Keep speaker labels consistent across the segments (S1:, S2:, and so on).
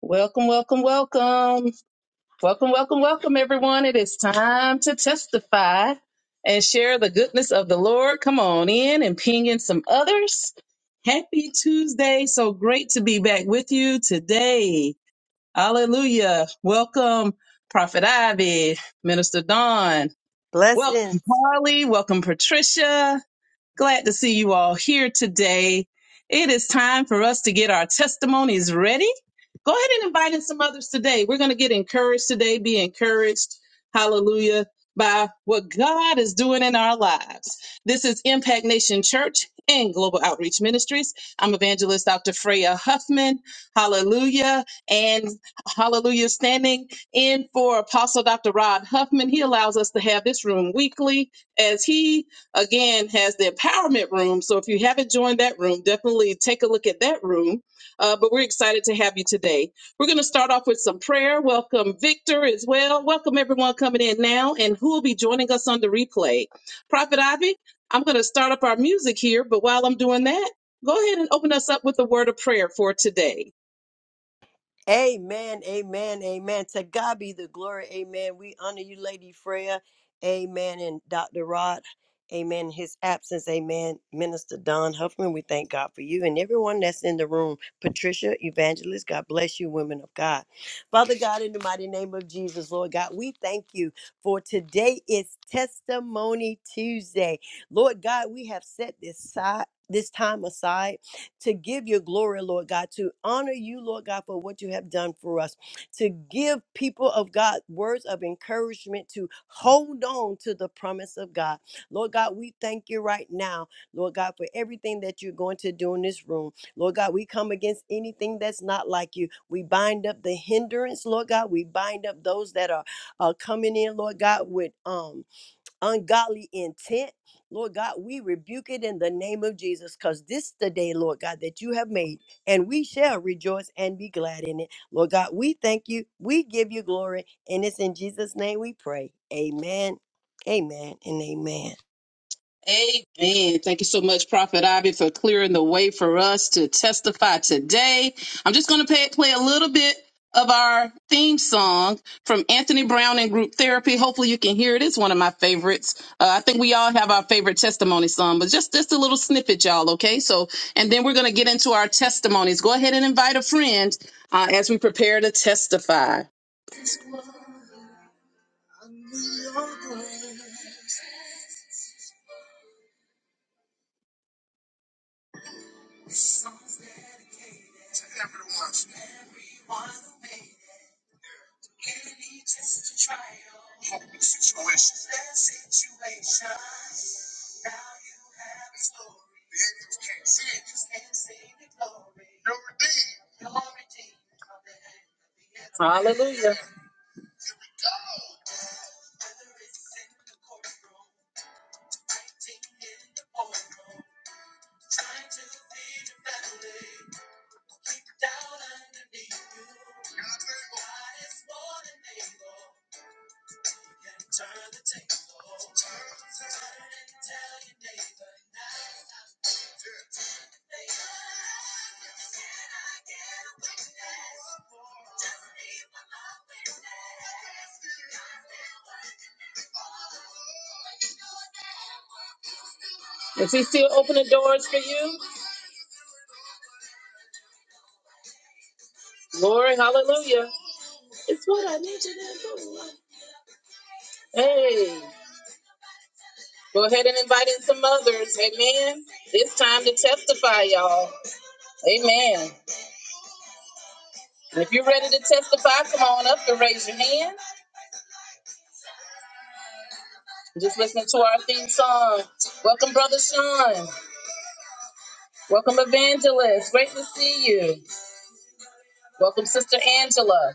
S1: Welcome, welcome, welcome. Welcome, welcome, welcome, everyone. It is time to testify and share the goodness of the Lord. Come on in and ping in some others. Happy Tuesday. So great to be back with you today. Hallelujah. Welcome, Prophet Ivy, Minister Dawn.
S2: Blessings.
S1: Welcome, Harley. Welcome, Patricia. Glad to see you all here today. It is time for us to get our testimonies ready. Go ahead and invite in some others today. We're going to get encouraged today, be encouraged, hallelujah, by what God is doing in our lives. This is Impact Nation Church and Global Outreach Ministries. I'm evangelist Dr. Freya Huffman, hallelujah, and hallelujah, standing in for Apostle Dr. Rod Huffman. He allows us to have this room weekly as he again has the empowerment room. So if you haven't joined that room, definitely take a look at that room. Uh, but we're excited to have you today. We're going to start off with some prayer. Welcome, Victor, as well. Welcome, everyone coming in now and who will be joining us on the replay. Prophet Ivy, I'm going to start up our music here. But while I'm doing that, go ahead and open us up with a word of prayer for today.
S2: Amen. Amen. Amen. To God be the glory. Amen. We honor you, Lady Freya. Amen. And Dr. Rod. Amen. His absence. Amen. Minister Don Huffman, we thank God for you and everyone that's in the room. Patricia, evangelist, God bless you, women of God. Father God, in the mighty name of Jesus, Lord God, we thank you for today is Testimony Tuesday. Lord God, we have set this side. This time aside to give your glory, Lord God, to honor you, Lord God, for what you have done for us, to give people of God words of encouragement to hold on to the promise of God. Lord God, we thank you right now, Lord God, for everything that you're going to do in this room. Lord God, we come against anything that's not like you. We bind up the hindrance, Lord God. We bind up those that are uh, coming in, Lord God, with um ungodly intent. Lord God, we rebuke it in the name of Jesus because this the day, Lord God, that you have made, and we shall rejoice and be glad in it. Lord God, we thank you. We give you glory, and it's in Jesus' name we pray. Amen, amen, and amen.
S1: Amen. Thank you so much, Prophet Ivy, for clearing the way for us to testify today. I'm just going to play, play a little bit of our theme song from Anthony Brown and Group Therapy. Hopefully, you can hear it. It's one of my favorites. Uh, I think we all have our favorite testimony song, but just just a little snippet, y'all. Okay, so and then we're going to get into our testimonies. Go ahead and invite a friend uh, as we prepare to testify. Is he still opening doors for you? Glory, hallelujah. It's what I need you to do. Hey, go ahead and invite in some others. Amen. It's time to testify, y'all. Amen. And if you're ready to testify, come on up and raise your hand. Just listen to our theme song. Welcome, Brother Sean. Welcome, Evangelist. Great to see you. Welcome, Sister Angela.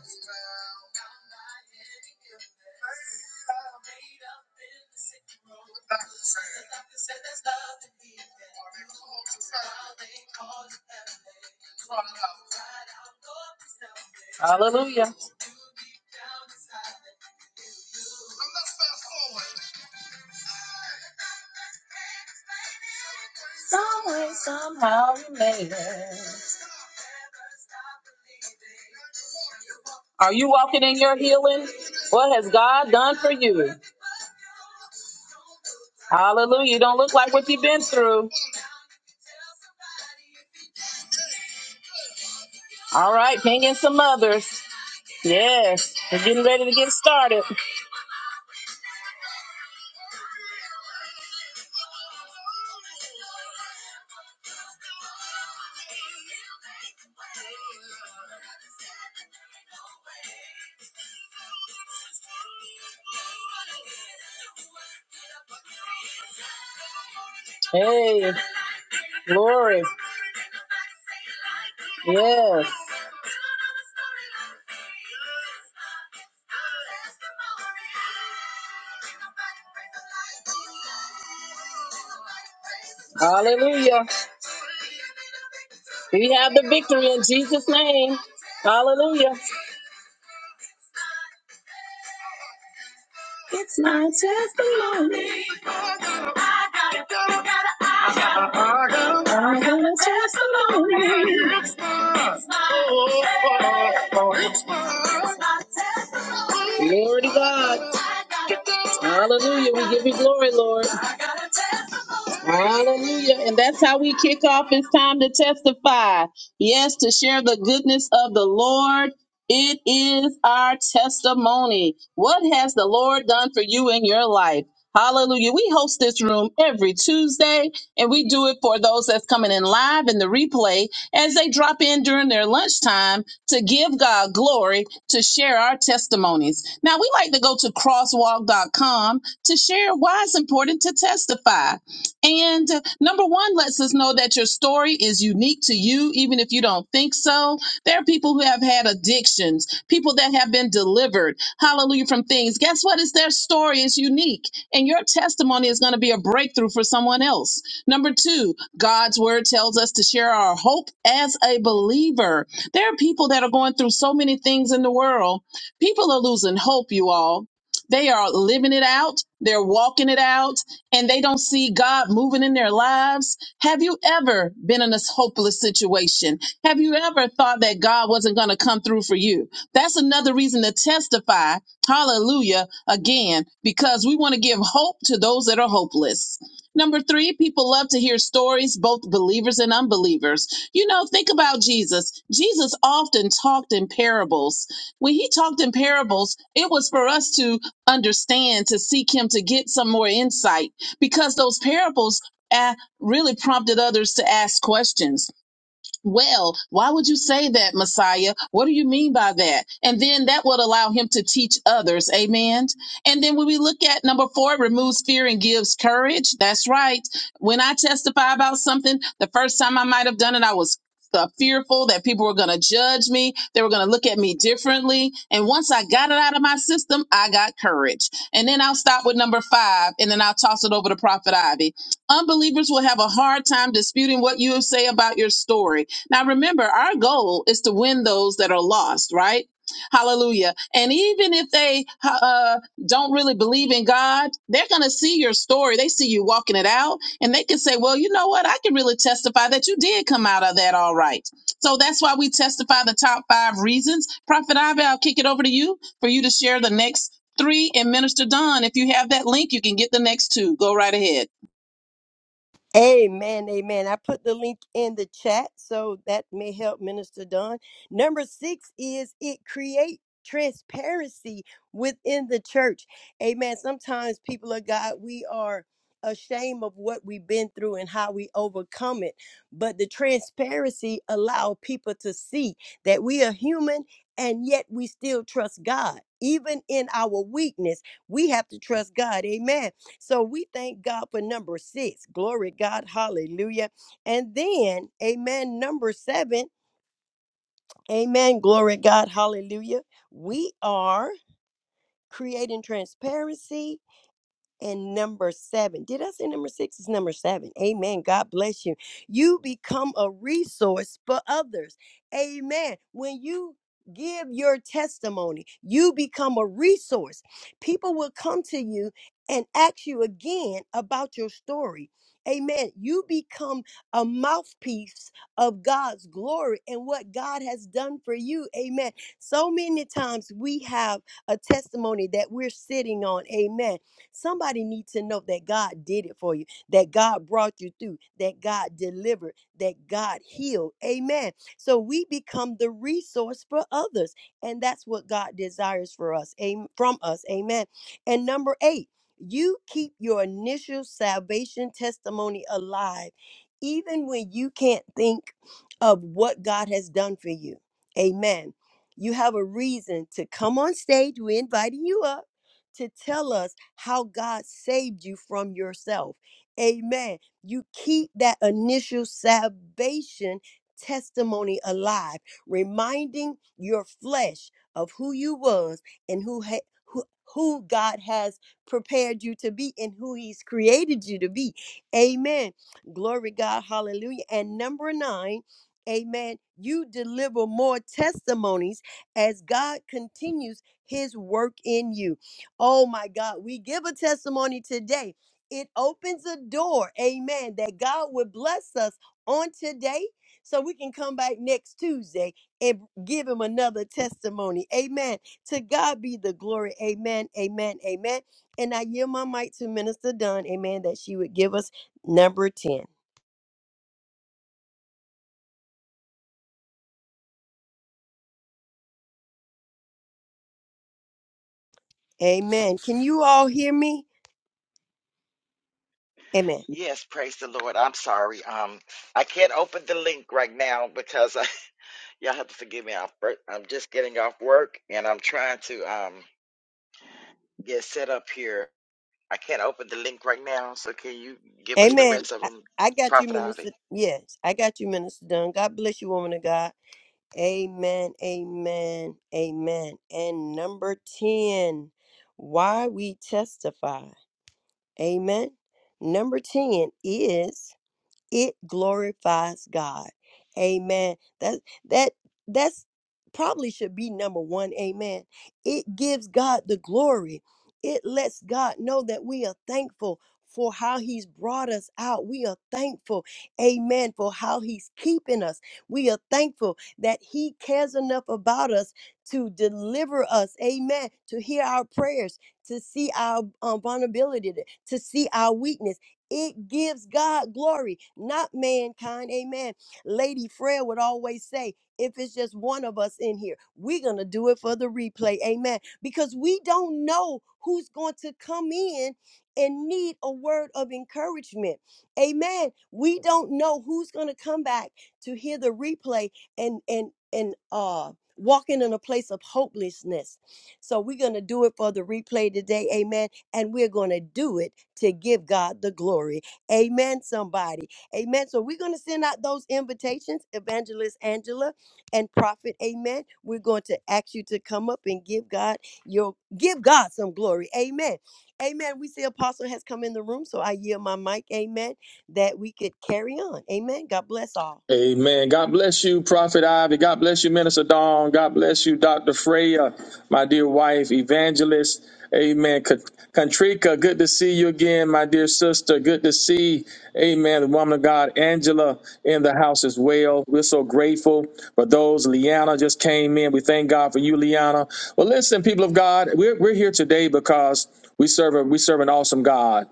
S1: Are you walking in your healing? What has God done for you? Hallelujah. You don't look like what you've been through. All right, ping in some others. Yes, we're getting ready to get started. Hey, glory. Yes. Hallelujah. We have the victory in Jesus' name. Hallelujah. It's my testimony. I got a testimony. Glory to God. Hallelujah. We give you glory, Lord. Hallelujah. And that's how we kick off. It's time to testify. Yes, to share the goodness of the Lord. It is our testimony. What has the Lord done for you in your life? Hallelujah. We host this room every Tuesday and we do it for those that's coming in live in the replay as they drop in during their lunchtime to give God glory, to share our testimonies. Now, we like to go to crosswalk dot com to share why it's important to testify. And uh, number one lets us know that your story is unique to you, even if you don't think so. There are people who have had addictions, people that have been delivered, hallelujah, from things. Guess what? It's their story is unique, and your testimony is going to be a breakthrough for someone else. Number two, God's word tells us to share our hope as a believer. There are people that are going through so many things in the world. People are losing hope, you all. They are living it out, they're walking it out, and they don't see God moving in their lives. Have you ever been in this hopeless situation? Have you ever thought that God wasn't going to come through for you? That's another reason to testify, hallelujah, again, because we want to give hope to those that are hopeless. Number three, people love to hear stories, both believers and unbelievers. You know, think about Jesus. Jesus often talked in parables. When he talked in parables, it was for us to understand, to seek him, to get some more insight, because those parables uh, really prompted others to ask questions. Well, why would you say that, Messiah? What do you mean by that? And then that would allow him to teach others. Amen. And then when we look at number four, it removes fear and gives courage. That's right. When I testify about something, the first time I might have done it, I was uh, fearful that people were going to judge me. They were going to look at me differently. And once I got it out of my system, I got courage. And then I'll stop with number five and then I'll toss it over to Prophet Ivy. Unbelievers will have a hard time disputing what you say about your story now, remember, our goal is to win those that are lost, right? Hallelujah. And even if they uh, don't really believe in God, they're going to see your story. They see you walking it out and they can say, well, you know what? I can really testify that you did come out of that all right. So that's why we testify the top five reasons. Prophet Ivy, I'll kick it over to you for you to share the next three. And Minister Don, if you have that link, you can get the next two. Go right ahead.
S2: Amen, amen. I put the link in the chat so that may help Minister Don. Number six is it create transparency within the church. Amen. Sometimes people of God, we are ashamed of what we've been through and how we overcome it. But the transparency allow people to see that we are human and yet we still trust God. Even in our weakness, we have to trust God. Amen so we thank God for number six. Glory to God. Hallelujah. And then, amen, number seven. Amen. Glory to God. Hallelujah. We are creating transparency and number seven. Did I say number six? It's number seven. Amen. God bless you. You become a resource for others. Amen. When you give your testimony, you become a resource. People will come to you and ask you again about your story. Amen. You become a mouthpiece of God's glory and what God has done for you. Amen. So many times we have a testimony that we're sitting on. Amen Somebody needs to know that God did it for you, that God brought you through, that God delivered, that God healed. Amen. So we become the resource for others, and that's what God desires for us. am- From us. Amen. And number 8, you keep your initial salvation testimony alive even when you can't think of what God has done for you. Amen. You have a reason to come on stage. We're inviting you up to tell us how God saved you from yourself. Amen. You keep that initial salvation testimony alive, reminding your flesh of who you was and who ha- who who God has prepared you to be and who he's created you to be. Amen. Glory God. Hallelujah. And number 9, amen, you deliver more testimonies as God continues his work in you. Oh my God, we give a testimony today. It opens a door, amen, that God would bless us on today so we can come back next Tuesday and give him another testimony. Amen. To God be the glory. Amen, amen, amen. And I yield my mic to Minister Dunn, amen, that she would give us number 10. Amen. Can you all hear me? Amen.
S3: Yes, praise the Lord. I'm sorry. Um, I can't open the link right now because I, y'all have to forgive me. I'm, fir- I'm just getting off work and I'm trying to um get set up here. I can't open the link right now. So can you give us the
S2: Amen.
S3: rest of
S2: I,
S3: them,
S2: I got you,
S3: Prophet Ivy?
S2: Minister. Yes, I got you, Minister Dunn. God bless you, woman of God. Amen, amen, amen. And number 10, why we testify. Amen. Number 10 is it glorifies God. Amen. That that that's probably should be number 1. Amen. It gives God the glory. It lets God know that we are thankful for how he's brought us out. We are thankful. Amen. For how he's keeping us. We are thankful that he cares enough about us to deliver us. Amen. To hear our prayers, to see our um, vulnerability, to see our weakness it gives God glory, not mankind. Amen. Lady Frail would always say, if it's just one of us in here, we're going to do it for the replay. Amen. Because we don't know who's going to come in and need a word of encouragement. Amen. We don't know who's going to come back to hear the replay and and and uh walking in a place of hopelessness. So we're going to do it for the replay today. Amen and we're going to do it to give God the glory. Amen, somebody. Amen. So we're going to send out those invitations, Evangelist Angela and Prophet. Amen. We're going to ask you to come up and give God your give God some glory. Amen. Amen. We see Apostle has come in the room, so I yield my mic. Amen. That we could carry on. Amen. God bless all.
S4: Amen. God bless you, Prophet Ivy. God bless you, Minister Dawn. God bless you, Dr. Freya, my dear wife, evangelist. Amen. Kat- Katrika, good to see you again, my dear sister. Good to see, amen, the woman of God, Angela, in the house as well. We're so grateful for those. Liana just came in. We thank God for you, Liana. Well, listen, people of God, we're, we're here today because we serve a, we serve an awesome God.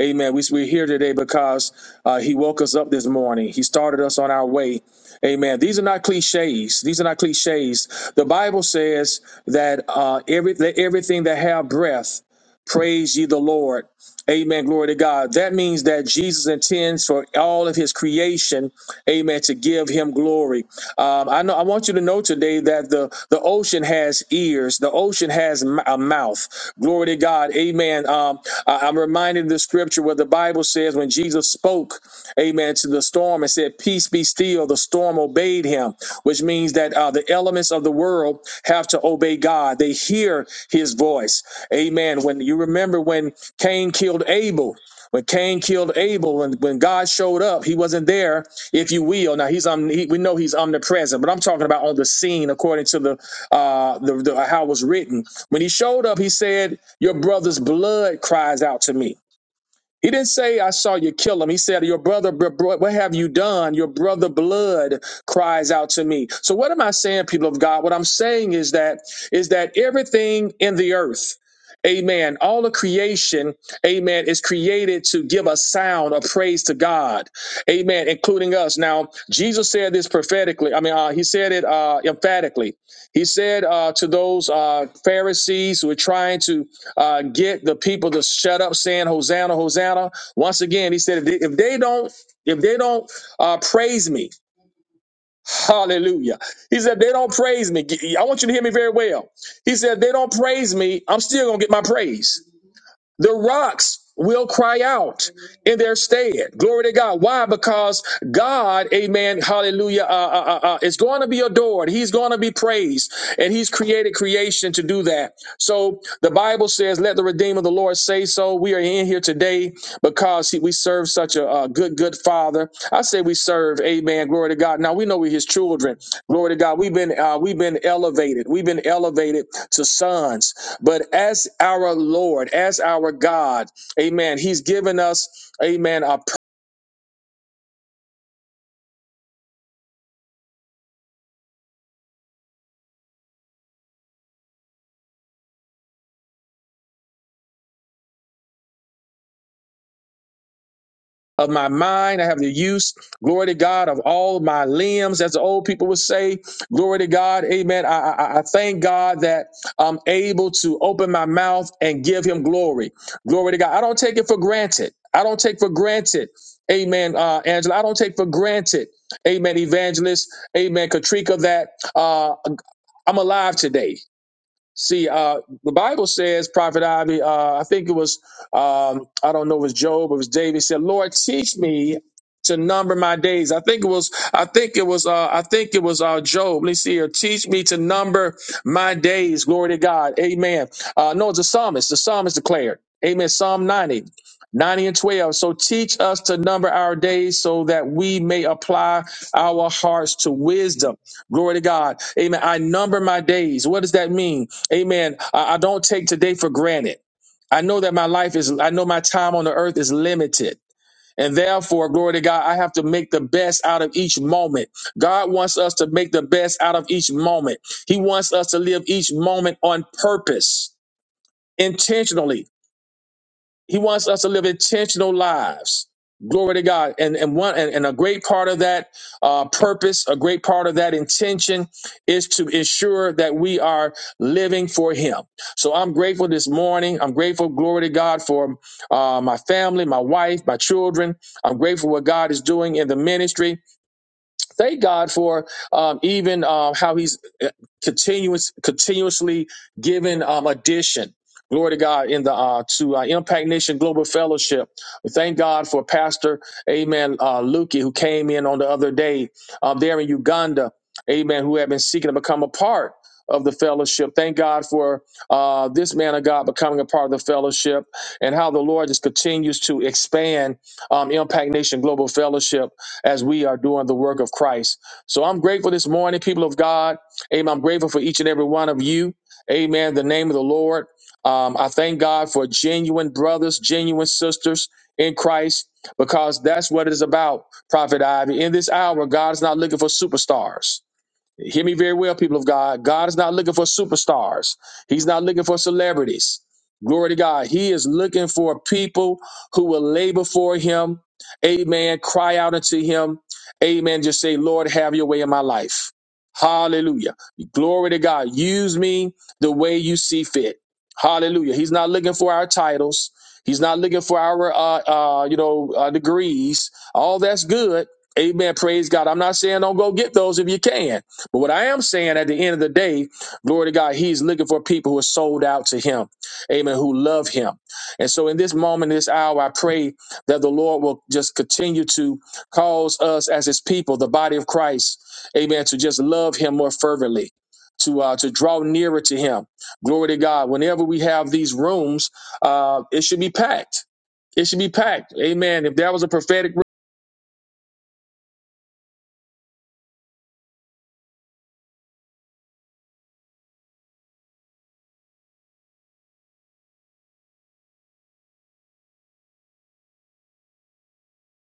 S4: Amen. We, we're here today because uh, He woke us up this morning. He started us on our way. Amen. These are not cliches. These are not cliches. The Bible says that uh, every, that everything that have breath, praise ye the Lord. Amen. Glory to God. That means that Jesus intends for all of his creation, amen, to give him glory. Um, I know I want you to know today that the, the ocean has ears, the ocean has m- a mouth. Glory to God. Amen. Um, I, am reminded of the scripture where the Bible says when Jesus spoke, amen, to the storm and said, Peace be still. The storm obeyed him, which means that uh, the elements of the world have to obey God. They hear his voice. Amen. When you remember when Cain killed Abel, when Cain killed Abel, when, when God showed up, he wasn't there, if you will. Now he's um, he, we know he's omnipresent, but I'm talking about on the scene according to the uh the, the how it was written. When he showed up, he said, Your brother's blood cries out to me. He didn't say, I saw you kill him. He said, Your brother, br- br- what have you done? Your brother blood cries out to me. So what am I saying, people of God? What I'm saying is that is that everything in the earth, amen, all of creation, amen, is created to give a sound of praise to God. Amen, including us. Now, Jesus said this prophetically. I mean, uh, he said it uh emphatically. He said uh, to those uh, Pharisees who were trying to uh, get the people to shut up saying hosanna hosanna once again he said if they, if they don't if they don't uh, praise me hallelujah he said if they don't praise me i want you to hear me very well he said if they don't praise me i'm still gonna get my praise the rocks will cry out in their stead. Glory to God. Why? Because God, amen, hallelujah, uh, uh, uh, uh, is going to be adored. He's going to be praised. And He's created creation to do that. So the Bible says, let the Redeemer of the Lord say so so we are in here today because he, we serve such a, uh good, good Father. I say we serve. Amen. Glory to God. Now we know we're His children. Glory to God. We've been uh, we've been elevated. We've been elevated to sons. But as our Lord, as our God, Amen. He's given us, Amen. a. of my mind. I have the use, glory to God, of all my limbs, as the old people would say. Glory to God. Amen. I, I, I thank God that I'm able to open my mouth and give him glory. Glory to God. I don't take it for granted. I don't take for granted. Amen, uh, Angela. I don't take for granted. Amen, evangelist. Amen, Katrika, that uh, I'm alive today. See, uh, the Bible says, Prophet Ivy, uh, I think it was, um, I don't know if it was Job or it was David, said, Lord, teach me to number my days. I think it was, I think it was, uh, I think it was uh, Job. Let me see here. Teach me to number my days. Glory to God. Amen. Uh, no, it's the psalmist. The psalmist declared. Amen. Psalm 90. 90 and 12. So teach us to number our days so that we may apply our hearts to wisdom. Glory to God. Amen. I number my days. What does that mean? Amen. I, I don't take today for granted. I know that my life is, I know my time on the earth is limited. And therefore, glory to God, I have to make the best out of each moment. God wants us to make the best out of each moment. He wants us to live each moment on purpose, intentionally he wants us to live intentional lives. Glory to God. And and one and, and a great part of that uh, purpose, a great part of that intention is to ensure that we are living for him. So I'm grateful this morning. I'm grateful, glory to God, for uh, my family, my wife, my children. I'm grateful what God is doing in the ministry. Thank God for um, even um, how He's uh, continuous, continuously giving um, addition. Glory to God in the uh, to uh, Impact Nation Global Fellowship. We Thank God for Pastor Amen uh, Lukey who came in on the other day um, there in Uganda. Amen. Who had been seeking to become a part of the fellowship. Thank God for uh, this man of God becoming a part of the fellowship and how the Lord just continues to expand um, Impact Nation Global Fellowship as we are doing the work of Christ. So I'm grateful this morning, people of God. Amen. I'm grateful for each and every one of you. Amen. In The name of the Lord. Um, I thank God for genuine brothers, genuine sisters in Christ, because that's what it is about, Prophet Ivy. In this hour, God is not looking for superstars. Hear me very well, people of God. God is not looking for superstars. He's not looking for celebrities. Glory to God. He is looking for people who will labor for him. Amen. Cry out unto him. Amen. Just say, Lord, have your way in my life. Hallelujah. Glory to God. Use me the way you see fit. Hallelujah. He's not looking for our titles. He's not looking for our, uh, uh, you know, uh, degrees. All that's good. Amen. Praise God. I'm not saying don't go get those if you can. But what I am saying at the end of the day, glory to God, He's looking for people who are sold out to Him, amen, who love Him. And so in this moment, this hour, I pray that the Lord will just continue to cause us as His people, the body of Christ, amen, to just love Him more fervently. To, uh, to draw nearer to him glory to god whenever we have these rooms uh, it should be packed it should be packed amen if there was a prophetic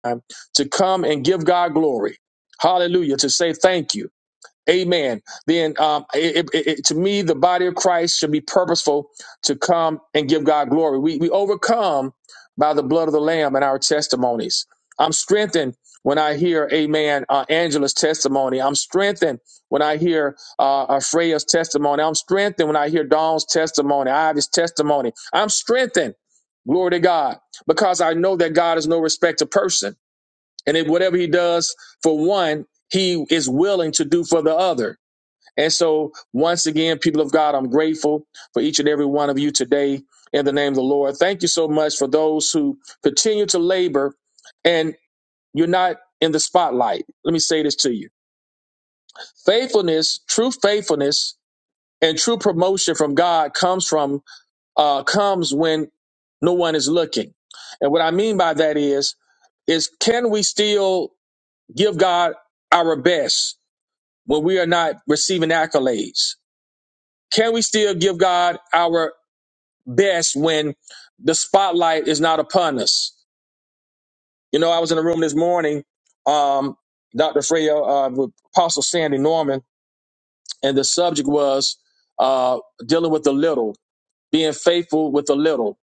S4: room to come and give god glory hallelujah to say thank you Amen. Then, um, it, it, it, to me, the body of Christ should be purposeful to come and give God glory. We, we overcome by the blood of the Lamb and our testimonies. I'm strengthened when I hear, Amen, uh, Angela's testimony. I'm strengthened when I hear uh, uh, Freya's testimony. I'm strengthened when I hear Dawn's testimony, Ivy's testimony. I'm strengthened, glory to God, because I know that God is no respecter of person. And if whatever he does for one, he is willing to do for the other. And so, once again, people of God, I'm grateful for each and every one of you today in the name of the Lord. Thank you so much for those who continue to labor and you're not in the spotlight. Let me say this to you faithfulness, true faithfulness, and true promotion from God comes from, uh, comes when no one is looking. And what I mean by that is, is can we still give God our best when we are not receiving accolades? Can we still give God our best when the spotlight is not upon us? You know, I was in a room this morning, um, Dr. Freya, uh, with Apostle Sandy Norman, and the subject was uh, dealing with the little, being faithful with the little,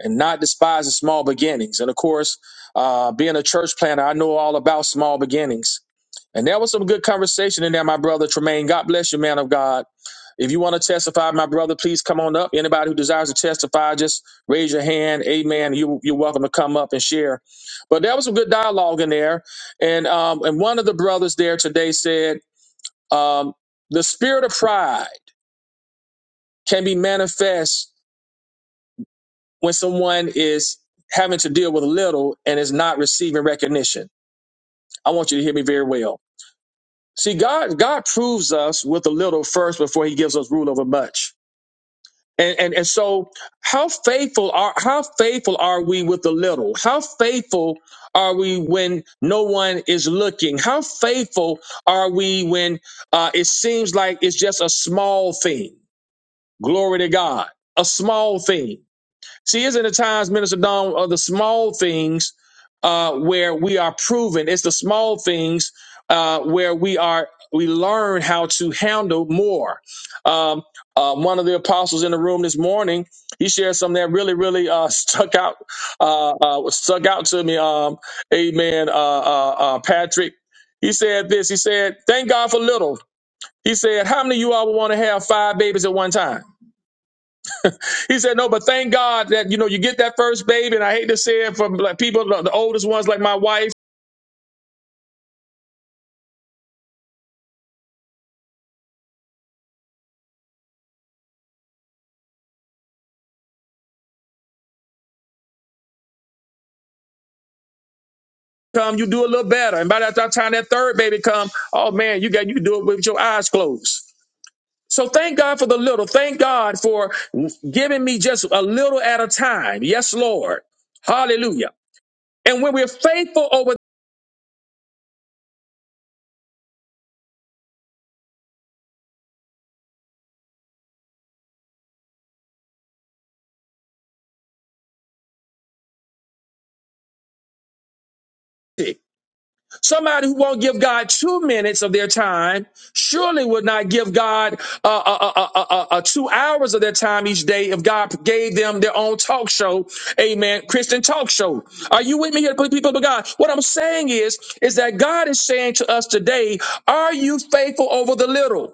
S4: and not despising small beginnings. And of course, uh, being a church planner, I know all about small beginnings And there was some good conversation in there, my brother Tremaine. God bless you, man of God. If you want to testify, my brother, please come on up. Anybody who desires to testify, just raise your hand. Amen. You, you're welcome to come up and share. But there was some good dialogue in there. And, um, and one of the brothers there today said, um, the spirit of pride can be manifest when someone is having to deal with little and is not receiving recognition. I want you to hear me very well See, God, God proves us with a little first before he gives us rule over much. And, and, and so how faithful are, how faithful are we with the little? How faithful are we when no one is looking? How faithful are we when, uh, it seems like it's just a small thing? Glory to God. A small thing. See, isn't it times, Minister Dawn, of the small things uh, where we are proven? It's the small things uh, where we are we learn how to handle more. Um, uh, one of the apostles in the room this morning, he shared something that really, really uh, stuck out uh, uh, stuck out to me. Um, amen, uh, uh, uh, Patrick. He said this. He said, "Thank God for little." He said, "How many of you all would want to have five babies at one time?" He said, no, but thank God that, you know, you get that first baby. And I hate to say it from like people, the the oldest ones like my wife come, you do a little better. And by that time that third baby come, oh man, you got, you do it with your eyes closed. So thank God for the little. Thank God for giving me just a little at a time. Yes, Lord. Hallelujah. And when we're faithful over Somebody who won't give God two minutes of their time surely would not give God uh, uh, uh, uh, uh, uh, uh, two hours of their time each day if God gave them their own talk show, amen, Christian talk show. Are you with me here, people of God? What I'm saying is, is that God is saying to us today, are you faithful over the little?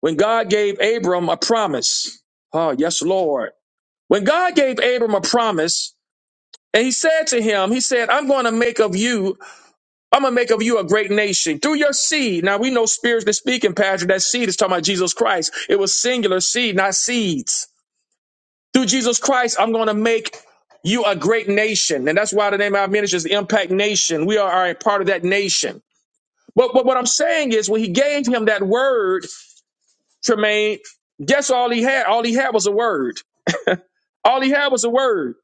S4: When God gave Abram a promise, oh, yes, Lord. When God gave Abram a promise, and he said to him, He said, I'm going to make of you I'm gonna make of you a great nation through your seed. Now we know spiritually speaking, Pastor, that seed is talking about Jesus Christ. It was singular seed, not seeds. Through Jesus Christ, I'm gonna make you a great nation. And that's why the name of our ministry is the Impact Nation. We are a part of that nation. But, but what I'm saying is when he gave him that word, Tremaine, guess all he had? All he had was a word. All he had was a word.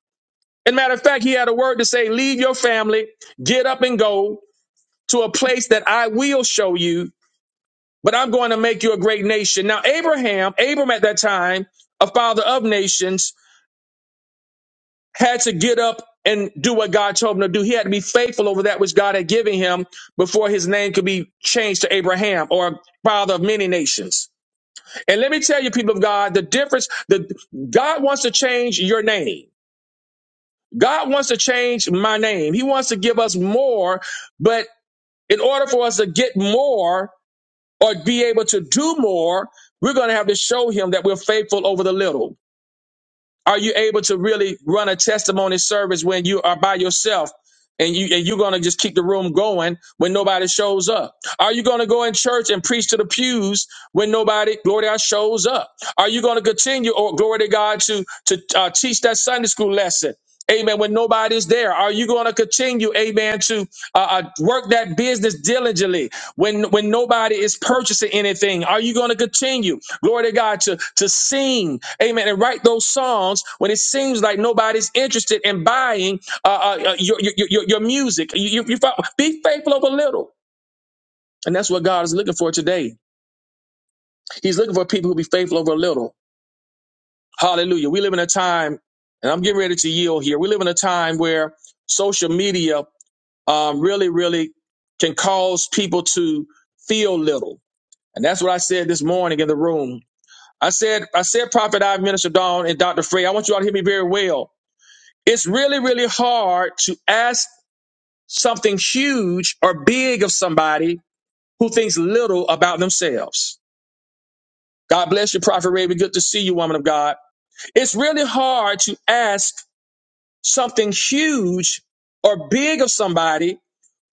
S4: And matter of fact, he had a word to say, leave your family, get up and go to a place that I will show you but I'm going to make you a great nation. Now, Abraham, Abram at that time, a father of nations, had to get up and do what God told him to do. He had to be faithful over that which God had given him before his name could be changed to Abraham or father of many nations. And let me tell you, people of God, the difference The God wants to change your name. God wants to change my name. He wants to give us more, but in order for us to get more, or be able to do more, we're going to have to show him that we're faithful over the little. Are you able to really run a testimony service when you are by yourself and you and you're gonna just keep the room going when nobody shows up? Are you gonna go in church and preach to the pews when nobody glory to God shows up? Are you gonna continue or glory to God to to uh, teach that Sunday school lesson? Amen. When nobody's there, are you going to continue, Amen, to uh, uh, work that business diligently when when nobody is purchasing anything? Are you going to continue? Glory to God to, to sing, amen, and write those songs when it seems like nobody's interested in buying uh, uh, uh, your, your, your, your music. You, you, you, fo- be faithful over little. And that's what God is looking for today. He's looking for people who be faithful over little. Hallelujah. We live in a time, and I'm getting ready to yield here. We live in a time where social media um, really, really can cause people to feel little. And that's what I said this morning in the room. I said, I said, Prophet I, Minister Dawn, and Dr. Frey, I want you all to hear me very well. It's really, really hard to ask something huge or big of somebody who thinks little about themselves. God bless you, Prophet Raven. Good to see you, woman of God. It's really hard to ask something huge or big of somebody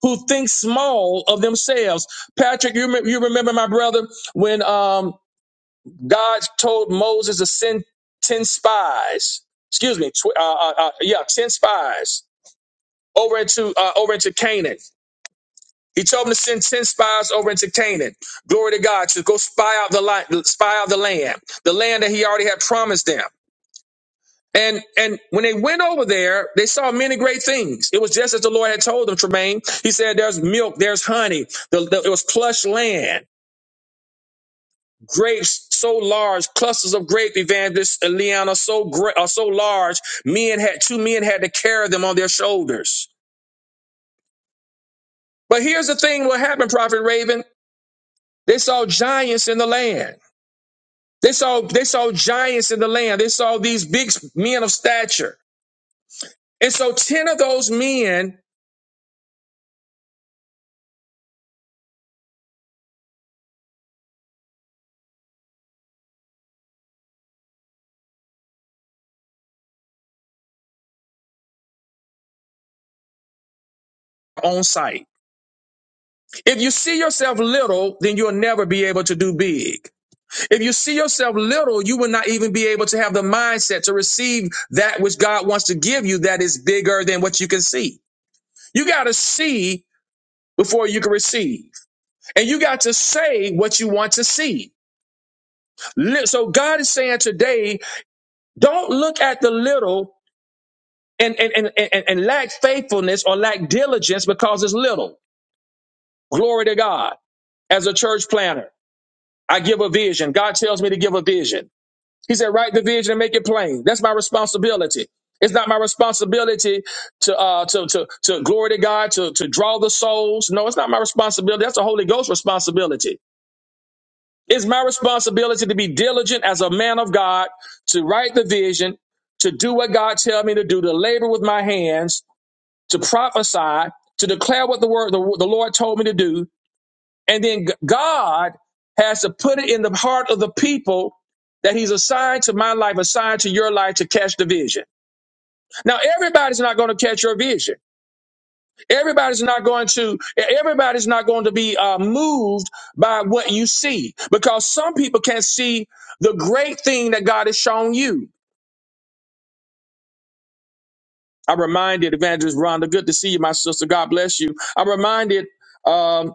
S4: who thinks small of themselves. Patrick, you, rem- you remember my brother when um, God told Moses to send 10 spies, excuse me, tw- uh, uh, uh, yeah, 10 spies over into, uh, over into Canaan. He told him to send 10 spies over into Canaan. Glory to God to go spy out the li- spy out the land, the land that he already had promised them. And and when they went over there, they saw many great things. It was just as the Lord had told them, Tremaine. He said, There's milk, there's honey. The- the- it was plush land. grapes so large, clusters of grape evangelists, Eliana, so great, are so large, men had two men had to carry them on their shoulders. But here's the thing: what happened, Prophet Raven? They saw giants in the land. They saw they saw giants in the land. They saw these big men of stature, and so ten of those men on site. If you see yourself little, then you'll never be able to do big. If you see yourself little, you will not even be able to have the mindset to receive that which God wants to give you that is bigger than what you can see. You got to see before you can receive. And you got to say what you want to see. Li- So God is saying today, don't look at the little and, and, and, and, and lack faithfulness or lack diligence because it's little. Glory to God. As a church planner, I give a vision. God tells me to give a vision. He said, write the vision and make it plain. That's my responsibility. It's not my responsibility to uh to to to glory to God, to to draw the souls. No, it's not my responsibility. That's the Holy Ghost responsibility. It's my responsibility to be diligent as a man of God, to write the vision, to do what God tells me to do, to labor with my hands, to prophesy, to declare what the word the, the Lord told me to do, and then G- God has to put it in the heart of the people that he's assigned to my life, assigned to your life to catch the vision. Now, everybody's not going to catch your vision. Everybody's not going to, everybody's not going to be uh, moved by what you see because some people can't see the great thing that God has shown you. I'm reminded, Evangelist Rhonda, good to see you, my sister. God bless you. I'm reminded um,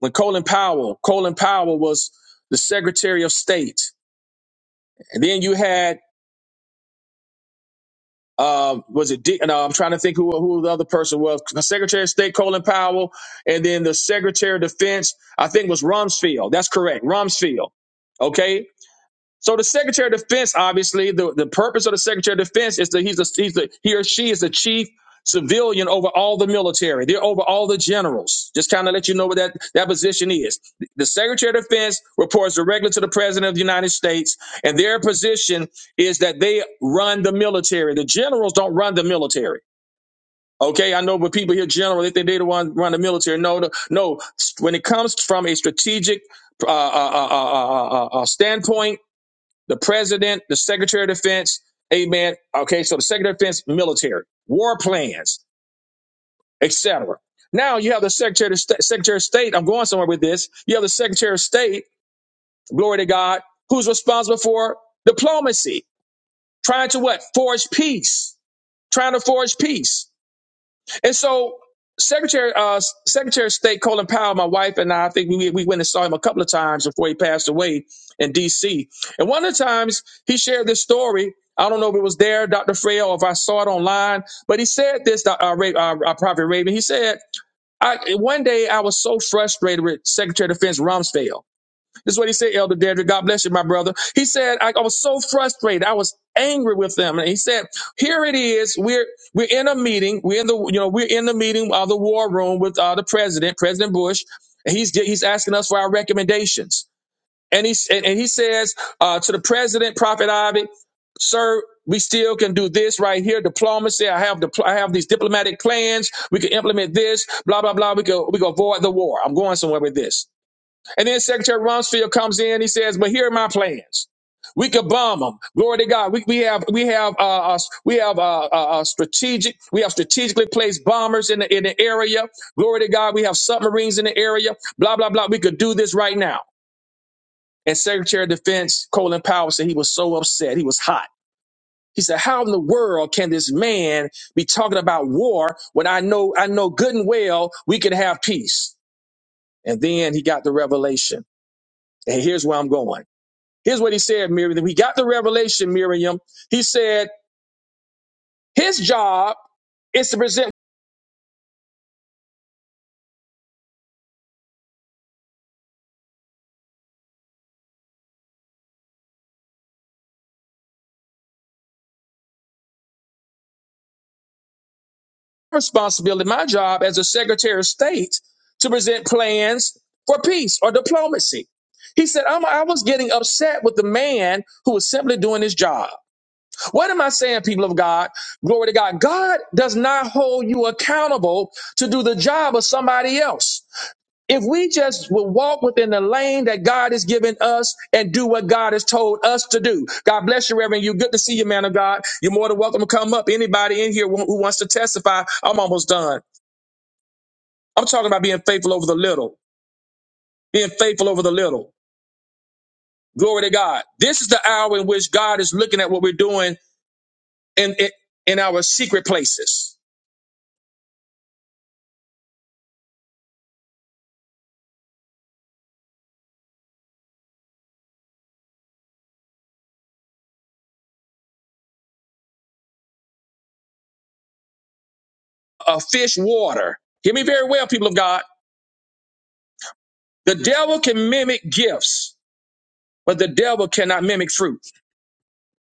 S4: when Colin Powell, Colin Powell was the Secretary of State. And then you had um, was it? D- no, I'm trying to think who who the other person was. Secretary of State Colin Powell, and then the Secretary of Defense, I think, was Rumsfeld. That's correct, Rumsfeld. Okay, so the Secretary of Defense, obviously, the, the purpose of the Secretary of Defense is that he's a, he's the he or she is the chief civilian over all the military. They're over all the generals. Just kind of let you know what that, that position is. The Secretary of Defense reports directly to the President of the United States, and their position is that they run the military. The generals don't run the military. Okay, I know, but people hear general, they think they the one run the military. No, the, no. When it comes from a strategic uh, uh, uh, uh, uh, uh, uh, standpoint, the president, the secretary of defense, amen. Okay, so the secretary of defense, military, war plans, etc. Now you have the secretary of state, secretary of state. I'm going somewhere with this. You have the secretary of state, glory to God, who's responsible for diplomacy, trying to what? Forge peace, trying to forge peace. And so Secretary uh, Secretary of State Colin Powell, my wife and I, I think we we went and saw him a couple of times before he passed away in D.C. And one of the times he shared this story. I don't know if it was there, Dr. Frey, or if I saw it online, but he said this, Doc- uh, uh, uh, Prophet Raven. He said, I, one day I was so frustrated with Secretary of Defense Rumsfeld. This is what he said, Elder Dedrick. God bless you, my brother. He said, I, I was so frustrated. I was angry with them. And he said, here it is. We're, we're in a meeting. We're in the, you know, we're in the meeting of the war room with uh, the president, President Bush. And he's, he's asking us for our recommendations. And he, and, and he says uh, to the president, Prophet Ivy, sir, we still can do this right here. Diplomacy. I have the, I have these diplomatic plans. We can implement this. Blah blah blah. We can we can avoid the war. I'm going somewhere with this. And then Secretary Rumsfeld comes in. He says, "But here are my plans. We could bomb them. Glory to God. We, we have we have uh, uh, we have uh, uh, uh, strategic. We have strategically placed bombers in the in the area. Glory to God. We have submarines in the area. Blah blah blah. We could do this right now." And Secretary of Defense Colin Powell said he was so upset. He was hot. He said, "How in the world can this man be talking about war when I know I know good and well we could have peace?" And then he got the revelation. And here's where I'm going. Here's what he said, Miriam. We got the revelation, Miriam. He said his job is to present responsibility, my job as a Secretary of State, to present plans for peace or diplomacy. He said, I'm, I was getting upset with the man who was simply doing his job. What am I saying, people of God? Glory to God. God does not hold you accountable to do the job of somebody else. If we just will walk within the lane that God has given us and do what God has told us to do. God bless you, Reverend. You good to see you, man of God. You're more than welcome to come up. Anybody in here who who wants to testify, I'm almost done. I'm talking about being faithful over the little, being faithful over the little. Glory to God. This is the hour in which God is looking at what we're doing in, in, in our secret places. A fish water. Hear me very well, people of God. The devil can mimic gifts, but the devil cannot mimic fruit.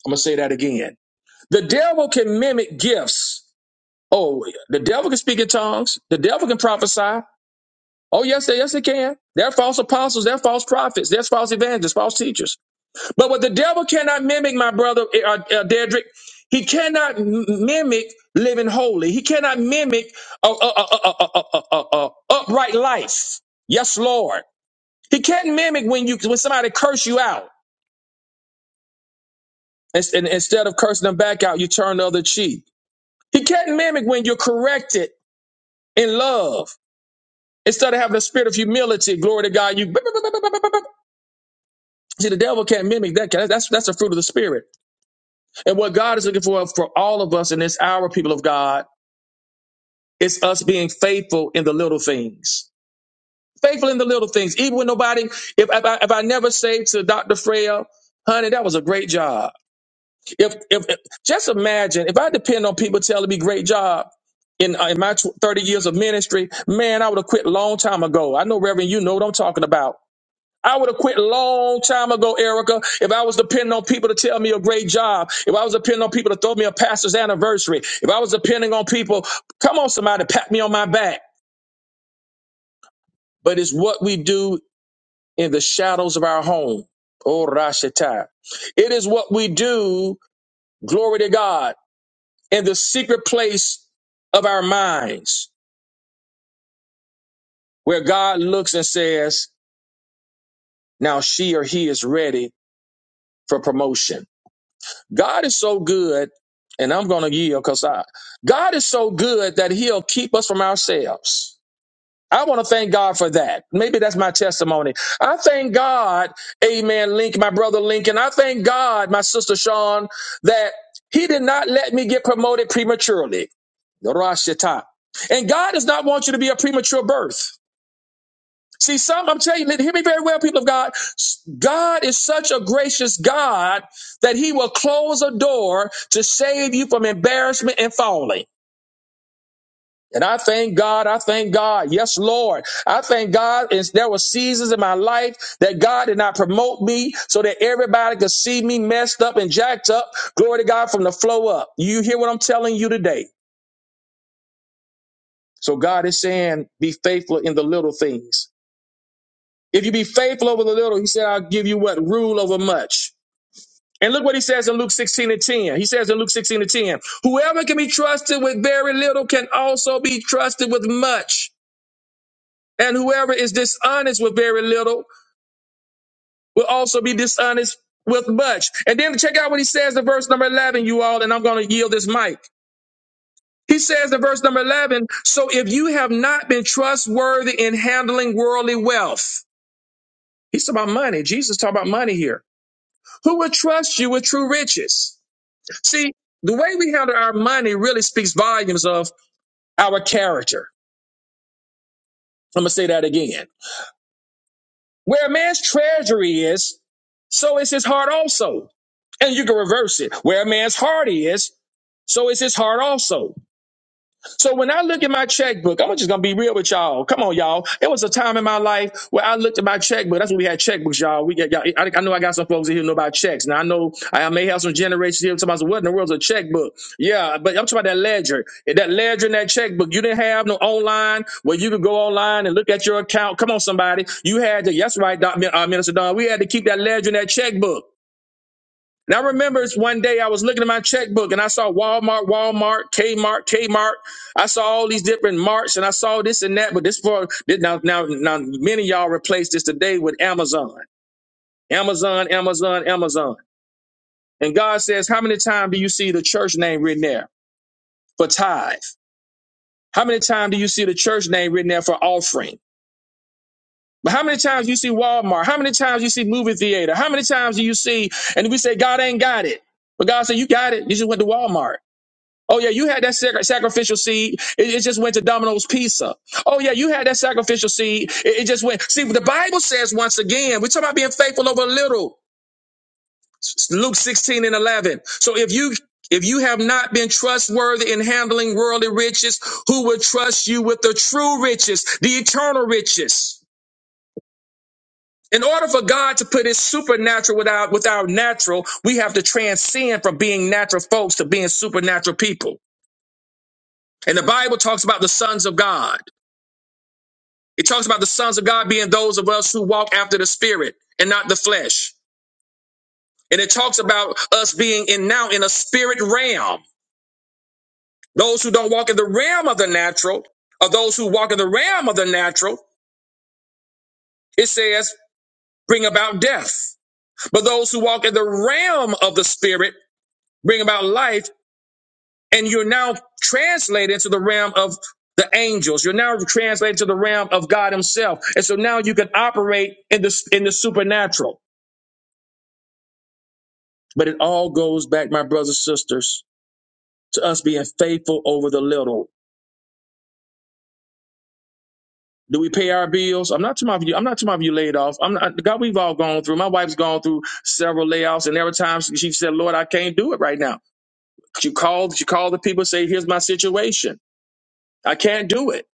S4: I'm going to say that again. The devil can mimic gifts. Oh, yeah. the devil can speak in tongues. The devil can prophesy. Oh, yes, they, yes, they can. They're false apostles. They're false prophets. They're false evangelists, false teachers. But what the devil cannot mimic, my brother eh, uh, uh, Dedrick, he cannot m- mimic living holy. He cannot mimic a, a, a, a, a, a, a, a upright life. Yes, Lord. He can't mimic when you when somebody curse you out. And, and instead of cursing them back out, you turn the other cheek. He can't mimic when you're corrected in love. Instead of having a spirit of humility, glory to God, you see the devil can't mimic that. That's that's the fruit of the spirit. And what God is looking for for all of us in this hour, people of God, is us being faithful in the little things. Faithful in the little things, even when nobody. If if I, if I never say to Doctor Freya, honey, that was a great job. If, if if- just imagine if I depend on people telling me great job. In, uh, in my tw- 30 years of ministry, man, I would have quit a long time ago. I know, Reverend, you know what I'm talking about. I would have quit long time ago, Erica, if I was depending on people to tell me a great job, if I was depending on people to throw me a pastor's anniversary, if I was depending on people, come on, somebody, pat me on my back. But it's what we do in the shadows of our home. Oh, Rashata. It is what we do, glory to God, in the secret place of our minds, where God looks and says, now she or he is ready for promotion. God is so good, and I'm going to yield because I, God is so good that He'll keep us from ourselves. I want to thank God for that. Maybe that's my testimony. I thank God, Amen, Link, my brother Lincoln. I thank God, my sister Sean, that He did not let me get promoted prematurely. Rosh Hashanah. And God does not want you to be a premature birth. See, some, I'm telling you, hear me very well, people of God. God is such a gracious God that he will close a door to save you from embarrassment and falling. And I thank God. I thank God. Yes, Lord. I thank God. Is there were seasons in my life that God did not promote me so that everybody could see me messed up and jacked up. Glory to God from the flow up. You hear what I'm telling you today. So God is saying, be faithful in the little things. If you be faithful over the little, he said, I'll give you what? Rule over much. And look what he says in Luke 16 and 10. He says in Luke 16 and 10, whoever can be trusted with very little can also be trusted with much. And whoever is dishonest with very little will also be dishonest with much. And then check out what he says in verse number 11, you all, and I'm going to yield this mic. He says in verse number 11, so if you have not been trustworthy in handling worldly wealth, he's talking about money. Jesus talking about money here. Who will trust you with true riches? See, the way we handle our money really speaks volumes of our character. I'm going to say that again. Where a man's treasury is, so is his heart also. And you can reverse it. Where a man's heart is, so is his heart also. So when I look at my checkbook, I'm just gonna be real with y'all. Come on, y'all. It was a time in my life where I looked at my checkbook. That's when we had checkbooks, y'all. We got y'all. I, I know I got some folks in here who know about checks. Now I know I may have some generations here talking about what in the world's a checkbook. Yeah, but I'm talking about that ledger. That ledger and that checkbook. You didn't have no online where you could go online and look at your account. Come on, somebody. You had to. That's right, Doc, uh, Minister Don. We had to keep that ledger and that checkbook. And I remember it's one day I was looking at my checkbook and I saw Walmart, Walmart, Kmart, Kmart. I saw all these different marts and I saw this and that. But this for this- now, now, now, many of y'all replace this today with Amazon, Amazon, Amazon, Amazon. And God says, how many times do you see the church name written there for tithe? How many times do you see the church name written there for offering? But how many times you see Walmart? How many times you see movie theater? How many times do you see? And we say God ain't got it, but God said you got it. You just went to Walmart. Oh yeah, you had that sac- sacrificial seed. It, it just went to Domino's Pizza. Oh yeah, you had that sacrificial seed. It, it just went. See, the Bible says once again, we're talking about being faithful over little. S- Luke sixteen and eleven. So if you if you have not been trustworthy in handling worldly riches, who will trust you with the true riches, the eternal riches? In order for God to put his supernatural without without natural, we have to transcend from being natural folks to being supernatural people. And the Bible talks about the sons of God. It talks about the sons of God being those of us who walk after the spirit and not the flesh. And it talks about us being in now in a spirit realm. Those who don't walk in the realm of the natural, or those who walk in the realm of the natural, it says bring about death. But those who walk in the realm of the spirit bring about life. And you're now translated into the realm of the angels. You're now translated to the realm of God Himself. And so now you can operate in the in the supernatural. But it all goes back, my brothers and sisters, to us being faithful over the little. Do we pay our bills? I'm not talking about you. I'm not talking about you laid off. I'm not, God, we've all gone through. My wife's gone through several layoffs, and every time she she said, "Lord, I can't do it right now." She called. She called the people, say, "Here's my situation. I can't do it."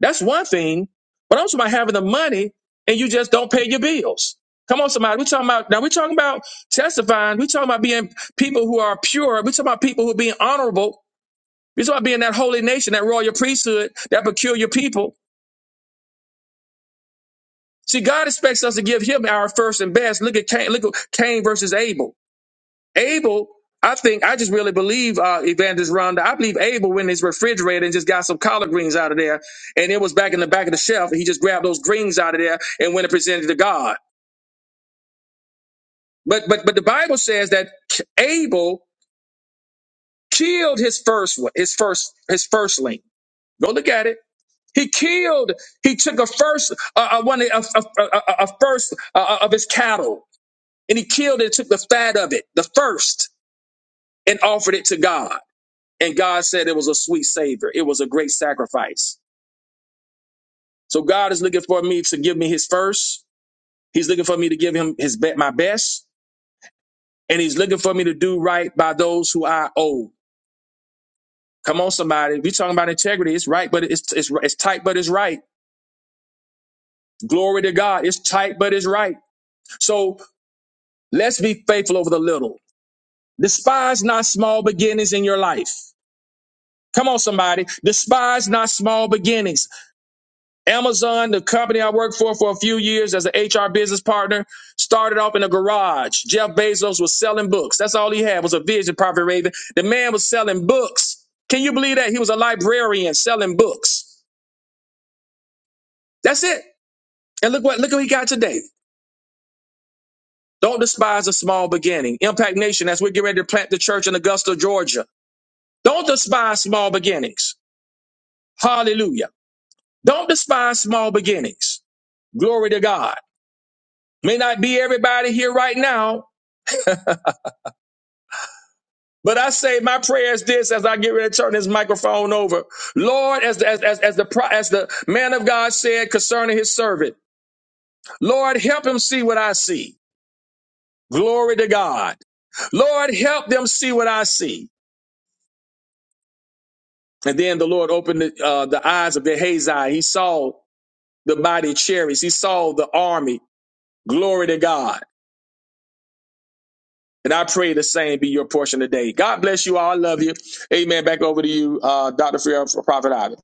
S4: That's one thing, but I'm talking about having the money and you just don't pay your bills. Come on, somebody. We're talking about now. We're talking about testifying. We're talking about being people who are pure. We're talking about people who are being honorable This is why being that holy nation, that royal priesthood, that peculiar people. See, God expects us to give Him our first and best. Look at Cain. Look at Cain versus Abel. Abel, I think, I just really believe, uh, Evangelist Rhonda. I believe Abel went in his refrigerator and just got some collard greens out of there, and it was back in the back of the shelf. And he just grabbed those greens out of there and went and presented to God. But but but the Bible says that Abel killed his first one, his first his firstling. Go look at it. He killed. He took a first uh, uh, one of a, a, a, a first uh, uh, of his cattle, and he killed it. Took the fat of it, the first, and offered it to God. And God said it was a sweet savor. It was a great sacrifice. So God is looking for me to give me His first. He's looking for me to give Him His be- my best, and He's looking for me to do right by those who I owe. Come on, somebody. We talking about integrity. It's right, but it's it's it's tight, but it's right. Glory to God. It's tight, but it's right. So Let's be faithful over the little. Despise not small beginnings in your life. Come on, somebody. Despise not small beginnings. Amazon, the company I worked for for a few years as an HR business partner, started off in a garage. Jeff Bezos was selling books. That's all he had was a vision, Prophet Raven. The man was selling books. Can you believe that? He was a librarian selling books. That's it. And look what look what he got today. Don't despise a small beginning. Impact Nation, as we're getting ready to plant the church in Augusta, Georgia. Don't despise small beginnings. Hallelujah. Don't despise small beginnings. Glory to God. May not be everybody here right now, but I say my prayer is this as I get ready to turn this microphone over. Lord, as the, as, as, as the, pro- as the man of God said concerning his servant, Lord, help him see what I see. Glory to God. Lord, help them see what I see. And then the Lord opened the, uh, the eyes of the Hazai. He saw the body of chariots. He saw the army. Glory to God. And I pray the same be your portion today. God bless you all. I love you. Amen. Back over to you, uh, Dr. Fear, Prophet Ivan.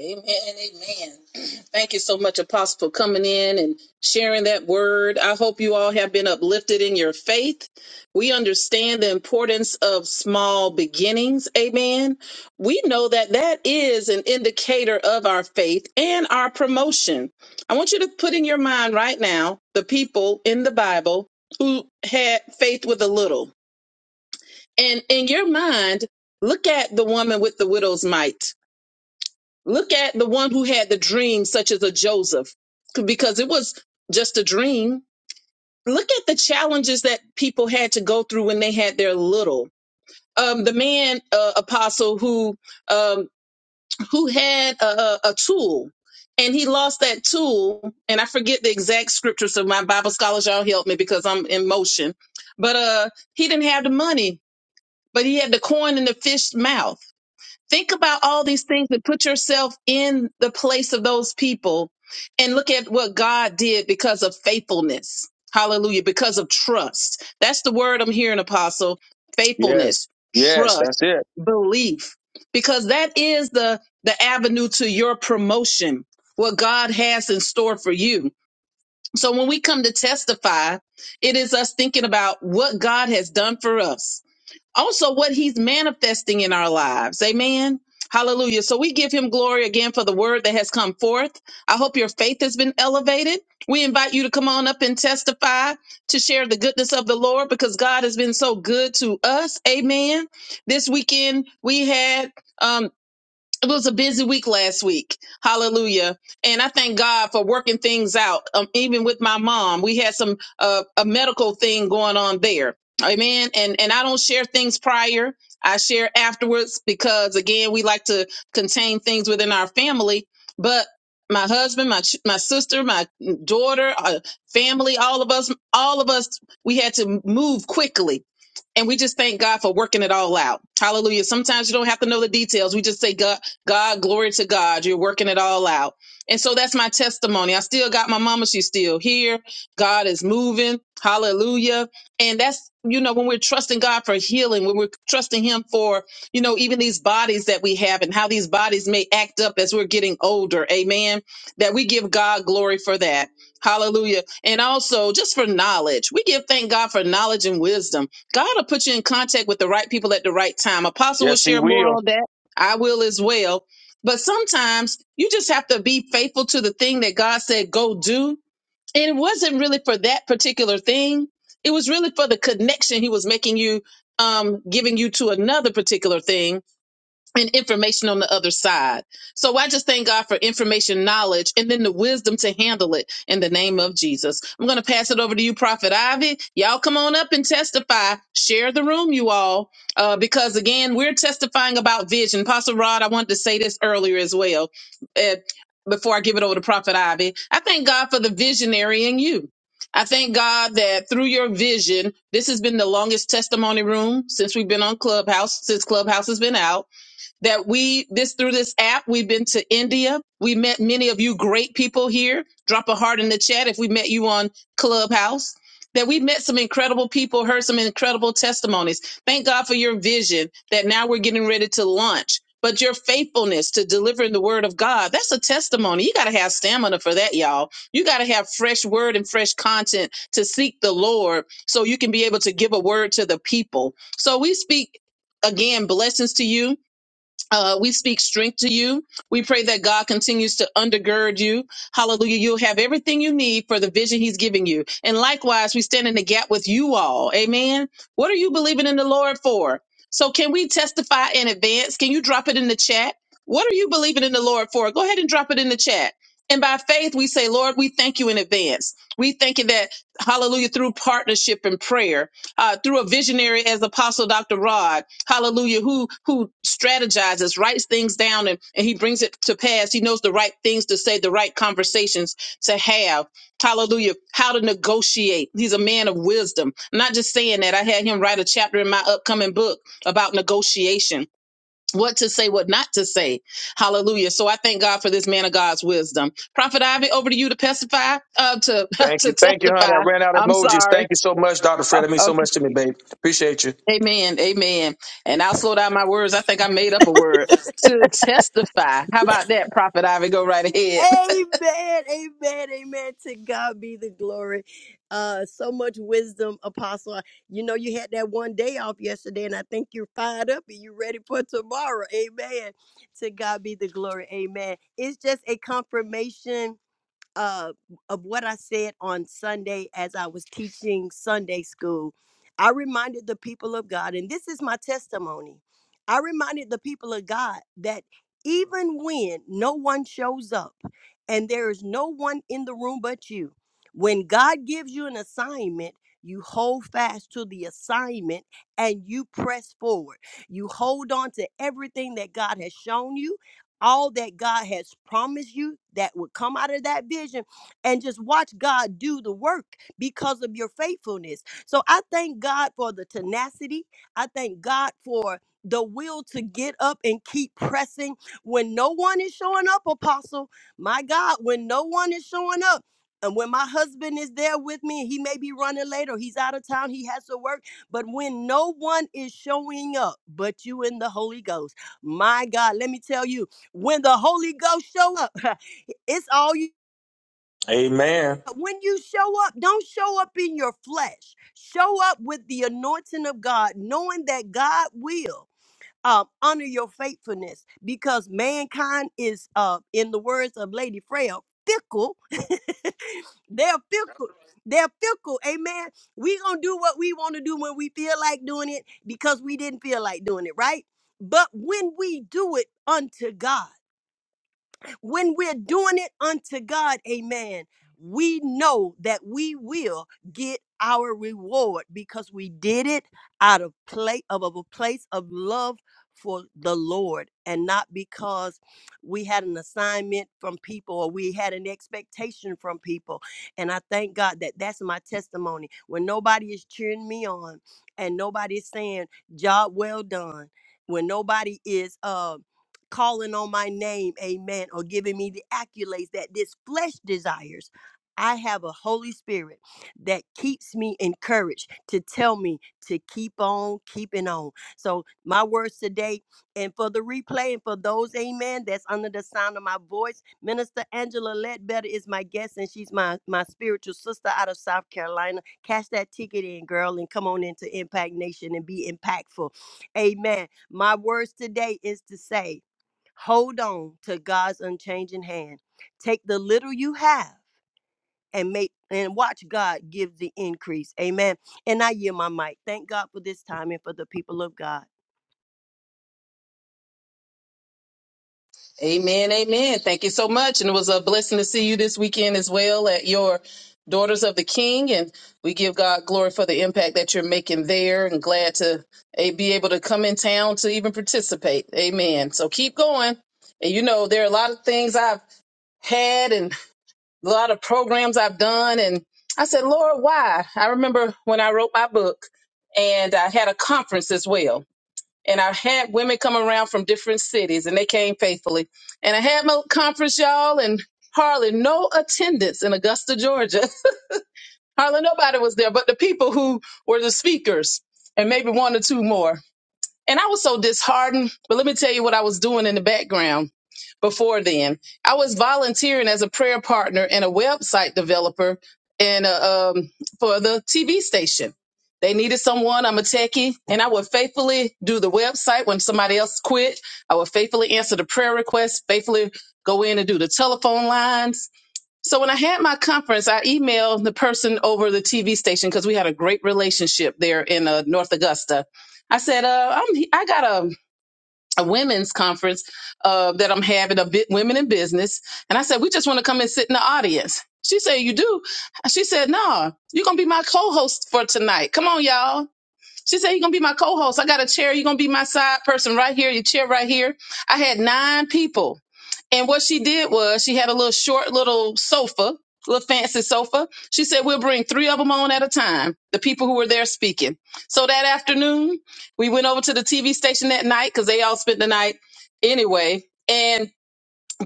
S1: Amen. and Amen. Thank you so much, Apostle, for coming in and sharing that word. I hope you all have been uplifted in your faith. We understand the importance of small beginnings. Amen. We know that that is an indicator of our faith and our promotion. I want you to put in your mind right now the people in the Bible who had faith with a little. And in your mind, look at the woman with the widow's mite Look at the one who had the dream, such as a Joseph, because it was just a dream. Look at the challenges that people had to go through when they had their little. Um, the man uh, apostle who um, who had a, a tool and he lost that tool and i forget the exact scripture so my bible scholars y'all help me because i'm in motion but uh he didn't have the money but he had the coin in the fish's mouth think about all these things and put yourself in the place of those people and look at what God did because of faithfulness. Hallelujah. Because of trust. That's the word I'm hearing, Apostle.
S4: Yes.
S1: Faithfulness,
S4: Yes,
S1: trust,
S4: that's it.
S1: belief. Because that is the, the avenue to your promotion, what God has in store for you. So when we come to testify, it is us thinking about what God has done for us also what he's manifesting in our lives. Amen. Hallelujah. So we give him glory again for the word that has come forth. I hope your faith has been elevated. We invite you to come on up and testify to share the goodness of the Lord because God has been so good to us. Amen. This weekend we had um, it was a busy week last week. Hallelujah. And I thank God for working things out. Um, even with my mom, we had some uh, a medical thing going on there. Amen. And and I don't share things prior. I share afterwards because again, we like to contain things within our family, but my husband, my ch- my sister, my daughter, uh, family, all of us, all of us, we had to move quickly and we just thank God for working it all out. Hallelujah. Sometimes you don't have to know the details. We just say God, God, glory to God. You're working it all out. And so that's my testimony. I still got my mama. She's still here. God is moving. Hallelujah. And that's, you know, when we're trusting God for healing, when we're trusting Him for, you know, even these bodies that we have and how these bodies may act up as we're getting older. Amen. That we give God glory for that. Hallelujah. And also just for knowledge, we give thank God for knowledge and wisdom. God will put you in contact with the right people at the right time. Apostle will share more on that I will as well. But sometimes you just have to be faithful to the thing that God said, go do. And it wasn't really for that particular thing. It was really for the connection he was making you, um, giving you to another particular thing and information on the other side. So I just thank God for information, knowledge, and then the wisdom to handle it in the name of Jesus. I'm going to pass it over to you, Prophet Ivy. Y'all come on up and testify. Share the room, you all, uh, because again, we're testifying about vision. Pastor Rod, I wanted to say this earlier as well. Uh, before I give it over to Prophet Ivy, I thank God for the visionary in you. I thank God that through your vision, this has been the longest testimony room since we've been on Clubhouse, since Clubhouse has been out that we this through this app we've been to india we met many of you great people here drop a heart in the chat if we met you on clubhouse that we met some incredible people heard some incredible testimonies thank god for your vision that now we're getting ready to launch but your faithfulness to delivering the word of god that's a testimony you got to have stamina for that y'all you got to have fresh word and fresh content to seek the lord so you can be able to give a word to the people so we speak again blessings to you uh, we speak strength to you. We pray that God continues to undergird you. Hallelujah. You'll have everything you need for the vision he's giving you. And likewise, we stand in the gap with you all. Amen. What are you believing in the Lord for? So can we testify in advance? Can you drop it in the chat? What are you believing in the Lord for? Go ahead and drop it in the chat. And by faith, we say, Lord, we thank you in advance. We thank you that, hallelujah, through partnership and prayer uh, through a visionary as Apostle Dr. Rod, hallelujah, who who strategizes, writes things down, and, and he brings it to pass. He knows the right things to say, the right conversations to have. Hallelujah. How to negotiate. He's a man of wisdom. I'm not just saying that. I had him write a chapter in my upcoming book about negotiation. What to say, what not to say. Hallelujah. So I thank God for this man of God's wisdom. Prophet Ivy, over to you to testify, uh, to,
S4: Thank
S1: to
S4: you. Thank you, honey. I
S1: testify.
S4: ran out of
S1: I'm
S4: emojis.
S1: sorry.
S4: Thank you so much, Dr. Fred. That means
S1: Okay.
S4: so much to me, babe. Appreciate you.
S1: Amen. Amen. And I'll slow down my words. I think I made up a word to testify. How about that, Prophet Ivy? Go right ahead.
S2: Amen. Amen. Amen. To God be the glory. Uh, so much wisdom, Apostle. You know, you had that one day off yesterday, and I think you're fired up and you're ready for tomorrow. Amen. To God be the glory. Amen. It's just a confirmation uh, of what I said on Sunday as I was teaching Sunday school. I reminded the people of God, and this is my testimony. I reminded the people of God that even when no one shows up and there is no one in the room but you, when God gives you an assignment, you hold fast to the assignment and you press forward. You hold on to everything that God has shown you all that God has promised you that would come out of that vision and just watch God do the work because of your faithfulness. So I thank God for the tenacity. I thank God for the will to get up and keep pressing when no one is showing up, apostle. My God, when no one is showing up. And when my husband is there with me, and he may be running late or he's out of town, he has to work. But when no one is showing up but you in the Holy Ghost, my God, let me tell you, when the Holy Ghost show up, it's all you.
S4: Amen.
S2: When you show up, don't show up in your flesh. Show up with the anointing of God, knowing that God will um, honor your faithfulness because mankind is, uh, in the words of Lady Freya, fickle. they're fickle. They're fickle. Amen. we going to do what we want to do when we feel like doing it because we didn't feel like doing it, right? But when we do it unto God, when we're doing it unto God, amen, we know that we will get our reward because we did it out of play of, of a place of love for the Lord and not because we had an assignment from people or we had an expectation from people. And I thank God that that's my testimony. When nobody is cheering me on and nobody is saying, job well done. When nobody is um calling on my name, amen, or giving me the accolades that this flesh desires. I have a Holy Spirit that keeps me encouraged to tell me to keep on keeping on. So, my words today, and for the replay, and for those, amen, that's under the sound of my voice, Minister Angela Ledbetter is my guest, and she's my, my spiritual sister out of South Carolina. Cash that ticket in, girl, and come on into Impact Nation and be impactful. Amen. My words today is to say, Hold on to God's unchanging hand. Take the little you have and make and watch God give the increase. Amen. And I yield my mic. Thank God for this time and for the people of God.
S1: Amen, amen. Thank you so much. And it was a blessing to see you this weekend as well at your Daughters of the King. And we give God glory for the impact that you're making there and glad to eh, be able to come in town to even participate. Amen. So keep going. And you know, there are a lot of things I've had and a lot of programs I've done. And I said, Lord, why? I remember when I wrote my book and I had a conference as well and I had women come around from different cities, and they came faithfully. And I had my conference, y'all, and hardly no attendance in Augusta, Georgia. hardly nobody was there, but the people who were the speakers, and maybe one or two more. And I was so disheartened. But let me tell you what I was doing in the background before then. I was volunteering as a prayer partner and a website developer and uh, um, for the TV station. They needed someone. I'm a techie, and I would faithfully do the website when somebody else quit. I would faithfully answer the prayer requests, faithfully go in and do the telephone lines, so when I had my conference, I emailed the person over the TV station because we had a great relationship there in uh, North Augusta. I said, uh, I'm, I got a, a women's conference uh, that I'm having, a bit women in business. And I said, we just want to come and sit in the audience. She said, you do? She said, no, you're going to be my co-host for tonight. Come on, y'all. She said, you're going to be my co-host. I got a chair. You're going to be my side person right here, your chair right here. I had nine people and what she did was she had a little short little sofa, little fancy sofa. She said, We'll bring three of them on at a time, the people who were there speaking. So that afternoon, we went over to the TV station that night because they all spent the night anyway. And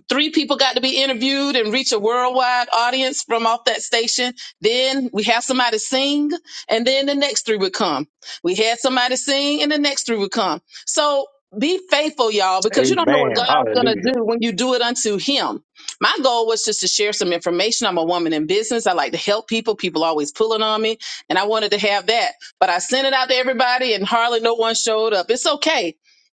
S1: three people got to be interviewed and reach a worldwide audience from off that station. Then we have somebody sing, and then the next three would come. We had somebody sing, and the next three would come. So be faithful, y'all, because you don't know what
S4: Amen.
S1: God's going to
S4: Hallelujah.
S1: do when you do it unto Him. My goal was just to share some information. I'm a woman in business. I like to help people. People always pulling on me, and I wanted to have that. But I sent it out to everybody, and hardly no one showed up. It's okay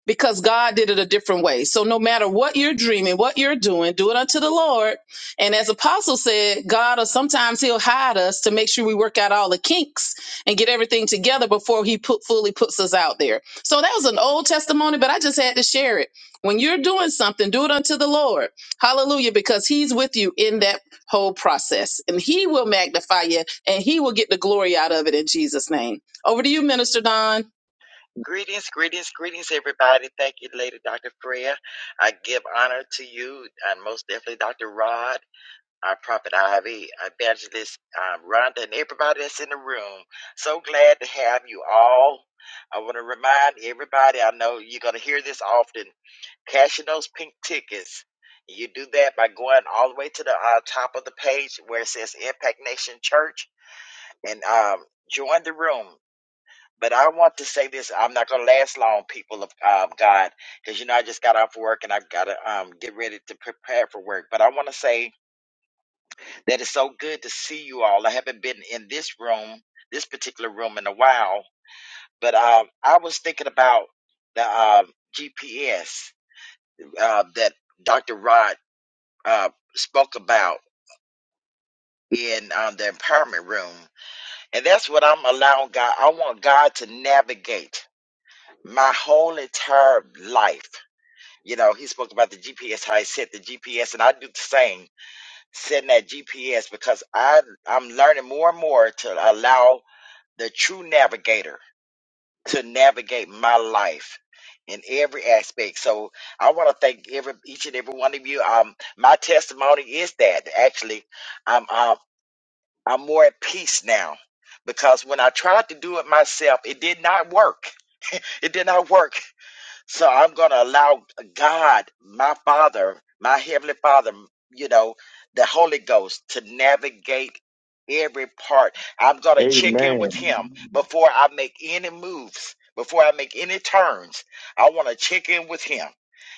S1: because God did it a different way. So no matter what you're dreaming, what you're doing, do it unto the Lord. And as Apostle said, God will sometimes He'll hide us to make sure we work out all the kinks and get everything together before He put fully puts us out there. So that was an old testimony, but I just had to share it. When you're doing something, do it unto the Lord. Hallelujah, because He's with you in that whole process. And He will magnify you and He will get the glory out of it in Jesus' name. Over to you, Minister Don.
S3: Greetings, greetings, greetings, everybody. Thank you, Lady Dr. Freya. I give honor to you and most definitely Dr. Rod. our Prophet Ivy, Evangelist uh, Rhonda, and everybody that's in the room. So glad to have you all. I want to remind everybody, I know you're going to hear this often, cashing those pink tickets. You do that by going all the way to the uh, top of the page where it says Impact Nation Church and um, join the room. But I want to say this. I'm not going to last long, people of um, God, because, you know, I just got off work and I got to um, get ready to prepare for work. But I want to say that is so good to see you all. I haven't been in this room, this particular room, in a while, but uh, I was thinking about the uh, GPS uh, that Dr. Rod uh, spoke about in um, the empowerment room. And that's what I'm allowing God. I want God to navigate my whole entire life. You know, he spoke about the GPS, how I set the GPS, and I do the same, setting that GPS because I I'm learning more and more to allow the true navigator to navigate my life in every aspect. So I want to thank every each and every one of you. Um, my testimony is that actually I'm um, I'm more at peace now because when I tried to do it myself, it did not work. It did not work. So I'm going to allow God, my Father, my Heavenly Father, you know, the Holy Ghost to navigate every part. I'm going to check in
S4: Amen.
S3: with Him before I make any moves, before I make any turns. I want to check in with Him.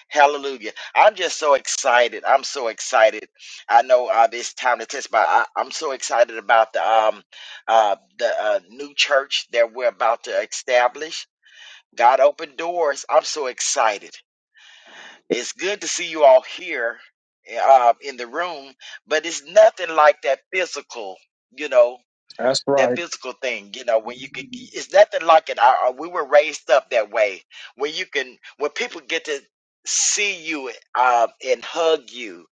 S3: Hallelujah. I'm just so excited. I'm so excited. I know uh, it's time to test, but I, I'm so excited about the, um, uh, the uh, new church that we're about to establish God opened doors. I'm so excited. It's good to see you all here uh, in the room, but it's nothing like that physical, you know,
S4: That's right.
S3: that physical thing, you know, when you can, it's nothing like it. I, I- we were raised up that way, where you can, when people get to see you uh, and hug you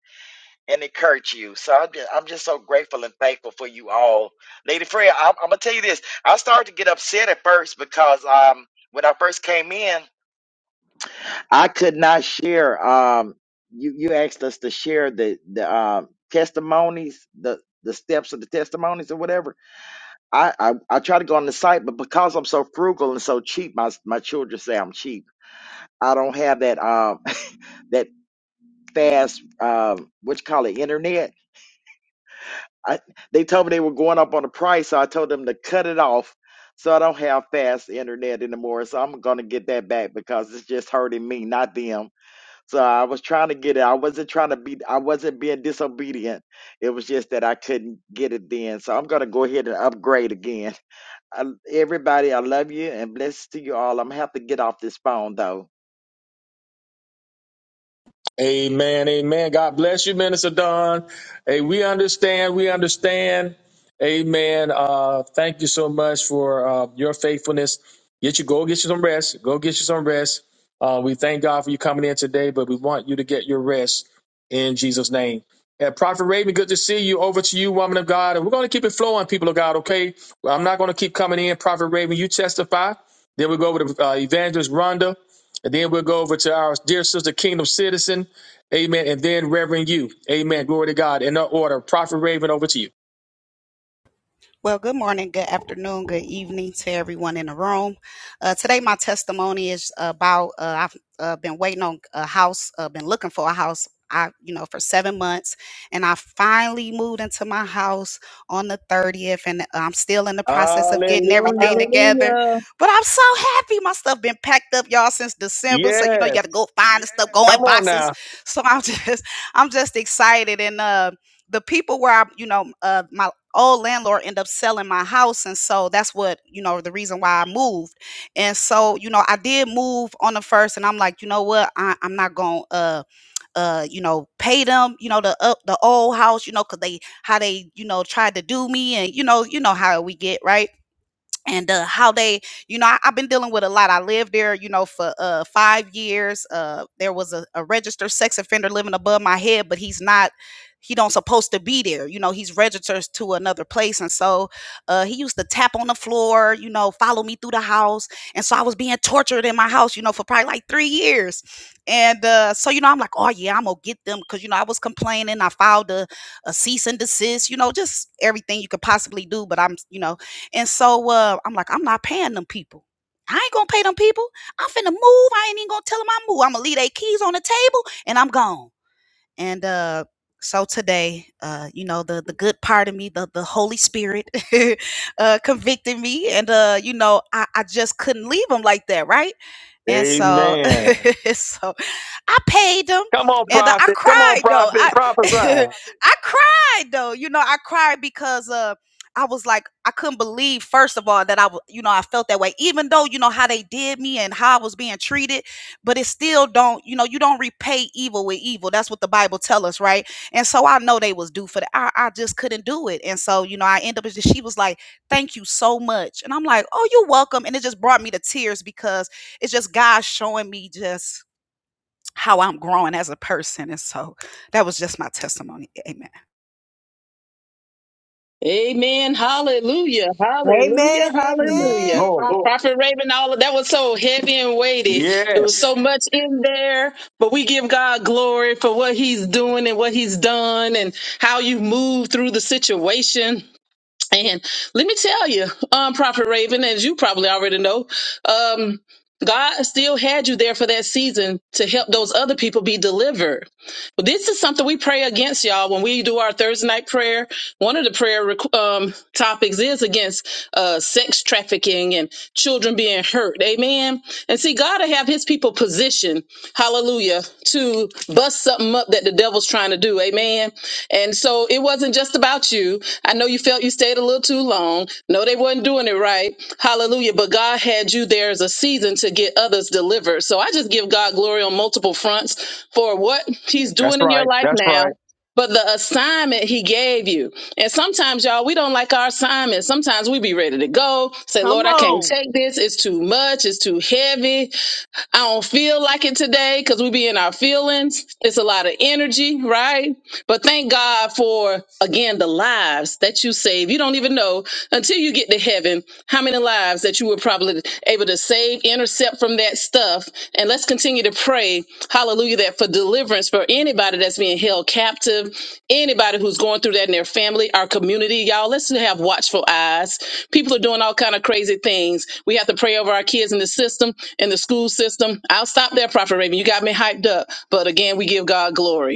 S3: and encourage you. So I'm just, I'm just so grateful and thankful for you all. Lady Freya, I'm, I'm going to tell you this. I started to get upset at first because um, when I first came in, I could not share. Um, you you asked us to share the the um, testimonies, the the steps of the testimonies or whatever. I, I I try to go on the site, but because I'm so frugal and so cheap, my my children say I'm cheap. I don't have that um that fast um what you call it internet. I they told me they were going up on the price, so I told them to cut it off. So I don't have fast internet anymore. So I'm gonna get that back because it's just hurting me, not them So I was trying to get it. I wasn't trying to be, I wasn't being disobedient. It was just that I couldn't get it then. So I'm going to go ahead and upgrade again. I, everybody, I love you and bless to you all. I'm going to have to get off this phone though.
S4: Amen. Amen. God bless you, Minister Don. Hey, we understand. We understand. Amen. Uh, thank you so much for uh, your faithfulness. Get you go get you some rest. Go get you some rest. Uh, we thank God for you coming in today, but we want you to get your rest in Jesus' name. And Prophet Raven, good to see you. Over to you, woman of God. And we're going to keep it flowing, people of God, okay? Well, I'm not going to keep coming in. Prophet Raven, you testify. Then we'll go over to uh, Evangelist Rhonda. And then we'll go over to our dear sister, Kingdom Citizen. Amen. And then Reverend you. Amen. Glory to God. In that order, Prophet Raven, over to you.
S5: Well, good morning, good afternoon, good evening to everyone in the room. Uh, today, my testimony is about uh, I've uh, been waiting on a house, uh, been looking for a house. I, you know, for seven months, and I finally moved into my house on the thirtieth, and uh, I'm still in the process of getting everything
S4: Hallelujah.
S5: together. But I'm so happy. My stuff been packed up, y'all, since December. So you know, you
S4: Yes.
S5: got to go find the stuff, go in
S4: Come on
S5: boxes.
S4: now.
S5: So I'm just, I'm just excited, and um the people where I, you know, uh, my old landlord ended up selling my house, and so that's what you know the reason why I moved. And so you know, I did move on the first, and I'm like, you know what, I, I'm not gonna, uh, uh, you know, pay them, you know, the up the old house, you know, cause they how they you know tried to do me, and you know, you know how we get right and uh, how they, you know, I, I've been dealing with a lot. I lived there, you know, for uh, five years. Uh, there was a, a registered sex offender living above my head, but he's not. He don't supposed to be there. You know, he's registered to another place, and so uh, he used to tap on the floor. You know, follow me through the house, and so I was being tortured in my house. You know, for probably like three years, and uh, so you know, I'm like, oh yeah, I'm gonna get them because you know I was complaining. I filed a, a cease and desist. You know, just everything you could possibly do, but I'm, you know and so uh, I'm like, I'm not paying them people. I ain't gonna pay them people. I'm finna move. I ain't even gonna tell them I move. I'm gonna leave their keys on the table and I'm gone. And uh so today, uh, you know, the the good part of me, the the Holy Spirit uh convicted me and uh, you know, I, I just couldn't leave him like that, right? And so
S4: Amen.
S5: so I paid him
S4: Come on,
S5: and uh, I
S4: prophet. Come on,
S5: cried though.
S4: prophet.
S5: I
S4: Prophesy.
S5: I cried though. You know, I cried because uh I was like, I couldn't believe, first of all, that I, w- you know, I felt that way, even though, you know, how they did me and how I was being treated but it still don't you know you don't repay evil with evil that's what the bible tell us right and so i know they was due for that i, I just couldn't do it and so you know i end up she was like thank you so much and i'm like oh you're welcome and it just brought me to tears because it's just god showing me just how I'm growing as a person. And so that was just my testimony. Amen.
S1: Amen. Hallelujah. Hallelujah.
S2: Amen.
S1: Hallelujah.
S2: Amen.
S4: Lord.
S1: Glory. Prophet Raven, all of that was so heavy and weighty. There was
S4: Yes.
S1: so much in there, but we give God glory for what he's doing and what he's done and how you move through the situation. And let me tell you, um, Prophet Raven, as you probably already know, um, God still had you there for that season to help those other people be delivered. But this is something we pray against, y'all. When we do our Thursday night prayer, one of the prayer requ- um, topics is against uh, sex trafficking and children being hurt. Amen. And see, God will have his people positioned, hallelujah, to bust something up that the devil's devil's trying to do. Amen. And so it wasn't just about you. I know you felt you stayed a little too long. No, they weren't doing it right. Hallelujah. But God had you there as a season to get others delivered. So I just give God glory on multiple fronts for what He's
S4: That's
S1: doing in your
S4: right.
S1: life
S4: That's
S1: now.
S4: right.
S1: But the assignment he gave you. And sometimes, y'all, we don't like our assignment. Sometimes we be ready to go, say,
S2: Come
S1: Lord, I can't
S2: on.
S1: take this. It's too much. It's too heavy. I don't feel like it today because we be in our feelings. It's a lot of energy, right? But thank God for, again, the lives that you save. You don't even know until you get to heaven how many lives that you were probably able to save, intercept from that stuff. And let's continue to pray, hallelujah, that for deliverance for anybody that's being held captive, anybody who's going through that in their family, our community. Y'all, let's have watchful eyes. People are doing all kind of crazy things. We have to pray over our kids in the system, in the school system. I'll stop there, Prophet Raven. You got me hyped up. But again, we give God glory.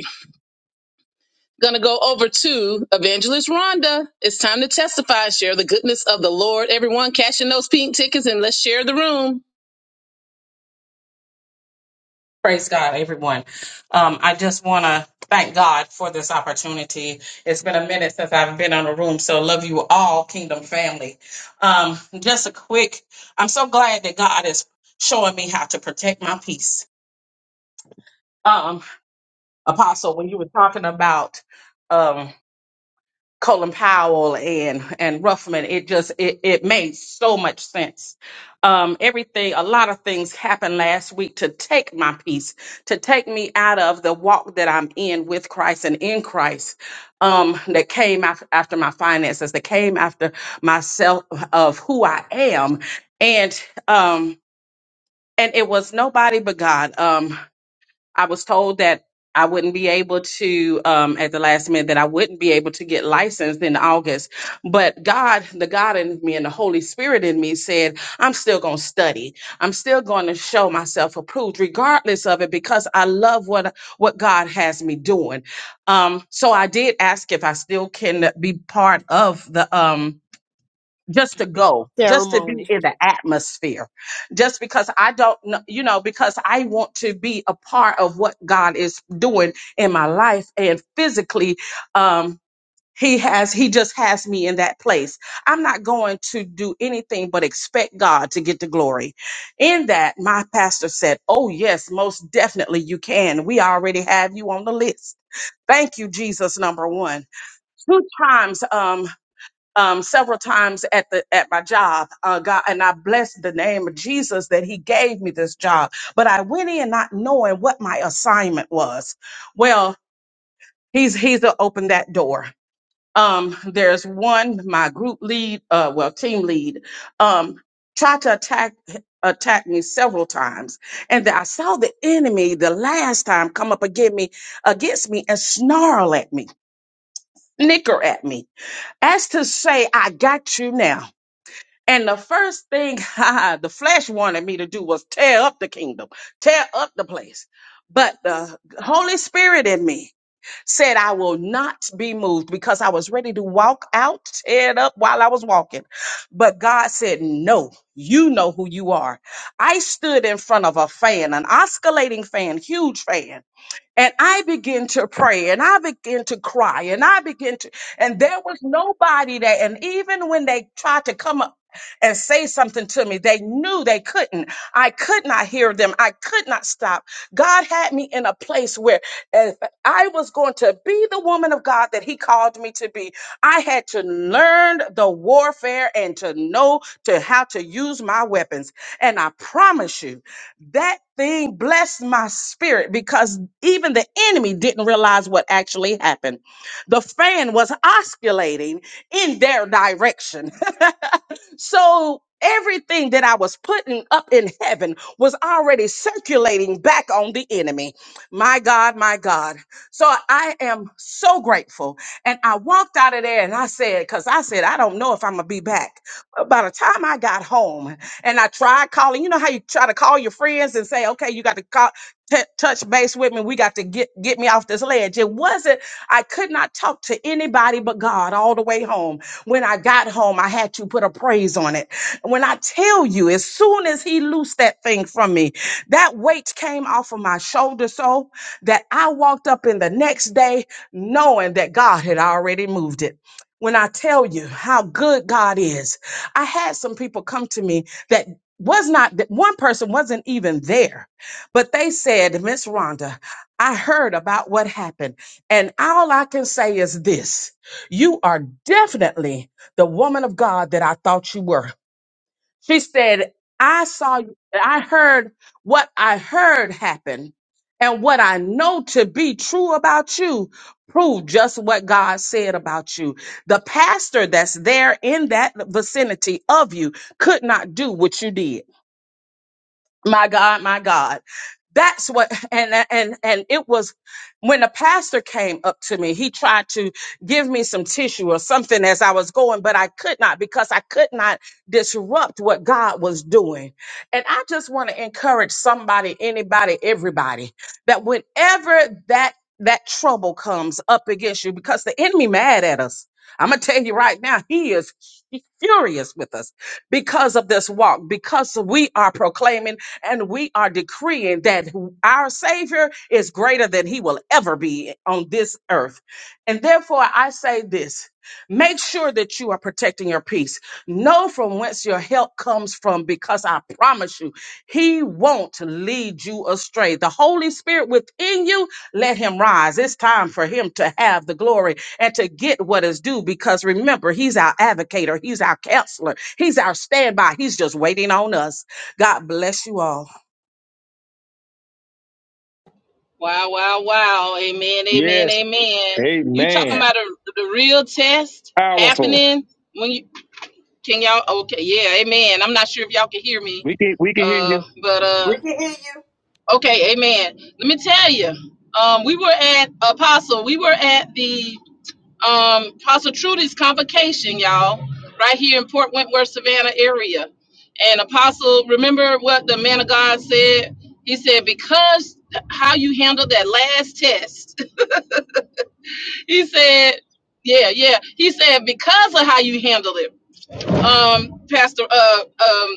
S1: Gonna go over to Evangelist Rhonda. It's time to testify, share the goodness of the Lord. Everyone, cash in those pink tickets and let's share the room.
S6: Praise God, everyone. Um, I just want to thank God for this opportunity. It's been a minute since I've been on a room, so love you all, Kingdom family. Um, just a quick, I'm so glad that God is showing me how to protect my peace. Um, Apostle, when you were talking about um, Colin Powell and and Ruffman, it just it, it made so much sense. Um, everything, a lot of things happened last week to take my peace, to take me out of the walk that I'm in with Christ and in Christ. Um, that came af- after my finances, that came after myself of who I am, and um, and it was nobody but God. Um, I was told that I wouldn't be able to um, at the last minute that I wouldn't be able to get licensed in August. But God, the God in me and the Holy Spirit in me said, I'm still going to study. I'm still going to show myself approved regardless of it because I love what what God has me doing. Um, so I did ask if I still can be part of the um, just to go, just to be
S2: Ceremony.
S6: in the atmosphere, just because I don't know, you know, because I want to be a part of what God is doing in my life and physically, um, he has he just has me in that place i'm not going to do anything but expect god to get the glory in that my pastor said oh yes most definitely you can we already have you on the list thank you jesus number one two times Um, um, several times at the at my job. Uh, God, and I blessed the name of Jesus that He gave me this job. But I went in not knowing what my assignment was. Well, He's He's opened that door. Um, there's one my group lead, uh, well team lead, um, tried to attack attack me several times, and I saw the enemy the last time come up against me against me and snarl at me, snicker at me, as to say, "I got you now." And the first thing the flesh wanted me to do was tear up the kingdom, tear up the place. But the Holy Spirit in me said, I will not be moved because I was ready to walk out, tear it up while I was walking. But God said, No, you know who you are. I stood in front of a fan, an oscillating fan, huge fan and I began to pray and I began to cry and I began to, and there was nobody there. And even when they tried to come up and say something to me, they knew they couldn't. I could not hear them. I could not stop. God had me in a place where if I was going to be the woman of God that He called me to be, I had to learn the warfare and to know to how to use my weapons. And I promise you, that thing blessed my spirit because even the enemy didn't realize what actually happened. The fan was osculating in their direction. So everything that I was putting up in heaven was already circulating back on the enemy. My God, my God. So I am so grateful. And I walked out of there and I said, because I said, I don't know if I'm going to be back. But by the time I got home and I tried calling, you know how you try to call your friends and say, okay, you got to call. t- touch base with me. We got to get get me off this ledge. It wasn't I could not talk to anybody but God all the way home. When I got home, I had to put a praise on it. When I tell you, as soon as he loosed that thing from me, that weight came off of my shoulder so that I walked up in the next day knowing that God had already moved it. When I tell you how good God is, I had some people come to me that was not, that one person wasn't even there, but they said, Miss Rhonda, I heard about what happened. And all I can say is this you are definitely the woman of God that I thought you were. She said, I saw you, I heard what I heard happen, and what I know to be true about you proved just what God said about you. The pastor that's there in that vicinity of you could not do what you did my god my god that's what and and and it was when the pastor came up to me he tried to give me some tissue or something as i was going but i could not because i could not disrupt what god was doing and i just want to encourage somebody anybody everybody that whenever that that trouble comes up against you because the enemy mad at us i'm gonna tell you right now he is furious with us because of this walk because we are proclaiming and we are decreeing that our Savior is greater than he will ever be on this earth. And therefore, I say this make sure that you are protecting your peace. Know from whence your help comes from, because I promise you, he won't lead you astray. The Holy Spirit within you, let him rise. It's time for him to have the glory and to get what is due because remember, he's our advocator, he's our counselor, he's our standby, he's just waiting on us. God bless you all.
S1: Wow, wow, wow. Amen, amen,
S4: Yes.
S1: amen. You talking
S4: Amen.
S1: about a, the real test
S4: Powerful.
S1: happening when you can y'all okay, yeah, amen. I'm not sure if y'all can hear me.
S4: We can we can hear you.
S1: Uh but uh
S2: We can hear
S1: okay, amen. Let me tell you. Um we were at Apostle, we were at the um, Apostle Trudy's convocation, y'all, right here in Port Wentworth, Savannah area. And Apostle, remember what the man of God said? He said, because how you handled that last test. he said, yeah, yeah. He said, because of how you handled it um, Pastor uh, um,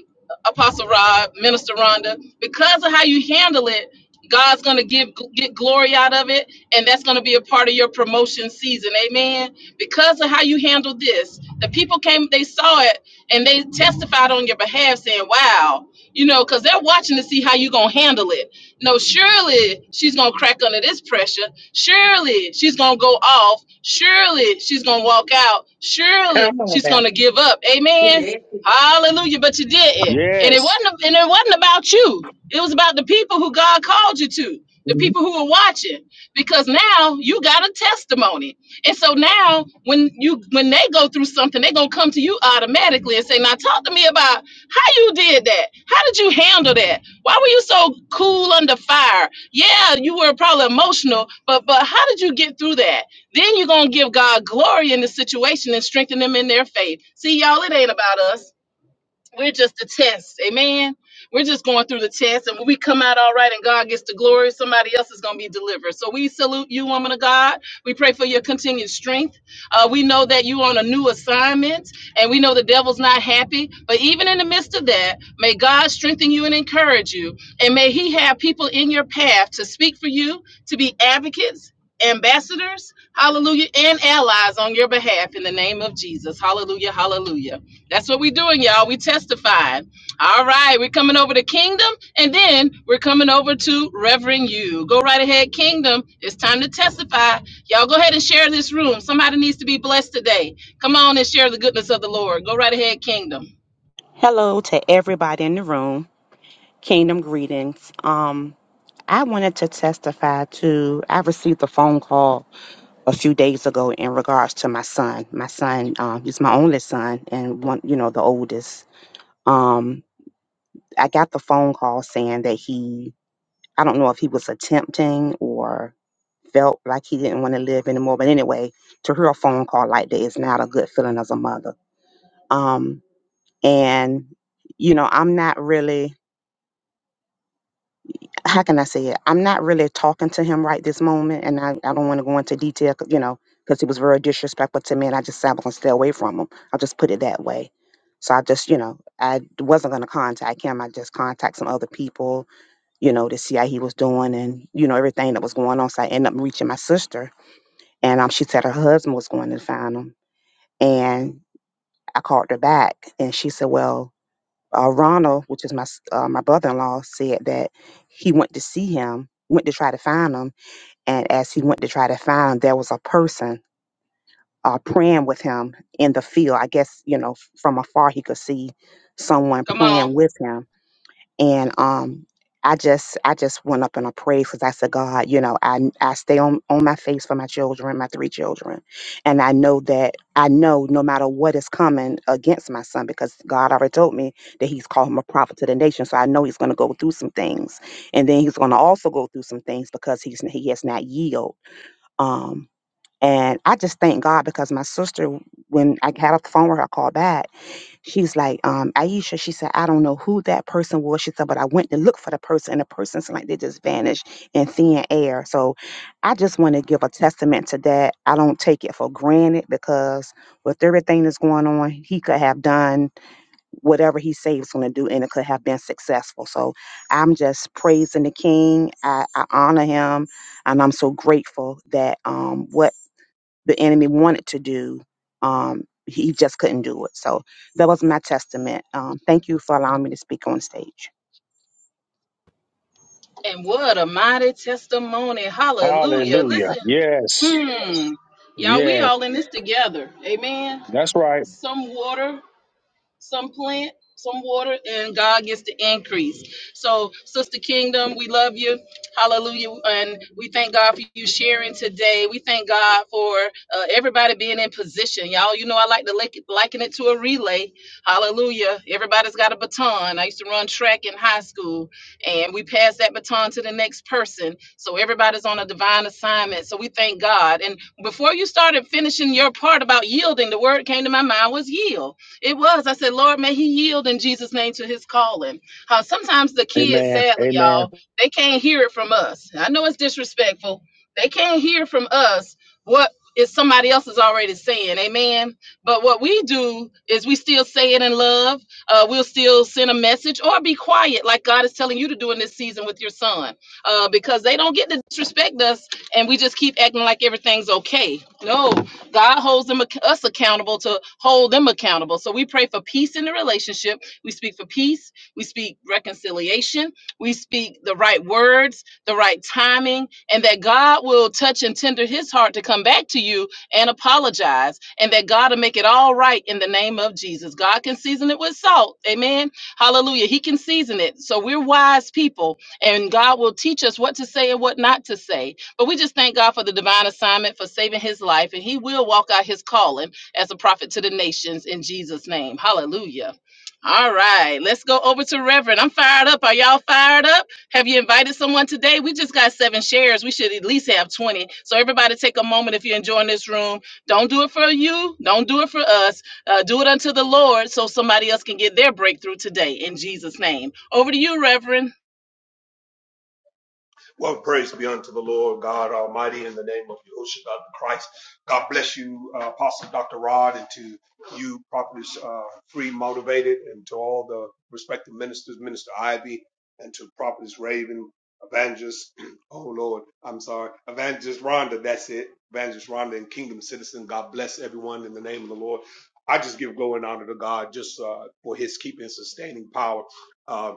S1: Apostle Rod, Minister Rhonda, because of how you handle it, God's gonna give get glory out of it, and that's gonna be a part of your promotion season. Amen. Because of how you handle this, the people came, they saw it, and they testified on your behalf, saying, "Wow, you know," because they're watching to see how you gonna handle it. No, surely she's gonna crack under this pressure. Surely she's gonna go off. Surely she's gonna walk out. Surely
S6: Come on
S1: she's gonna give up. Amen.
S6: now.
S1: Hallelujah. But you didn't. And it
S4: Yes.
S1: wasn't and it wasn't about you. It was about the people who God called you to, the people who were watching. Because now you got a testimony. And so now when you when they go through something, they're gonna come to you automatically and say, Now talk to me about how you did that. How did you handle that? Why were you so cool under fire? Yeah, you were probably emotional, but but how did you get through that? Then you're gonna give God glory in the situation and strengthen them in their faith. See, y'all, it ain't about us. We're just a test. Amen. We're just going through the test. And when we come out all right and God gets the glory, somebody else is going to be delivered. So we salute you, woman of God. We pray for your continued strength. Uh, we know that you're on a new assignment and we know the devil's not happy. But even in the midst of that, may God strengthen you and encourage you. And may he have people in your path to speak for you, to be advocates, ambassadors, hallelujah, and allies on your behalf in the name of Jesus. Hallelujah. Hallelujah. That's what we're doing, y'all. We testifying. All right, we're coming over to Kingdom, and then we're coming over to Reverend You. Go right ahead, Kingdom. It's time to testify. Y'all go ahead and share this room. Somebody needs to be blessed today. Come on and share the goodness of the Lord. Go right ahead, Kingdom.
S7: Hello to everybody in the room. Kingdom greetings. Um, I wanted to testify to. I received a phone call a few days ago in regards to my son. My son, um, he's my only son and one, you know, the oldest. Um, I got the phone call saying that he, I don't know if he was attempting or felt like he didn't want to live anymore. But anyway, to hear a phone call like that is not a good feeling as a mother. Um, and you know, I'm not really. how can I say it? I'm not really talking to him right this moment, and I, I don't want to go into detail, 'cause, you know, because he was very disrespectful to me, and I just said I'm gonna stay away from him. I'll just put it that way. So I just, you know, I wasn't gonna contact him. I just contact some other people, you know, to see how he was doing and you know everything that was going on. So I ended up reaching my sister, and um, she said her husband was going to find him, and I called her back, and she said, well uh, Ronald, which is my s- uh, my brother-in-law, said that he went to see him, went to try to find him, and as he went to try to find him, there was a person uh, praying with him in the field. I guess you know f- from afar he could see someone
S1: Come on.
S7: praying with him and um I just I just went up and I prayed because I said, God, you know, I I stay on, on my face for my children, my three children. And I know that I know no matter what is coming against my son, because God already told me that he's called him a prophet to the nation. So I know he's gonna go through some things. And then he's gonna also go through some things because he's he has not yield. Um and I just thank God because my sister, when I had a phone with her, I called back She's like, um, Aisha, she said, I don't know who that person was. She said, but I went to look for the person, and the person's like they just vanished in thin air. So I just want to give a testament to that. I don't take it for granted because with everything that's going on, he could have done whatever he said he was going to do, and it could have been successful. So I'm just praising the King. I, I honor him, and I'm so grateful that um, what the enemy wanted to do. Um, he just couldn't do it. So that was my testament. Um, thank you for allowing me to speak on stage.
S1: And what a mighty testimony. Hallelujah.
S4: Hallelujah.
S1: Listen.
S4: Yes.
S1: Hmm. Y'all, we
S4: Yes.
S1: all in this together. Amen.
S4: That's right.
S1: Some water some plant, some water, and God gets the increase. So, Sister Kingdom, we love you. Hallelujah. And we thank God for you sharing today. We thank God for uh, everybody being in position. Y'all, you know, I like to like, liken it to a relay. Hallelujah. Everybody's got a baton. I used to run track in high school, and we pass that baton to the next person. So, everybody's on a divine assignment. So, we thank God. And before you started finishing your part about yielding, the word came to my mind was yield it was. I said, Lord, may he yield in Jesus' name to his calling. How sometimes the kids,
S4: Amen.
S1: sadly,
S4: Amen.
S1: y'all, they can't hear it from us. I know it's disrespectful. They can't hear from us what is somebody else is already saying. Amen. But what we do is we still say it in love. Uh, we'll still send a message or be quiet, like God is telling you to do in this season with your son, uh, because they don't get to disrespect us and we just keep acting like everything's okay. No, God holds them us accountable to hold them accountable. So we pray for peace in the relationship. We speak for peace. We speak reconciliation. We speak the right words, the right timing, and that God will touch and tender His heart to come back to you and apologize, and that God will make it all right in the name of Jesus. God can season it with salt. Amen. Hallelujah. He can season it. So we're wise people, and God will teach us what to say and what not to say but we just thank God for the divine assignment for saving his life, and he will walk out his calling as a prophet to the nations in Jesus' name. Hallelujah. All right, let's go over to Reverend. I'm fired up. Are y'all fired up? Have you invited someone today? We just got seven shares. We should at least have 20. So, everybody, take a moment if you're enjoying this room. Don't do it for you, don't do it for us. Uh, do it unto the Lord so somebody else can get their breakthrough today in Jesus' name. Over to you, Reverend.
S8: Well, praise be unto the Lord God Almighty in the name of Yahushua God the Christ. God bless you, uh, Apostle Dr. Rod, and to you, properly uh, free motivated, and to all the respective ministers, Minister Ivy, and to properly Raven, Evangelist, oh Lord, I'm sorry, Evangelist Rhonda, that's it, Evangelist Rhonda and Kingdom Citizen. God bless everyone in the name of the Lord. I just give glory and honor to God just uh, for his keeping and sustaining power. Uh,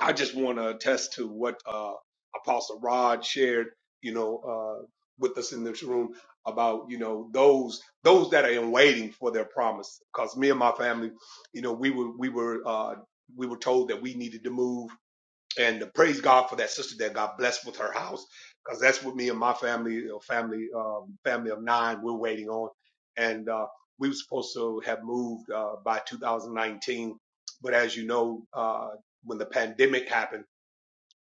S8: I just want to attest to what uh, Apostle Rod shared, you know, uh, with us in this room about you know those those that are in waiting for their promise. Because me and my family, you know, we were we were uh, we were told that we needed to move and praise God for that sister that got blessed with her house because that's what me and my family, uh, family, um, family of nine, we're waiting on, and uh, we were supposed to have moved uh, by 2019, but as you know, uh, when the pandemic happened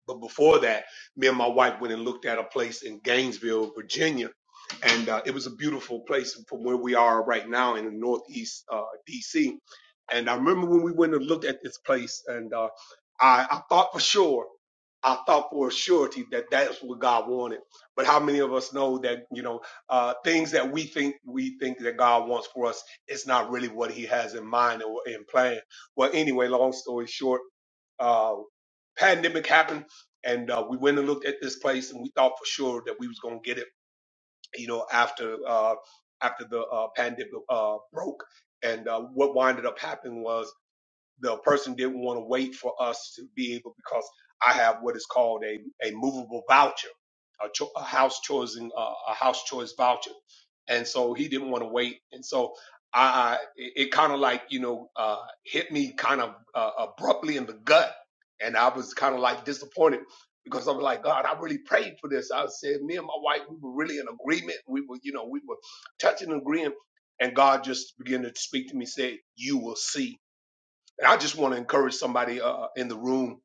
S8: but before that, me and my wife went and looked at a place in Gainesville, Virginia, and uh, it was a beautiful place from where we are right now in the northeast uh, DC. And I remember when we went and looked at this place, and uh, I, I thought for sure, I thought for a surety that that's what God wanted. But how many of us know that you know uh, things that we think we think that God wants for us, it's not really what He has in mind or in plan. Well, anyway, long story short uh, pandemic happened, and uh, we went and looked at this place, and we thought for sure that we was gonna get it, you know, after uh, after the uh, pandemic uh, broke. And uh, what winded up happening was the person didn't want to wait for us to be able because I have what is called a, a movable voucher, a, cho- a house choosing uh, a house choice voucher, and so he didn't want to wait, and so I, I it, it kind of like you know uh, hit me kind of uh, abruptly in the gut, and I was kind of like disappointed. Because I was like, God, I really prayed for this. I said, me and my wife, we were really in agreement. We were, you know, we were touching and agreeing. And God just began to speak to me, said, You will see and I just want to encourage somebody uh, uh, in the room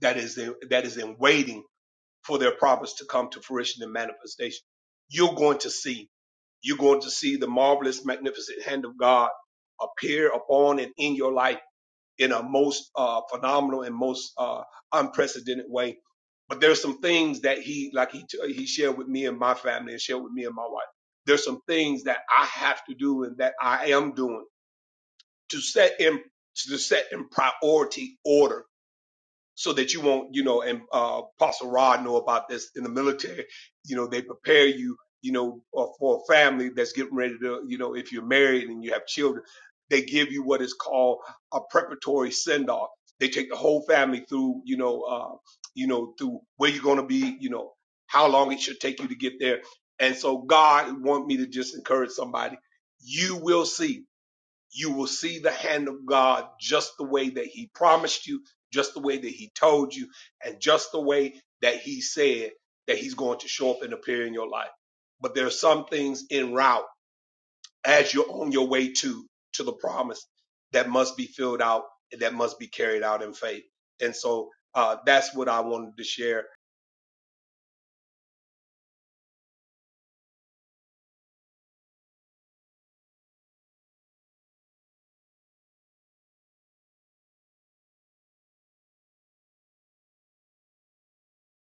S8: that is in, that is in waiting for their promise to come to fruition and manifestation. You're going to see. You're going to see the marvelous, magnificent hand of God appear upon and in your life in a most uh, phenomenal and most uh, unprecedented way. But there's some things that he, like he, he shared with me and my family and shared with me and my wife. There's some things that I have to do and that I am doing to set in to set in priority order so that you won't, you know, and uh Apostle Rod know about this in the military, you know, they prepare you, you know, uh, for a family that's getting ready to, you know, if you're married and you have children, they give you what is called a preparatory send off. They take the whole family through, you know, uh, you know, through where you're gonna be, you know, how long it should take you to get there. And so God want me to just encourage somebody. You will see you will see the hand of God just the way that He promised you, just the way that He told you, and just the way that He said that He's going to show up and appear in your life. But there are some things en route as you're on your way to to the promise that must be filled out and that must be carried out in faith. And so uh, that's what I wanted to share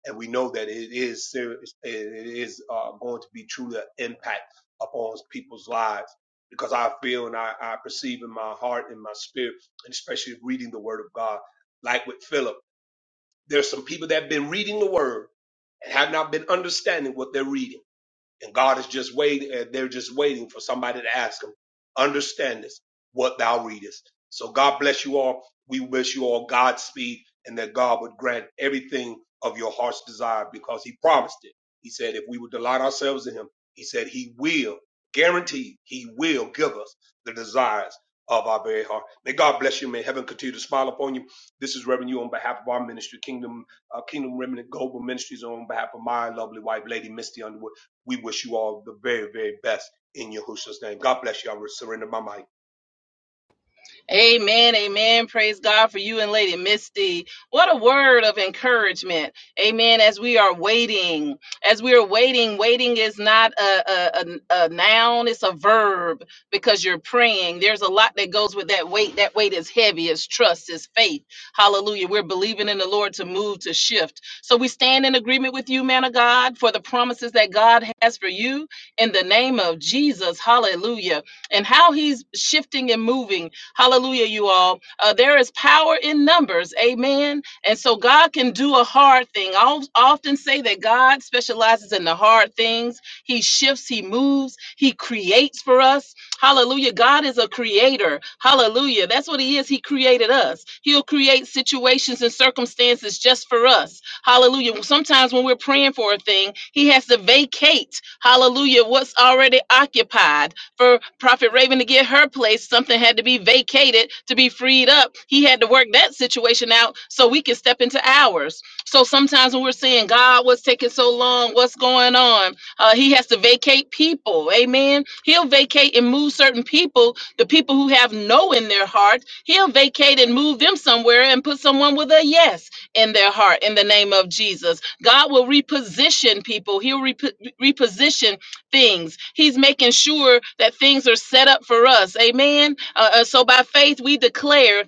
S8: and we know that it is serious, it is uh, going to be truly an impact upon people's lives. Because I feel and I, I perceive in my heart and my spirit, and especially reading the Word of God, like with Philip, there's some people that have been reading the Word and have not been understanding what they're reading and God is just waiting, and they're just waiting for somebody to ask them, understand this, what thou readest. So God bless you all. We wish you all Godspeed and that God would grant everything of your heart's desire because he promised it. He said, if we would delight ourselves in him, he said he will guarantee he will give us the desires of our very heart. May God bless you. May heaven continue to smile upon you. This is Reverend You on behalf of our ministry, Kingdom, uh, Kingdom Remnant Global Ministries, on behalf of my lovely wife, Lady Misty Underwood. We wish you all the very, very best in Yahushua's name. God bless you. I will surrender my mic.
S1: Amen. Amen. Praise God for you and Lady Misty. What a word of encouragement. Amen. As we are waiting, as we are waiting, waiting is not a, a, a, a noun, it's a verb because you're praying. There's a lot that goes with that weight. That weight is heavy, it's trust, it's faith. Hallelujah. We're believing in the Lord to move, to shift. So we stand in agreement with you, man of God, for the promises that God has for you in the name of Jesus. Hallelujah. And how he's shifting and moving Hallelujah, you all. Uh, there is power in numbers. Amen. And so God can do a hard thing. I al- often say that God specializes in the hard things. He shifts, He moves, He creates for us. Hallelujah. God is a creator. Hallelujah. That's what He is. He created us. He'll create situations and circumstances just for us. Hallelujah. Sometimes when we're praying for a thing, He has to vacate, hallelujah, what's already occupied for Prophet Raven to get her place, something had to be vacated to be freed up. He had to work that situation out so we could step into ours. So sometimes when we're saying, God, what's taking so long? What's going on? Uh, he has to vacate people. Amen. He'll vacate and move certain people, the people who have no in their heart. He'll vacate and move them somewhere and put someone with a yes in their heart in the name of Jesus. God will reposition people. He'll repo- reposition things. He's making sure that things are set up for us. Amen. Uh, uh, so by faith, we declare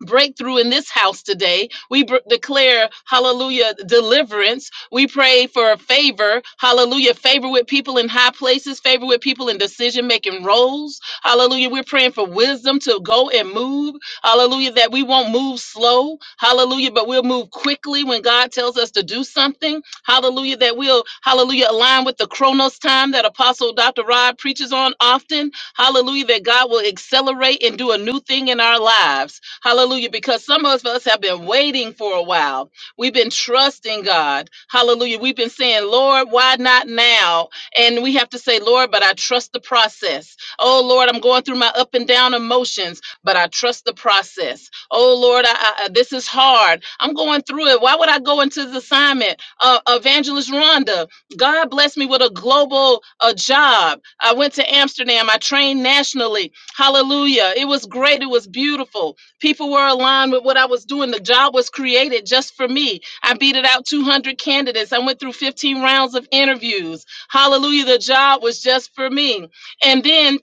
S1: breakthrough in this house today. We br- declare, hallelujah, deliverance. We pray for favor, hallelujah, favor with people in high places, favor with people in decision making roles. Hallelujah. We're praying for wisdom to go and move. Hallelujah, that we won't move slow. Hallelujah, but we'll move quickly when God tells us to do something. Hallelujah, that we'll, hallelujah, align with the chronos time that Apostle Dr. Rod preaches on often. Hallelujah, that God will accelerate and do a new thing in our lives. Hallelujah, because some of us have been waiting for a while. We've been trusting God. Hallelujah. We've been saying, Lord, why not now? And we have to say, Lord, but I trust the process. Oh, Lord, I'm going through my up and down emotions, but I trust the process. Oh, Lord, I, I, I- this is hard. I'm going through it. Why would I go into this assignment? Uh, Evangelist Rhonda, God blessed me with a global uh, job. I went to Amsterdam. I trained nationally. Hallelujah. It was great. It was beautiful. People were aligned with what I was doing. The job was created just for me. I beat it out 200 candidates. I went through 15 rounds of interviews. Hallelujah. The job was just for me. And then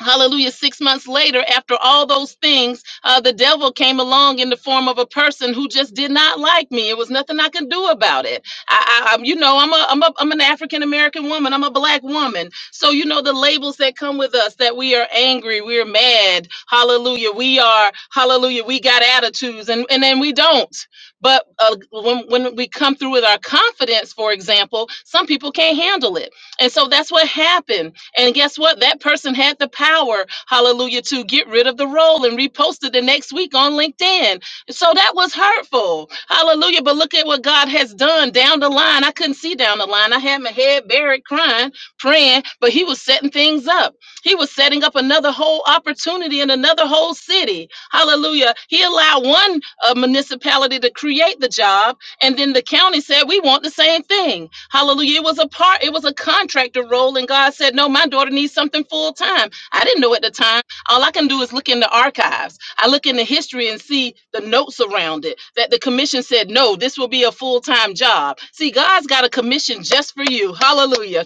S1: Hallelujah. Six months later, after all those things, uh, the devil came along in the form of a person who just did not like me. It was nothing I could do about it. I, I, I'm, you know, I'm a, I'm a, I'm an African American woman. I'm a black woman. So, you know, the labels that come with us that we are angry, we're mad. Hallelujah. We are, hallelujah. We got attitudes and, and then we don't. But uh, when, when we come through with our confidence, for example, some people can't handle it. And so that's what happened and guess what? That person had the power, hallelujah, to get rid of the role and repost it the next week on LinkedIn. So that was hurtful. Hallelujah. But look at what God has done down the line. I couldn't see down the line. I had my head buried crying, praying, but he was setting things up. He was setting up another whole opportunity in another whole city. Hallelujah. He allowed one uh, municipality to create the job and then the county said, We want the same thing. Hallelujah. It was a part, it was a contractor role. And God said, No, my daughter needs something full time. I didn't know at the time. All I can do is look in the archives. I look in the history and see the notes around it that the commission said, No, this will be a full time job. See, God's got a commission just for you. Hallelujah.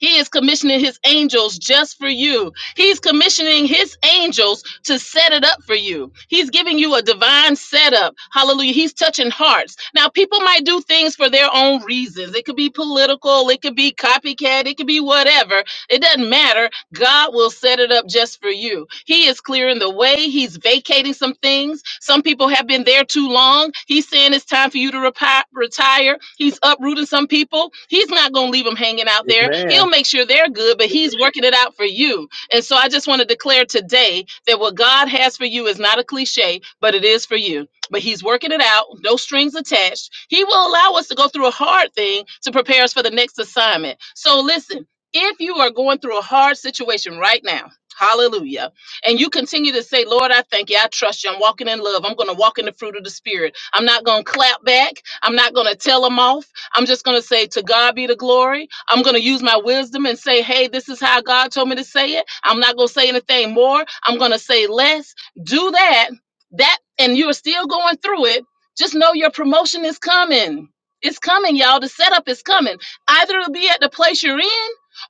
S1: He is commissioning his angels just for you. He's commissioning his angels to set it up for you. He's giving you a divine setup. Hallelujah. He's touching hearts. Now, people might do things for their own reasons. It could be political, it could be copycat, it could be whatever. It doesn't matter God will set it up just for you. He is clearing the way, He's vacating some things. Some people have been there too long. He's saying it's time for you to repi- retire. He's uprooting some people. He's not going to leave them hanging out there.
S4: Amen.
S1: He'll make sure they're good, but He's working it out for you. And so I just want to declare today that what God has for you is not a cliche, but it is for you. But He's working it out, no strings attached. He will allow us to go through a hard thing to prepare us for the next assignment. So listen if you are going through a hard situation right now, hallelujah, and you continue to say, Lord, I thank you, I trust you, I'm walking in love, I'm going to walk in the fruit of the Spirit. I'm not going to clap back, I'm not going to tell them off, I'm just going to say, To God be the glory. I'm going to use my wisdom and say, Hey, this is how God told me to say it. I'm not going to say anything more, I'm going to say less. Do that, that, and you're still going through it. Just know your promotion is coming. It's coming, y'all. The setup is coming. Either it'll be at the place you're in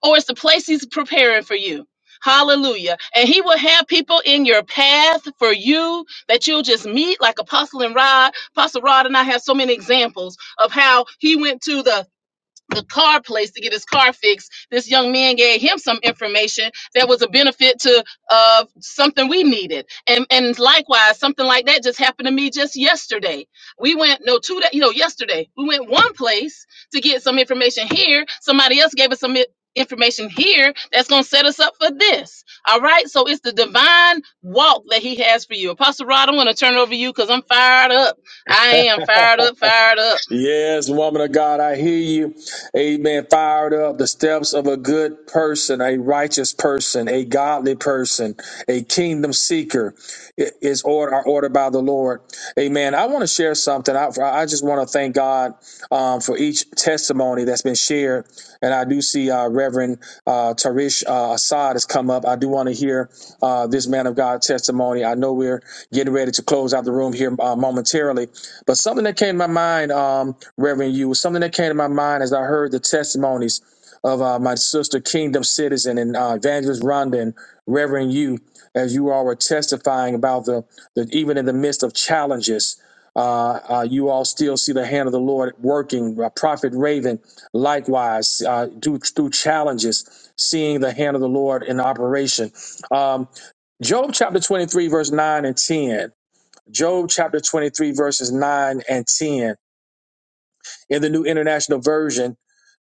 S1: or it's the place he's preparing for you. Hallelujah. And he will have people in your path for you that you'll just meet, like Apostle and Rod. Apostle Rod and I have so many examples of how he went to the the car place to get his car fixed, this young man gave him some information that was a benefit to uh, something we needed. And and likewise, something like that just happened to me just yesterday. We went no two that you know yesterday we went one place to get some information here. Somebody else gave us some. i- information here that's going to set us up for this all right so it's the divine walk that he has for you apostle rod i'm going to turn it over to you because i'm fired up i am fired up fired up
S4: Yes, woman of God, I hear you. Amen. Fired up the steps of a good person, a righteous person, a godly person, a kingdom seeker is order are ordered by the Lord. Amen. I want to share something. I, I just want to thank God um, for each testimony that's been shared. And I do see uh, Reverend uh, Tarish uh, Assad has come up. I do want to hear uh, this man of God testimony. I know we're getting ready to close out the room here uh, momentarily, but something that came to my mind, um, Reverend, you was something that came to my mind as I heard the testimonies of uh, my sister, Kingdom Citizen, and uh, Evangelist Rondon, and Reverend you, as you all were testifying about the, the even in the midst of challenges, uh, uh, you all still see the hand of the Lord working. Uh, Prophet Raven, likewise, uh, do, through challenges, seeing the hand of the Lord in operation. Um, Job chapter 23, verse 9 and 10. Job chapter 23, verses 9 and 10 in the New International Version,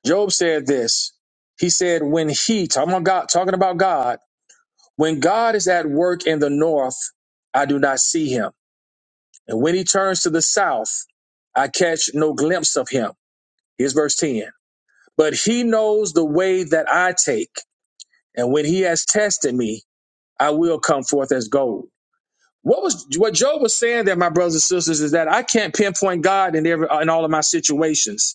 S4: Job said this. He said, When he, talking about God, talking about God, when God is at work in the north, I do not see him. And when he turns to the south, I catch no glimpse of him. Here's verse 10. But he knows the way that I take. And when he has tested me, I will come forth as gold. What was what Job was saying there, my brothers and sisters, is that I can't pinpoint God in every in all of my situations.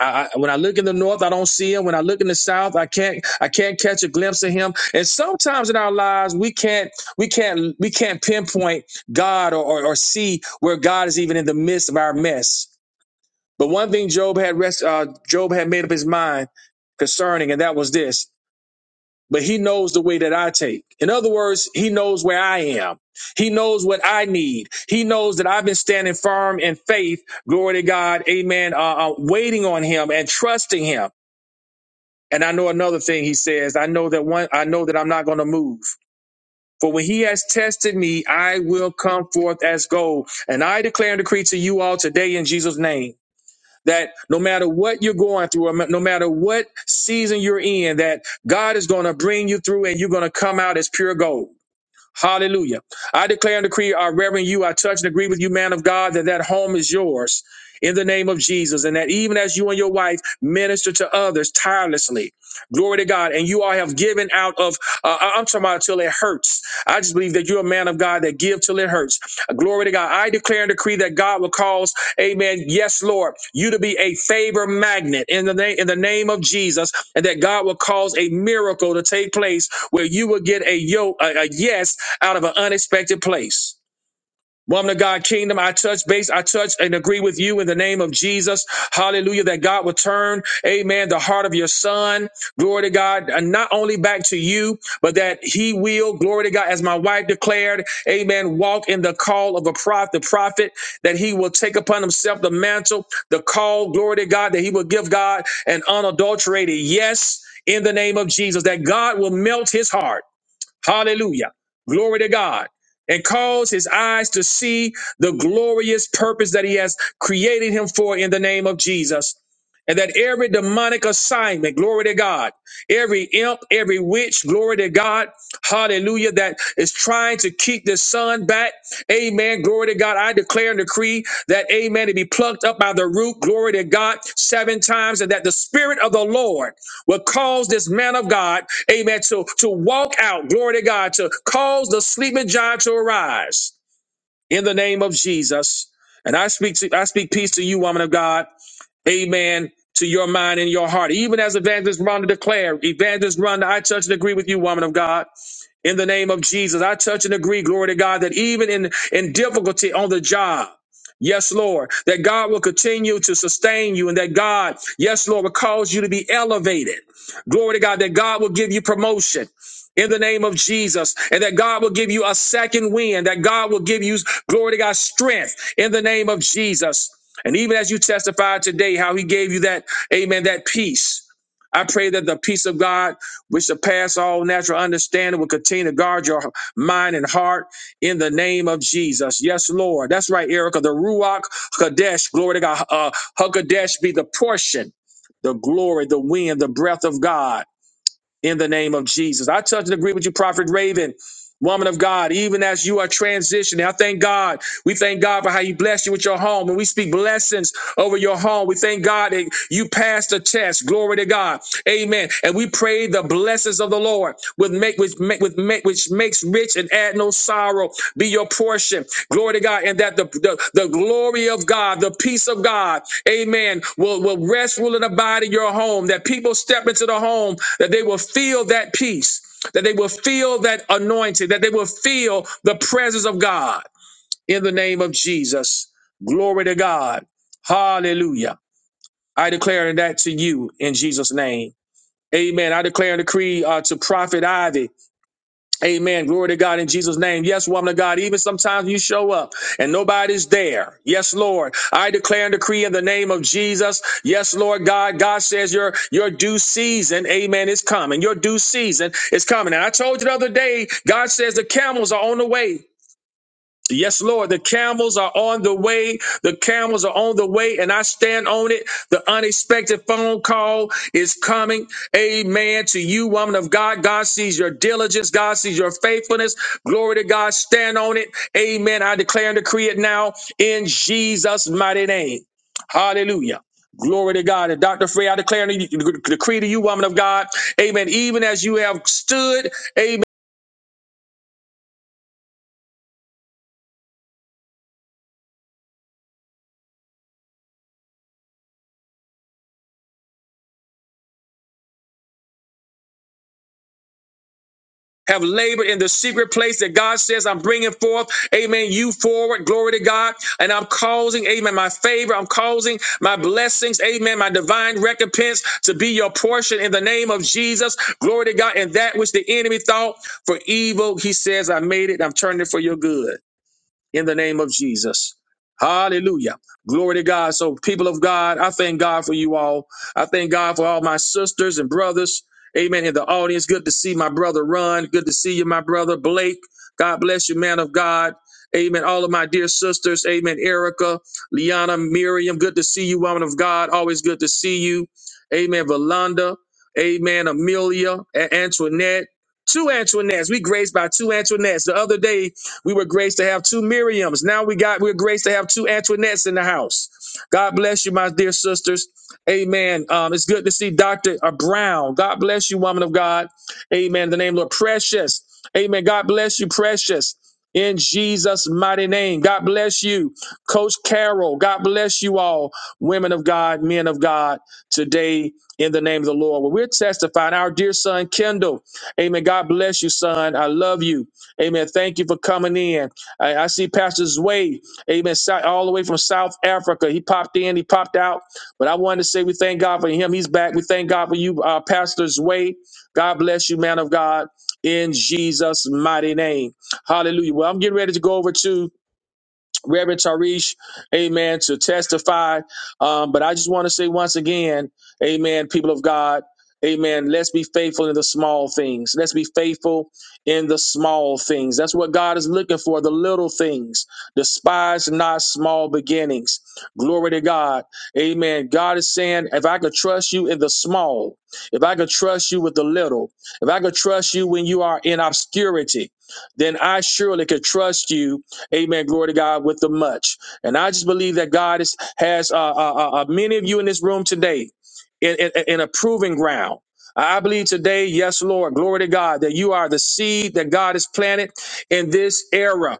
S4: I, I, when I look in the north, I don't see him. When I look in the south, I can't I can't catch a glimpse of him. And sometimes in our lives, we can't we can't we can't pinpoint God or or, or see where God is even in the midst of our mess. But one thing Job had rest uh, Job had made up his mind concerning, and that was this. But he knows the way that I take. In other words, he knows where I am. He knows what I need. He knows that I've been standing firm in faith. Glory to God. Amen. Uh, uh, waiting on him and trusting him. And I know another thing he says, I know that one I know that I'm not going to move. For when he has tested me, I will come forth as gold. And I declare and decree to you all today in Jesus' name that no matter what you're going through, or no matter what season you're in, that God is going to bring you through and you're going to come out as pure gold. Hallelujah. I declare and decree, I reverend you. I touch and agree with you, man of God, that that home is yours in the name of Jesus. And that even as you and your wife minister to others tirelessly, glory to God, and you all have given out of, uh, I- I'm talking about till it hurts. I just believe that you're a man of God that give till it hurts. Glory to God. I declare and decree that God will cause, amen, yes, Lord, you to be a favor magnet in the name, in the name of Jesus, and that God will cause a miracle to take place where you will get a yo, a a yes out of an unexpected place. Woman of God, kingdom, I touch base, I touch and agree with you in the name of Jesus. Hallelujah, that God would turn, amen, the heart of your son, glory to God, and not only back to you, but that he will, glory to God, as my wife declared, amen, walk in the call of a prophet, the prophet, that he will take upon himself the mantle, the call, glory to God, that he will give God an unadulterated yes in the name of Jesus, that God will melt his heart Hallelujah. Glory to God. And cause his eyes to see the glorious purpose that he has created him for in the name of Jesus. And that every demonic assignment, glory to God, every imp, every witch, glory to God, hallelujah, that is trying to keep the son back, amen, glory to God. I declare and decree that, amen, to be plucked up by the root, glory to God, seven times, and that the spirit of the Lord will cause this man of God, amen, to, to walk out, glory to God, to cause the sleeping giant to arise in the name of Jesus. And I speak to, I speak peace to you, woman of God. Amen. To your mind and your heart. Even as evangelist Ronda declared, evangelist Ronda, I touch and agree with you, woman of God in the name of Jesus. I touch and agree, glory to God, that even in, in difficulty on the job, Yes, Lord, that God will continue to sustain you and that God, yes, Lord, will cause you to be elevated. Glory to God, that God will give you promotion in the name of Jesus and that God will give you a second wind, that God will give you, glory to God, strength in the name of Jesus. And even as you testified today, how he gave you that, amen, that peace. I pray that the peace of God which surpass all natural understanding, will continue to guard your mind and heart in the name of Jesus. Yes, Lord. That's right, Erica. The Ruach Kadesh, glory to God. Uh, Hakadesh be the portion, the glory, the wind, the breath of God in the name of Jesus. I touch and agree with you, Prophet Raven, woman of God, even as you are transitioning. I thank God. We thank God for how He blessed you with your home. And we speak blessings over your home. We thank God that you passed the test. Glory to God. Amen. And we pray the blessings of the Lord with make which make with make which makes rich and add no sorrow be your portion. Glory to God. And that the, the, the glory of God, the peace of God, amen, will, will rest, rule, and abide in your home. That people step into the home that they will feel that peace, that they will feel that anointing, that they will feel the presence of God in the name of Jesus. Glory to God. Hallelujah. I declare that to you in Jesus' name. Amen. I declare and decree uh, to Prophet Ivy Amen. Glory to God in Jesus' name. Yes, woman of God, even sometimes you show up and nobody's there. Yes, Lord. I declare and decree in the name of Jesus. Yes, Lord God. God says your, your due season, amen, is coming. Your due season is coming. And I told you the other day, God says the camels are on the way. Yes, Lord, the camels are on the way. The camels are on the way, and I stand on it. The unexpected phone call is coming. Amen. To you, woman of God. God sees your diligence, God sees your faithfulness. Glory to God. Stand on it. Amen. I declare and decree it now in Jesus' mighty name. Hallelujah. Glory to God. And Dr. Frey, I declare and decree to you, woman of God. Amen. Even as you have stood, amen. have labored in the secret place that God says I'm bringing forth, amen, you forward, glory to God. And I'm causing, amen, my favor, I'm causing my blessings, amen, my divine recompense to be your portion in the name of Jesus, glory to God. And that which the enemy thought for evil, he says, I made it, I'm turning it for your good in the name of Jesus. Hallelujah. Glory to God. So, people of God, I thank God for you all. I thank God for all my sisters and brothers. Amen. In the audience, good to see my brother Ron. Good to see you, my brother Blake. God bless you, man of God. Amen. All of my dear sisters. Amen. Erica, Liana, Miriam. Good to see you, woman of God. Always good to see you. Amen. Valanda. Amen. Amelia, A- Antoinette. Two Antoinettes. We graced by two Antoinettes. The other day, we were graced to have two Miriams. Now we got we're graced to have two Antoinettes in the house. God bless you, my dear sisters. Amen. Um, it's good to see Dr. Brown. God bless you, woman of God. Amen. In the name of the Lord. Precious. Amen. God bless you, precious. In Jesus' mighty name. God bless you, Coach Carol. God bless you all, women of God, men of God, today in the name of the Lord. Well, we're testifying. Our dear son, Kendall. Amen. God bless you, son. I love you. Amen. Thank you for coming in. I, I see Pastor Zway, amen, sou- all the way from South Africa. He popped in, he popped out. But I wanted to say we thank God for him. He's back. We thank God for you, uh, Pastor Zway. God bless you, man of God, in Jesus' mighty name. Hallelujah. Well, I'm getting ready to go over to Reverend Tarish, amen, to testify. Um, but I just want to say once again, amen, people of God, amen, let's be faithful in the small things. Let's be faithful in the small things. That's what God is looking for, the little things. Despise not small beginnings. Glory to God. Amen. God is saying, if I could trust you in the small, if I could trust you with the little, if I could trust you when you are in obscurity, then I surely could trust you Amen. Glory to God with the much. And I just believe that God is, has uh, uh, uh, uh, many of you in this room today in, in, in a proving ground. I believe today, yes, Lord, glory to God, that you are the seed that God has planted in this era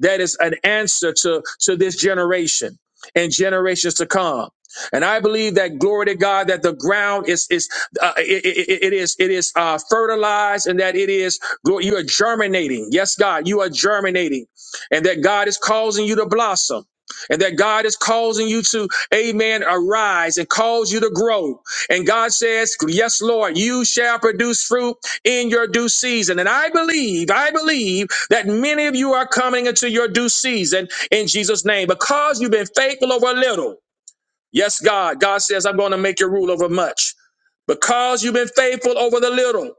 S4: that is an answer to to this generation and generations to come and i believe that glory to god that the ground is is uh, it, it it is it is uh, fertilized and that it is glory you are germinating yes god you are germinating and that God is causing you to blossom. And that God is causing you to, amen, arise and cause you to grow. And God says, Yes, Lord, you shall produce fruit in your due season. And I believe, I believe that many of you are coming into your due season in Jesus' name because you've been faithful over a little. Yes, God. God says, I'm going to make you rule over much because you've been faithful over the little.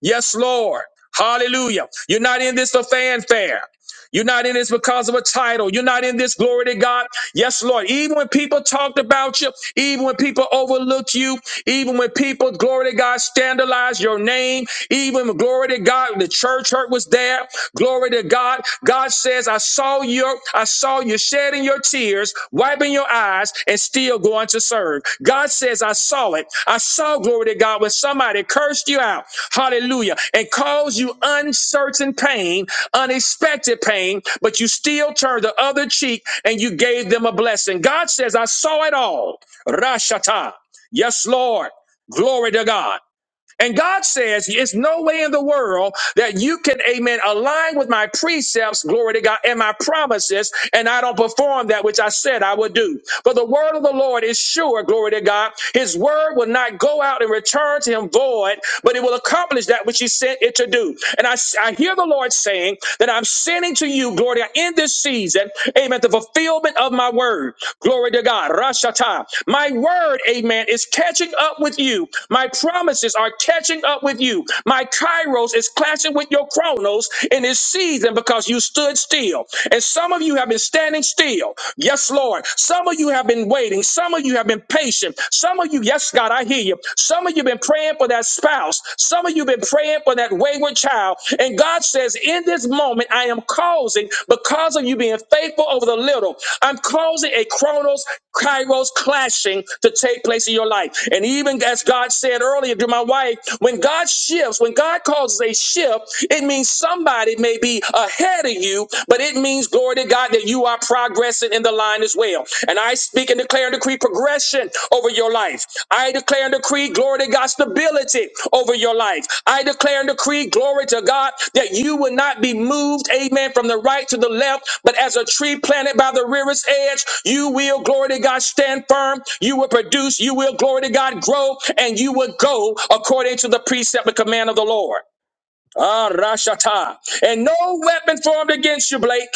S4: Yes, Lord. Hallelujah. You're not in this for fanfare. You're not in this because of a title. You're not in this glory to God. Yes, Lord. Even when people talked about you, even when people overlooked you, even when people, glory to God, scandalized your name, even when, glory to God, the church hurt was there. Glory to God. God says, I saw your, I saw you shedding your tears, wiping your eyes eyes and still going to serve. God says, I saw it. I saw glory to God when somebody cursed you out. Hallelujah. And caused you uncertain pain, unexpected pain, but you still turned the other cheek and you gave them a blessing. God says, I saw it all. Rashata. Yes, Lord. Glory to God. And God says, it's no way in the world that you can, amen, align with my precepts, glory to God, and my promises, and I don't perform that which I said I would do. For the word of the Lord is sure, glory to God. His word will not go out and return to him void, but it will accomplish that which he sent it to do. And I, I hear the Lord saying that I'm sending to you, glory to God, in this season, amen, to fulfill fulfillment of my word. Glory to God. Rashata. My word, amen, is catching up with you. My promises are catching up with you. My kairos is clashing with your chronos in this season because you stood still. And some of you have been standing still. Yes, Lord. Some of you have been waiting. Some of you have been patient. Some of you, yes, God, I hear you. Some of you have been praying for that spouse. Some of Whatever you've been praying for that wayward child, and God says, In this moment, I am causing, because of you being faithful over the little, I'm causing a chronos, kairos clashing to take place in your life. And even as God said earlier to my wife, when God shifts, when God causes a shift, it means somebody may be ahead of you, but it means, glory to God, that you are progressing in the line as well well. And I speak and declare and decree progression over your life. I declare and decree glory to God stability over your life. I declare and decree glory to God that you will not be moved, amen, from the right to the left, but as a tree planted by the rearest edge, you will, glory to God, stand firm. You will produce, you will, glory to God, grow, and you will go according to the precept and command of the Lord. Ah, Rashata. And no weapon formed against you, Blake.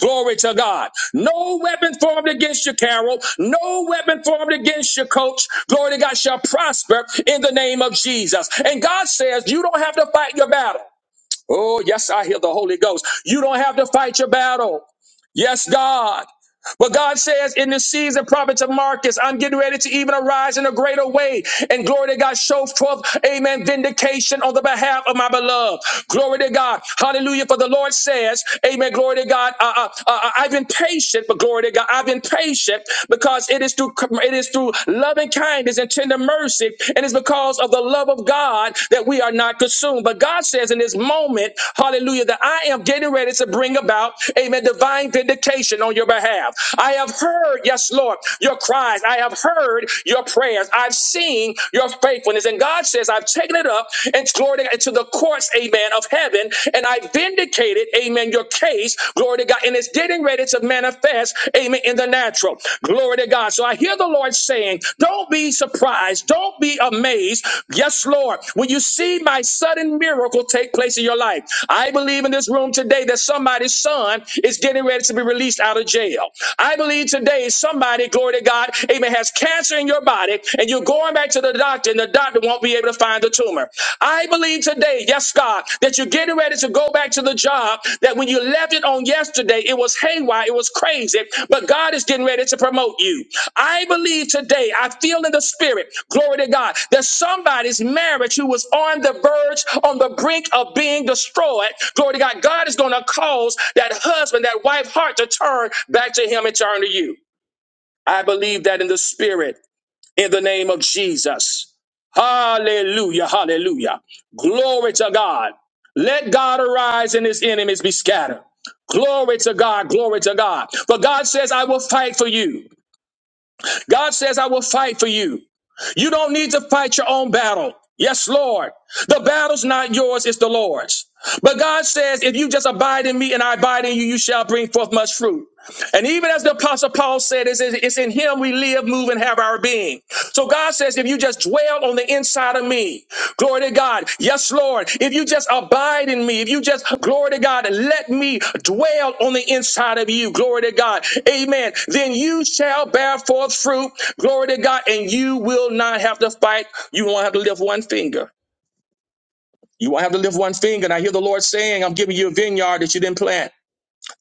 S4: Glory to God. No weapon formed against you, Carol. No weapon formed against you, coach. Glory to God shall prosper in the name of Jesus. And God says you don't have to fight your battle. Oh, yes, I hear the Holy Ghost. You don't have to fight your battle. Yes, God. But God says in this season, prophets of Marcus, I'm getting ready to even arise in a greater way. And glory to God, show forth, amen, vindication on the behalf of my beloved. Glory to God. Hallelujah. For the Lord says, amen, glory to God. Uh, uh, uh, uh, I've been patient, but glory to God, I've been patient because it is through it is through loving kindness and tender mercy. And it's because of the love of God that we are not are not consumed. But God says in this moment, hallelujah, that I am getting ready to bring about, amen, divine vindication on your behalf. I have heard, yes, Lord, your cries. I have heard your prayers. I've seen your faithfulness. And God says, I've taken it up and glory to God, into the courts, amen, of heaven. And I vindicated, amen, your case, glory to God. And it's getting ready to manifest, amen, in the in the natural. Glory to God. So I hear the Lord saying, Don't be surprised. Don't be amazed. Yes, Lord, when you see my sudden miracle take place in your life, I believe in this room today that somebody's son is getting ready to be released out of jail. I believe today somebody, glory to God, amen, has cancer in your body and you're going back to the doctor and the doctor won't be able to find the tumor. I believe today, yes, God, that you're getting ready to go back to the job that when you left it on yesterday, it was haywire, it was crazy, but God is getting ready to promote you. I believe today, I feel in the spirit, glory to God, that somebody's marriage who was on the verge, on the brink of being destroyed, glory to God, God is going to cause that husband, that wife heart to turn back to Him and turn to you. I believe that in the spirit in the name of Jesus. Hallelujah, hallelujah. Glory to God. Let God arise and his enemies be scattered. Glory to God, glory to God. But God says, I will fight for you. God says, I will fight for you. You don't need to fight your own battle. Yes, Lord. The battle's not yours, it's the Lord's. But God says, if you just abide in me and I abide in you, you shall bring forth much fruit. And even as the apostle Paul said, it's, it's in him we live, move, and have our being. So God says, if you just dwell on the inside of me, glory to God. Yes, Lord. If you just abide in me, if you just, glory to God, let me dwell on the inside of you, glory to God. Amen. Then you shall bear forth fruit, glory to God, and you will not have to fight. You won't have to lift one finger. You won't have to lift one finger. And I hear the Lord saying, I'm giving you a vineyard that you didn't plant.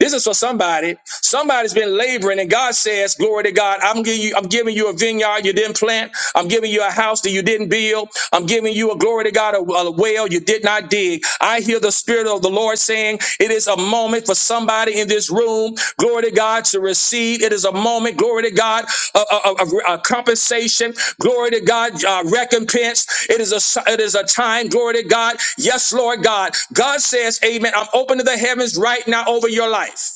S4: This is for somebody. Somebody's been laboring, and God says, "Glory to God! I'm giving you. I'm giving you a vineyard you didn't plant. I'm giving you a house that you didn't build. I'm giving you a glory to God, a, a well you did not dig." I hear the Spirit of the Lord saying, "It is a moment for somebody." in." this room, glory to God, to receive. It is a moment, glory to God, of, of- of- of compensation, glory to God, uh, recompense. It is a it is a time, glory to God. Yes, Lord God. God says, Amen. I'm open to the heavens right now over your life.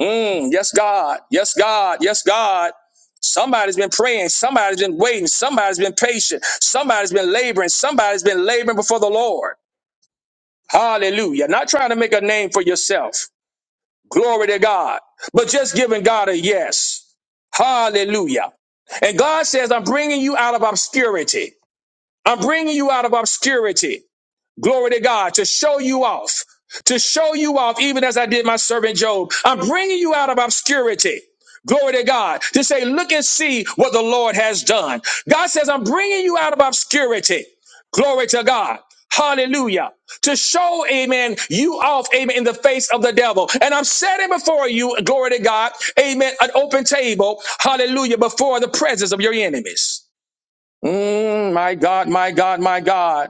S4: Mm, yes, God. Yes, God. Yes, God. Somebody's been praying. Somebody's been waiting. Somebody's been patient. Somebody's been laboring. Somebody's been laboring before the Lord. Hallelujah. Not trying to make a name for yourself. Glory to God. But just giving God a yes. Hallelujah. And God says, I'm bringing you out of obscurity. I'm bringing you out of obscurity. Glory to God to show you off, to show you off, even as I did my servant Job. I'm bringing you out of obscurity. Glory to God to say, look and see what the Lord has done. God says, I'm bringing you out of obscurity. Glory to God. Hallelujah. To show, amen, you off, amen, in the face of the devil. And I'm setting before you, glory to God, amen, an open table, hallelujah, before the presence of your enemies. Mm, my God, my God, my God.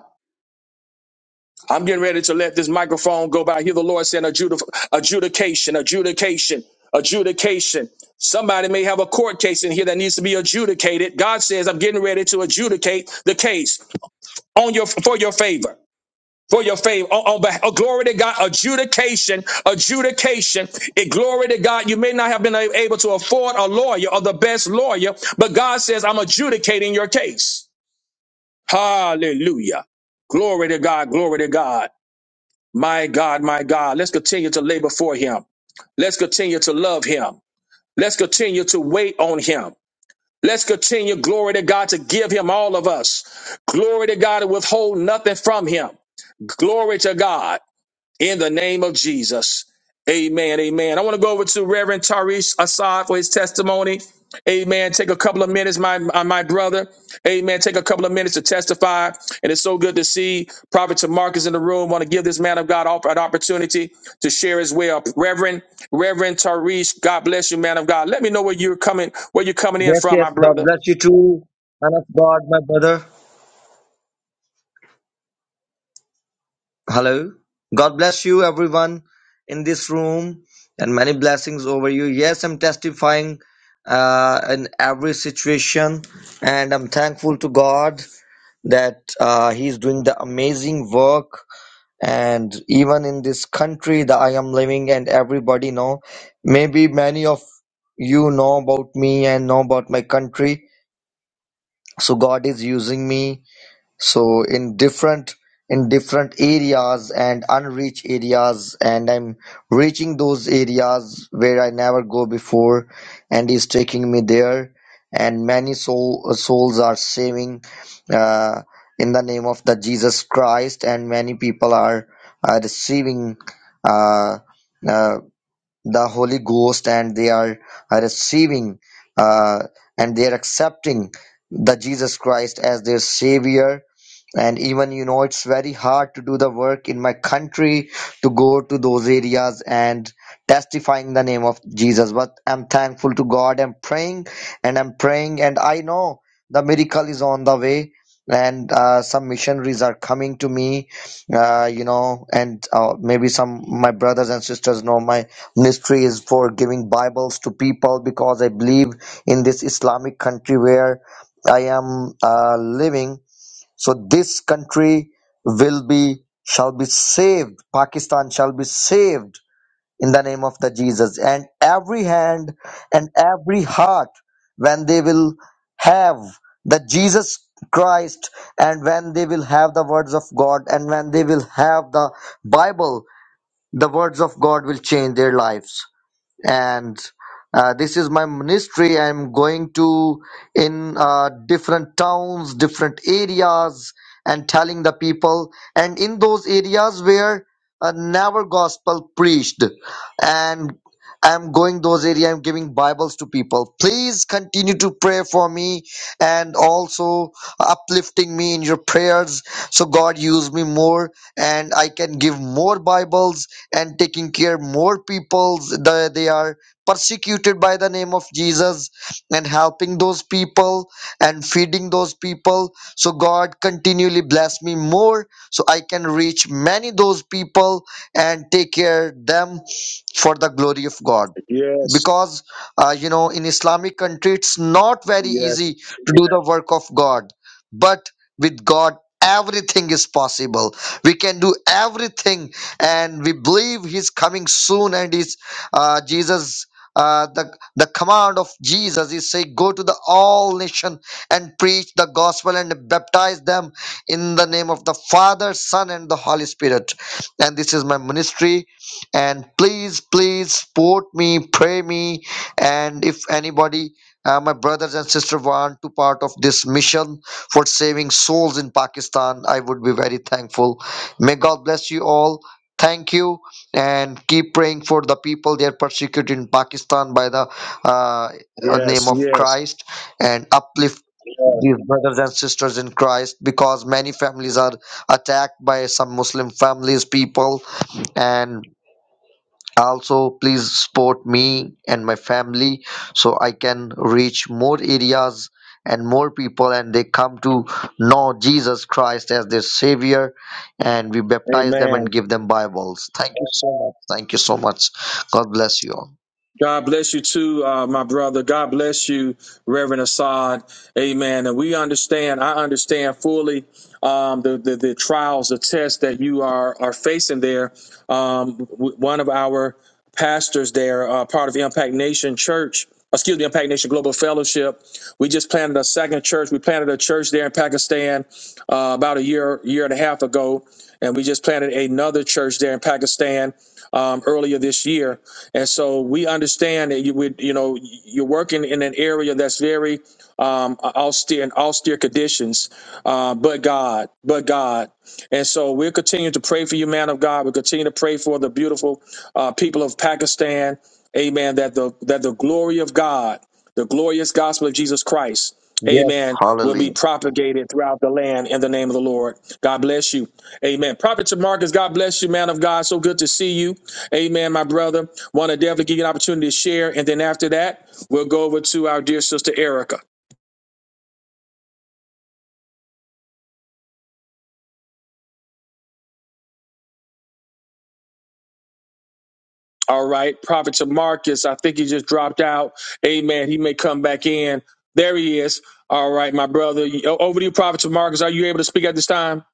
S4: I'm getting ready to let this microphone go by. I hear the Lord saying adjudi- adjudication, adjudication, adjudication. Somebody may have a court case in here that needs to be adjudicated. God says, I'm getting ready to adjudicate the case on your for your favor. For your favor, on, on beh- oh, glory to God, adjudication, adjudication. It, glory to God, you may not have been a- able to afford a lawyer or the best lawyer, but God says, I'm adjudicating your case. Hallelujah. Glory to God, glory to God. My God, my God, let's continue to labor for him. Let's continue to love him. Let's continue to wait on him. Let's continue, glory to God, to give him all of us. Glory to God to withhold nothing from him. Glory to God in the name of Jesus. Amen. Amen. I want to go over to Reverend Tarish Assad for his testimony. Amen. Take a couple of minutes, my uh, my brother. Amen. Take a couple of minutes to testify. And it's so good to see Prophet Tamarcus in the room. Want to give this man of God op- an opportunity to share as well. Reverend, Reverend Tarish, God bless you, man of God. Let me know where you're coming, where you're coming in
S9: Yes,
S4: from, my
S9: yes. God
S4: brother.
S9: bless you too, man of God, my brother. Hello. God bless you, everyone in this room, and many blessings over you. Yes, I'm testifying uh, in every situation, and I'm thankful to God that uh, He's doing the amazing work. And even in this country that I am living, and everybody know, maybe many of you know about me and know about my country. So God is using me so in different in different areas and unreached areas and i'm reaching those areas where i never go before and he's taking me there and many soul, uh, souls are saving uh, in the name of the jesus christ and many people are uh, receiving uh, uh, the Holy Ghost and they are are receiving uh, and they are accepting the Jesus Christ as their Savior. And even you know, it's very hard to do the work in my country to go to those areas and testifying the name of Jesus. But I'm thankful to God. I'm praying and I'm praying, and I know the miracle is on the way. And uh, some missionaries are coming to me, uh, you know, and uh, maybe some my brothers and sisters know my ministry is for giving Bibles to people because I believe in this Islamic country where I am uh, living. So this country will be shall be saved. Pakistan shall be saved in the name of the Jesus. And every hand and every heart when they will have the Jesus Christ and when they will have the words of God and when they will have the Bible, the words of God will change their lives and uh, this is my ministry i'm going to in uh, different towns different areas and telling the people and in those areas where uh, never gospel preached and i'm going those areas. i'm giving bibles to people please continue to pray for me and also uplifting me in your prayers so god use me more and i can give more bibles and taking care more people that they are persecuted by the name of jesus and helping those people and feeding those people so god continually bless me more so i can reach many those people and take care them for the glory of god
S4: Yes,
S9: because uh, you know in islamic country it's not very
S4: yes,
S9: easy to do the work of god but with god everything is possible we can do everything and we believe he's coming soon and he's uh, jesus uh, the the command of jesus is say go to the all nation and preach the gospel and baptize them in the name of the father son and the holy spirit and this is my ministry and please please support me pray me and if anybody uh, my brothers and sisters, want to part of this mission for saving souls in pakistan i would be very thankful may god bless you all thank you and keep praying for the people they are persecuted in pakistan by the uh, name
S4: yes,
S9: of
S4: yes.
S9: christ and uplift these brothers and sisters in Christ because many families are attacked by some Muslim families, people, and. Also, please support me and my family so I can reach more areas and more people and they come to know Jesus Christ as their savior and we baptize them and give them Bibles. Thank you so much. Thank you so much. God bless you all.
S4: God bless you too, uh, my brother. God bless you, Reverend Assad. Amen. And we understand, I understand fully um, the, the, the trials, the tests that you are, are facing there. Um, w- one of our pastors there, uh, part of Impact Nation Church, excuse me, Impact Nation Global Fellowship, we just planted a second church. We planted a church there in Pakistan uh, about a year, year and a half ago. And we just planted another church there in Pakistan um, earlier this year. And so we understand that you would, you know, you're working in an area that's very um, austere and austere conditions, uh, but God, but God. And so we'll continue to pray for you, man of God. We'll continue to pray for the beautiful uh, people of Pakistan. Amen. That the that the glory of God. The glorious gospel of Jesus Christ,
S9: Yes.
S4: amen, will
S9: Hallelujah.
S4: be propagated throughout the land in the name of the Lord. God bless you. Amen. Prophet to Marcus, God bless you, man of God. So good to see you. Amen, my brother. Want to definitely give you an opportunity to share. And then after that, we'll go over to our dear sister Erica. All right. Prophet to Marcus, I think he just dropped out. Amen. He may come back in. There he is. All right, my brother. O- Over to you, Prophet to Marcus. Are you able to speak at this time?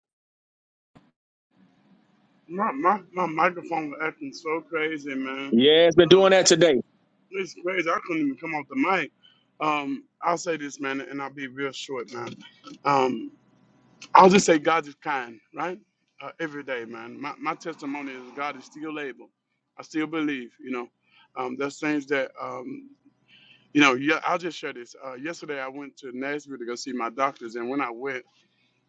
S10: My my my microphone was acting so crazy, man.
S4: Yeah, it's been
S10: Um,
S4: doing that today.
S10: it's crazy. I couldn't even come off the mic. Um, I'll say this, man, and I'll be real short, man. Um, I'll just say God is kind, right? Uh, every day, man. My my testimony is God is still able. I still believe, you know. Um, there's things that um, you know. Yeah, I'll just share this. Uh, yesterday, I went to Nashville to go see my doctors, and when I went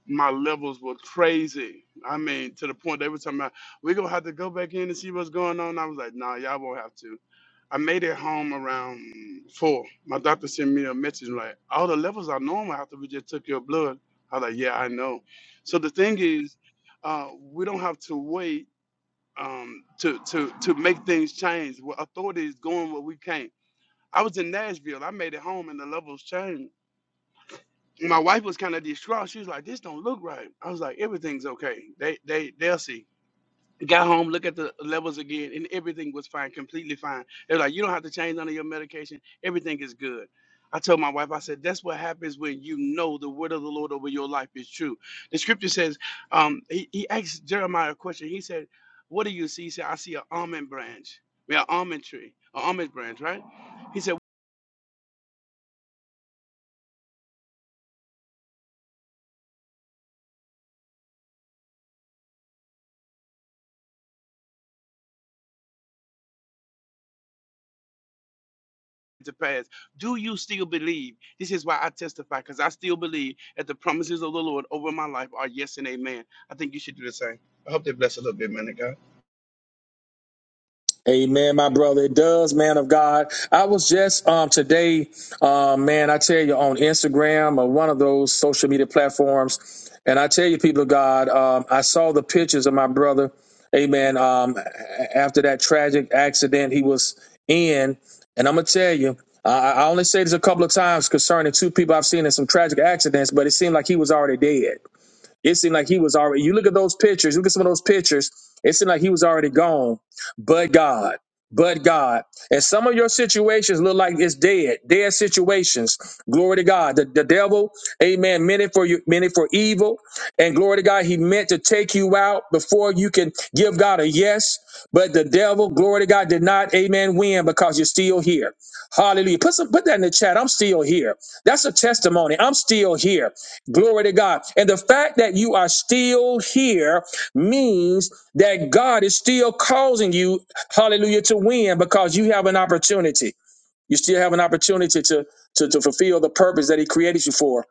S10: my levels were crazy. I mean, to the point they were talking about we're gonna have to go back in and see what's going on. I was like, nah, y'all won't have to. I made it home around four. My doctor sent me a message like, all the levels are normal after we just took your blood. I was like, yeah, I know. So the thing is, uh, we don't have to wait um, to to to make things change. Well, authority is going where we can't. I was in Nashville. I made it home and the levels changed. And my wife was kind of distraught. She was like, "This don't look right." I was like, "Everything's okay. They they they'll see." Got home, look at the levels again, and everything was fine, completely fine. They're like, "You don't have to change none of your medication. Everything is good." I told my wife, I said, "That's what happens when you know the word of the Lord over your life is true." The scripture says, um, he, he asked Jeremiah a question. He said, "What do you see?" He said, "I see an almond branch. We are almond tree, an almond branch, right?" He said. to pass. Do you still believe? This is why I testify, because I still believe that the promises of the Lord over my life are yes and amen. I think you should do the same. I hope they bless a little bit, man. of God.
S4: Amen, my brother. It does, man of God. I was just um today, um, man, I tell you on Instagram or one of those social media platforms, and I tell you, people of God, um, I saw the pictures of my brother, amen. Um, a- after that tragic accident he was in, and I'm gonna tell you, I, I only say this a couple of times concerning two people I've seen in some tragic accidents, but it seemed like he was already dead. It seemed like he was already. You look at those pictures. Look at some of those pictures. It seemed like he was already gone. But God, but God, and some of your situations look like it's dead, dead situations. Glory to God. The, the devil, Amen. Meant it for you, meant it for evil, and glory to God, he meant to take you out before you can give God a yes. But the devil, glory to God, did not, Amen, win because you're still here. Hallelujah. Put some, put that in the chat. I'm still here. That's a testimony. I'm still here. Glory to God. And the fact that you are still here means that God is still causing you, hallelujah, to win because you have an opportunity. You still have an opportunity to, to, to fulfill the purpose that He created you for.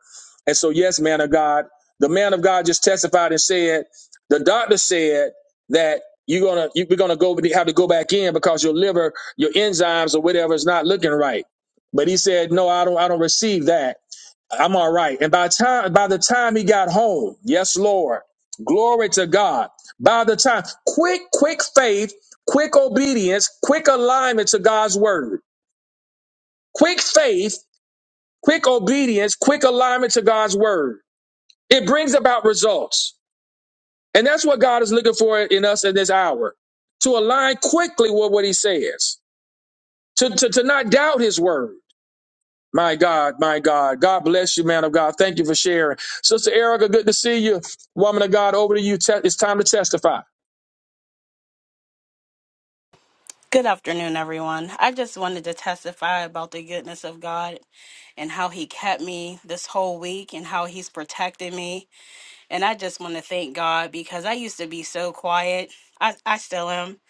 S4: And so, yes, man of God, the man of God just testified and said, the doctor said that you're gonna you, we're gonna go have to go back in because your liver, your enzymes or whatever is not looking right. But he said, no, I don't I don't receive that I'm all right. And by time by the time he got home, yes, Lord, glory to God. By the time, quick, quick faith, quick obedience, quick alignment to God's word. Quick faith, quick obedience, quick alignment to God's word. It brings about results. And that's what God is looking for in us in this hour. To align quickly with what he says. To, to, to not doubt his word. My God, my God. God bless you, man of God. Thank you for sharing. Sister Erica, good to see you. Woman of God, over to you. Te- it's time to testify.
S11: Good afternoon, everyone. I just wanted to testify about the goodness of God and how He kept me this whole week and how He's protected me. And I just want to thank God because I used to be so quiet. I, I still am,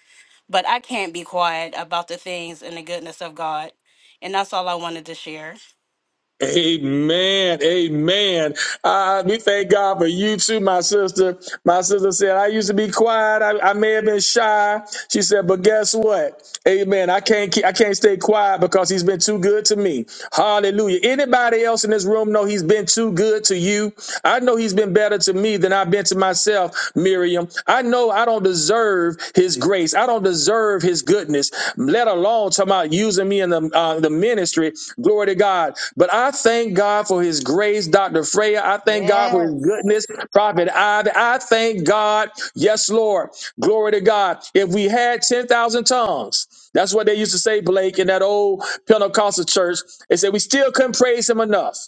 S11: but I can't be quiet about the things and the goodness of God. And that's all I wanted to share.
S4: Amen. Amen. Uh, we thank God for you too, my sister. My sister said, I used to be quiet. I, I may have been shy. She said, but guess what? Amen. I can't keep, I can't stay quiet because he's been too good to me. Hallelujah. Anybody else in this room know he's been too good to you? I know he's been better to me than I've been to myself, Miriam. I know I don't deserve deserve his grace. I don't deserve his goodness, let alone talking about using me in the, uh, the ministry. Glory to God. But I thank God for his grace, Dr. Freya. I
S2: you.
S4: thank God for his
S2: Yes.
S4: goodness, Prophet Ivy. I thank God. Yes, Lord. Glory to God. If we had 10,000 tongues, that's what they used to say, Blake, in that old Pentecostal church. They said we still couldn't praise him enough.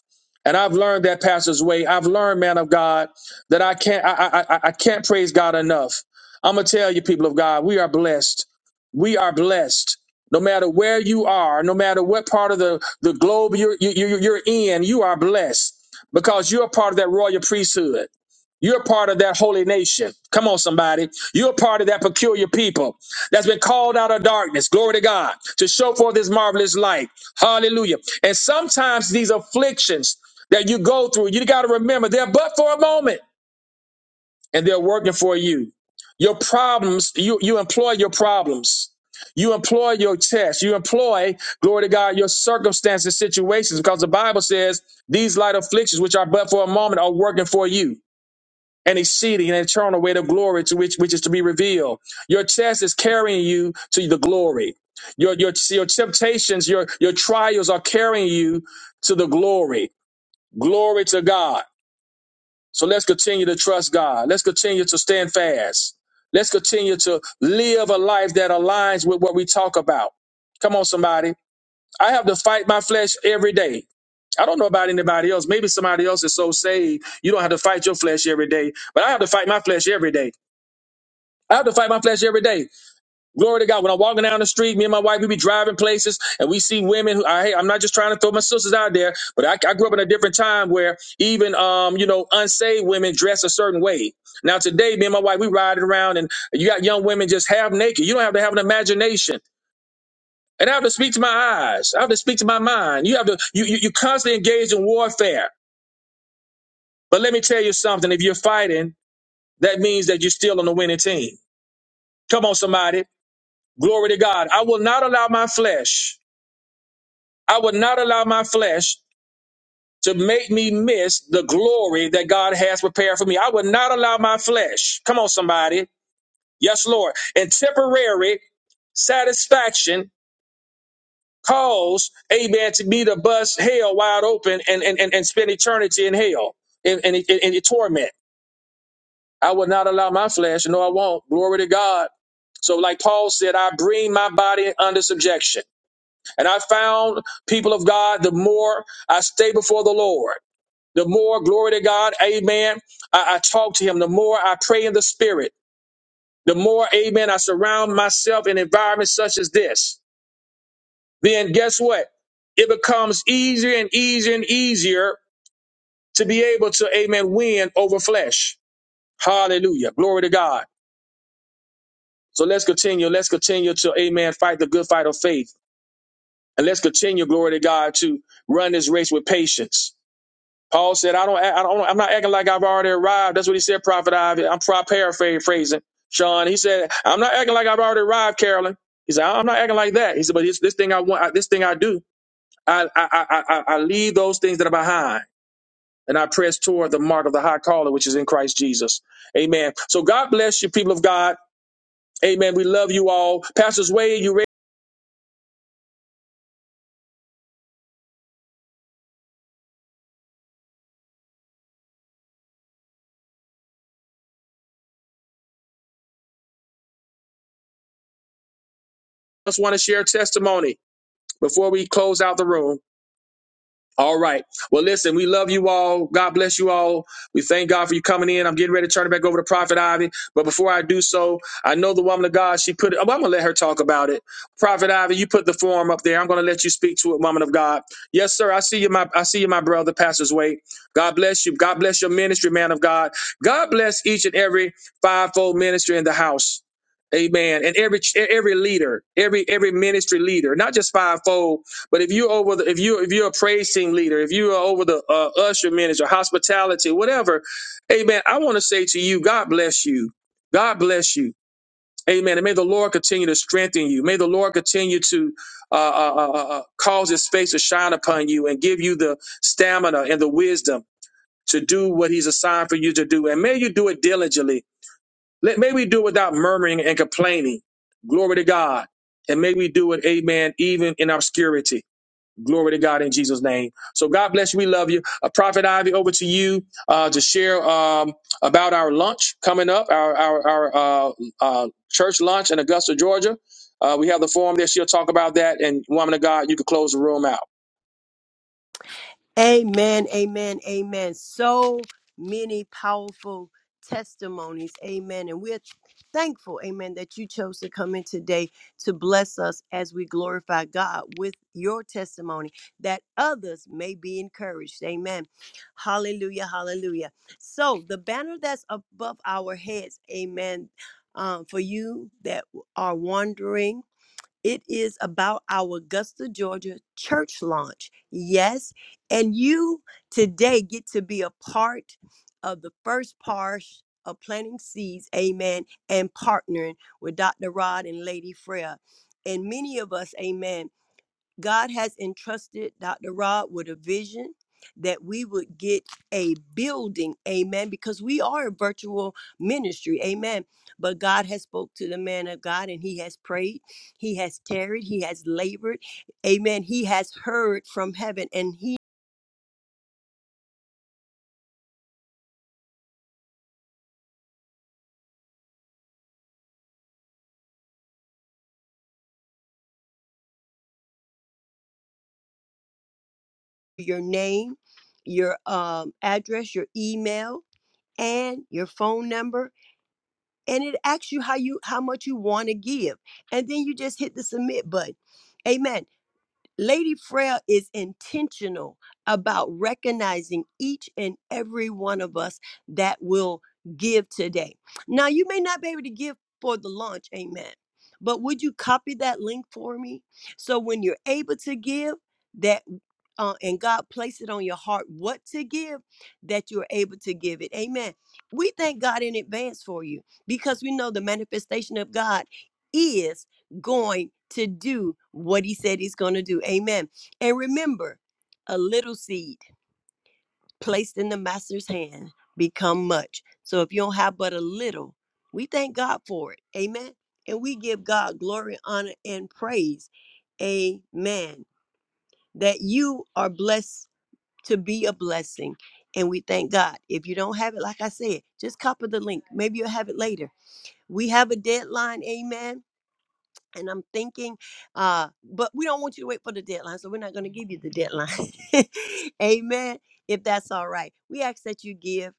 S4: And I've learned that pastor's way. I've learned, man of God, that I can't I, I I I can't praise God enough. I'm going to tell you, people of God, we are blessed. We are blessed. No matter where you are, no matter what part of the, the globe you're, you, you- you're in, you are blessed because you're a part of that royal priesthood. You're a part of that holy nation. Come on, somebody. You're a part of that peculiar people that's been called out of darkness. Glory to God to show forth His marvelous light. Hallelujah. And sometimes these afflictions that you go through, you got to remember they're but for a moment and they're working for you. Your problems, you, you employ your problems. You employ your tests, You employ, glory to God, your circumstances, situations, because the Bible says these light afflictions, which are but for a moment, are working for you an exceeding and eternal weight of glory to which which is to be revealed. Your test is carrying you to the glory. Your your your temptations, your your trials are carrying you to the glory. Glory to God. So let's continue to trust God. Let's continue to stand fast. Let's continue to live a life that aligns with what we talk about. Come on, somebody. I have to fight my flesh every day. I don't know about anybody else. Maybe somebody else is so saved, you don't have to fight your flesh every day, but I have to fight my flesh every day. I have to fight my flesh every day. Glory to God. When I'm walking down the street, me and my wife, we be driving places and we see women who, I, hey, I'm not just trying to throw my sisters out there, but I, I grew up in a different time where even, um, you know, unsaved women dress a certain way. Now today, me and my wife, we riding around and you got young women just half naked. You don't have to have an imagination. And I have to speak to my eyes. I have to speak to my mind. You have to, you, you, you constantly engage in warfare. But let me tell you something. If you're fighting, that means that you're still on the winning team. Come on, somebody. Glory to God. I will not allow my flesh I would not allow my flesh to make me miss the glory that God has prepared for me. I would not allow my flesh, come on, somebody, yes, Lord, and temporary satisfaction cause, amen, to be to bust hell wide open and, and, and, and spend eternity in hell in, in, in, in torment. I would not allow my flesh, no, I won't. Glory to God. So, like Paul said, I bring my body under subjection. And I found, people of God, the more I stay before the Lord. the more glory to God, amen, I, I talk to him, the more I pray in the spirit, the more, amen, I surround myself in environments such as this, then guess what? It becomes easier and easier and easier to be able to, amen, win over flesh. Hallelujah. Glory to God. So let's continue. Let's continue to, amen, fight the good fight of faith. And let's continue, glory to God, to run this race with patience. Paul said, I don't, I don't, I'm not acting like I've already arrived. That's what he said, Prophet Ivy. I'm paraphrasing Sean. He said, I'm not acting like I've already arrived, Carolyn. He said, I'm not acting like that. He said, but this, this thing I want, I, this thing I do, I, I, I, I, I leave those things that are behind and I press toward the mark of the high calling, which is in Christ Jesus. Amen. So God bless you, people of God. Amen. We love you all. Pastors Wade, you ready? Just want to share testimony before we close out the room. All right. Well, listen, we love you all. God bless you all. We thank God for you coming in. I'm getting ready to turn it back over to Prophet Ivy. But before I do so, I know the woman of God, she put it, well, I'm going to let her talk about it. Prophet Ivy, you put the form up there. I'm going to let you speak to it, woman of God. Yes, sir. I see you, my, I see you, my brother, Pastor's Wait. God bless you. God bless your ministry, man of God. God bless each and every fivefold ministry in the house. Amen. And every every leader, every every ministry leader, not just fivefold, but if you over the if you if you're a praise team leader, if you are over the uh, usher manager hospitality, whatever, Amen. I want to say to you, God bless you, God bless you, Amen. And may the Lord continue to strengthen you. May the Lord continue to uh, uh, uh, uh, uh, cause His face to shine upon you and give you the stamina and the wisdom to do what He's assigned for you to do. And may you do it diligently. Let may we do it without murmuring and complaining. Glory to God. And may we do it, Amen, even in obscurity. Glory to God in Jesus' name. So God bless you. We love you. Uh, Prophet Ivy, over to you uh, to share um, about our lunch coming up, our our, our uh, uh, church lunch in Augusta, Georgia. Uh, we have the forum there. She'll talk about that. And woman of God, you can close the room out.
S2: Amen, amen, amen. So many powerful testimonies. Amen. And we're thankful, amen, that you chose to come in today to bless us as we glorify God with your testimony that others may be encouraged. Amen. Hallelujah, hallelujah. So the banner that's above our heads, amen, um, for you that are wondering. It is about our Augusta, Georgia church launch. Yes. And you today get to be a part of the first part of planting seeds, amen, and partnering with Dr. Rod and Lady Freya. And many of us, amen. God has entrusted Dr. Rod with a vision that we would get a building, amen, because we are a virtual ministry, amen. But God has spoke to the man of God and he has prayed, he has tarried, he has labored, amen. He has heard from heaven and he your name, your um address, your email, and your phone number. And it asks you how you how much you want to give. And then you just hit the submit button. Amen. Lady Frail is intentional about recognizing each and every one of us that will give today. Now, you may not be able to give for the launch, amen, but would you copy that link for me? So when you're able to give, that uh, and God place it on your heart what to give, that you're able to give it. Amen. We thank God in advance for you because we know the manifestation of God is going to do what he said he's going to do. Amen. And remember, a little seed placed in the master's hand become much. So if you don't have but a little, we thank God for it. Amen. And we give God glory, honor, and praise. Amen. That you are blessed to be a blessing. And we thank God. If you don't have it, like I said, just copy the link. Maybe you'll have it later. We have a deadline. Amen and I'm thinking, uh, but we don't want you to wait for the deadline, so we're not going to give you the deadline. Amen. If that's all right, we ask that you give,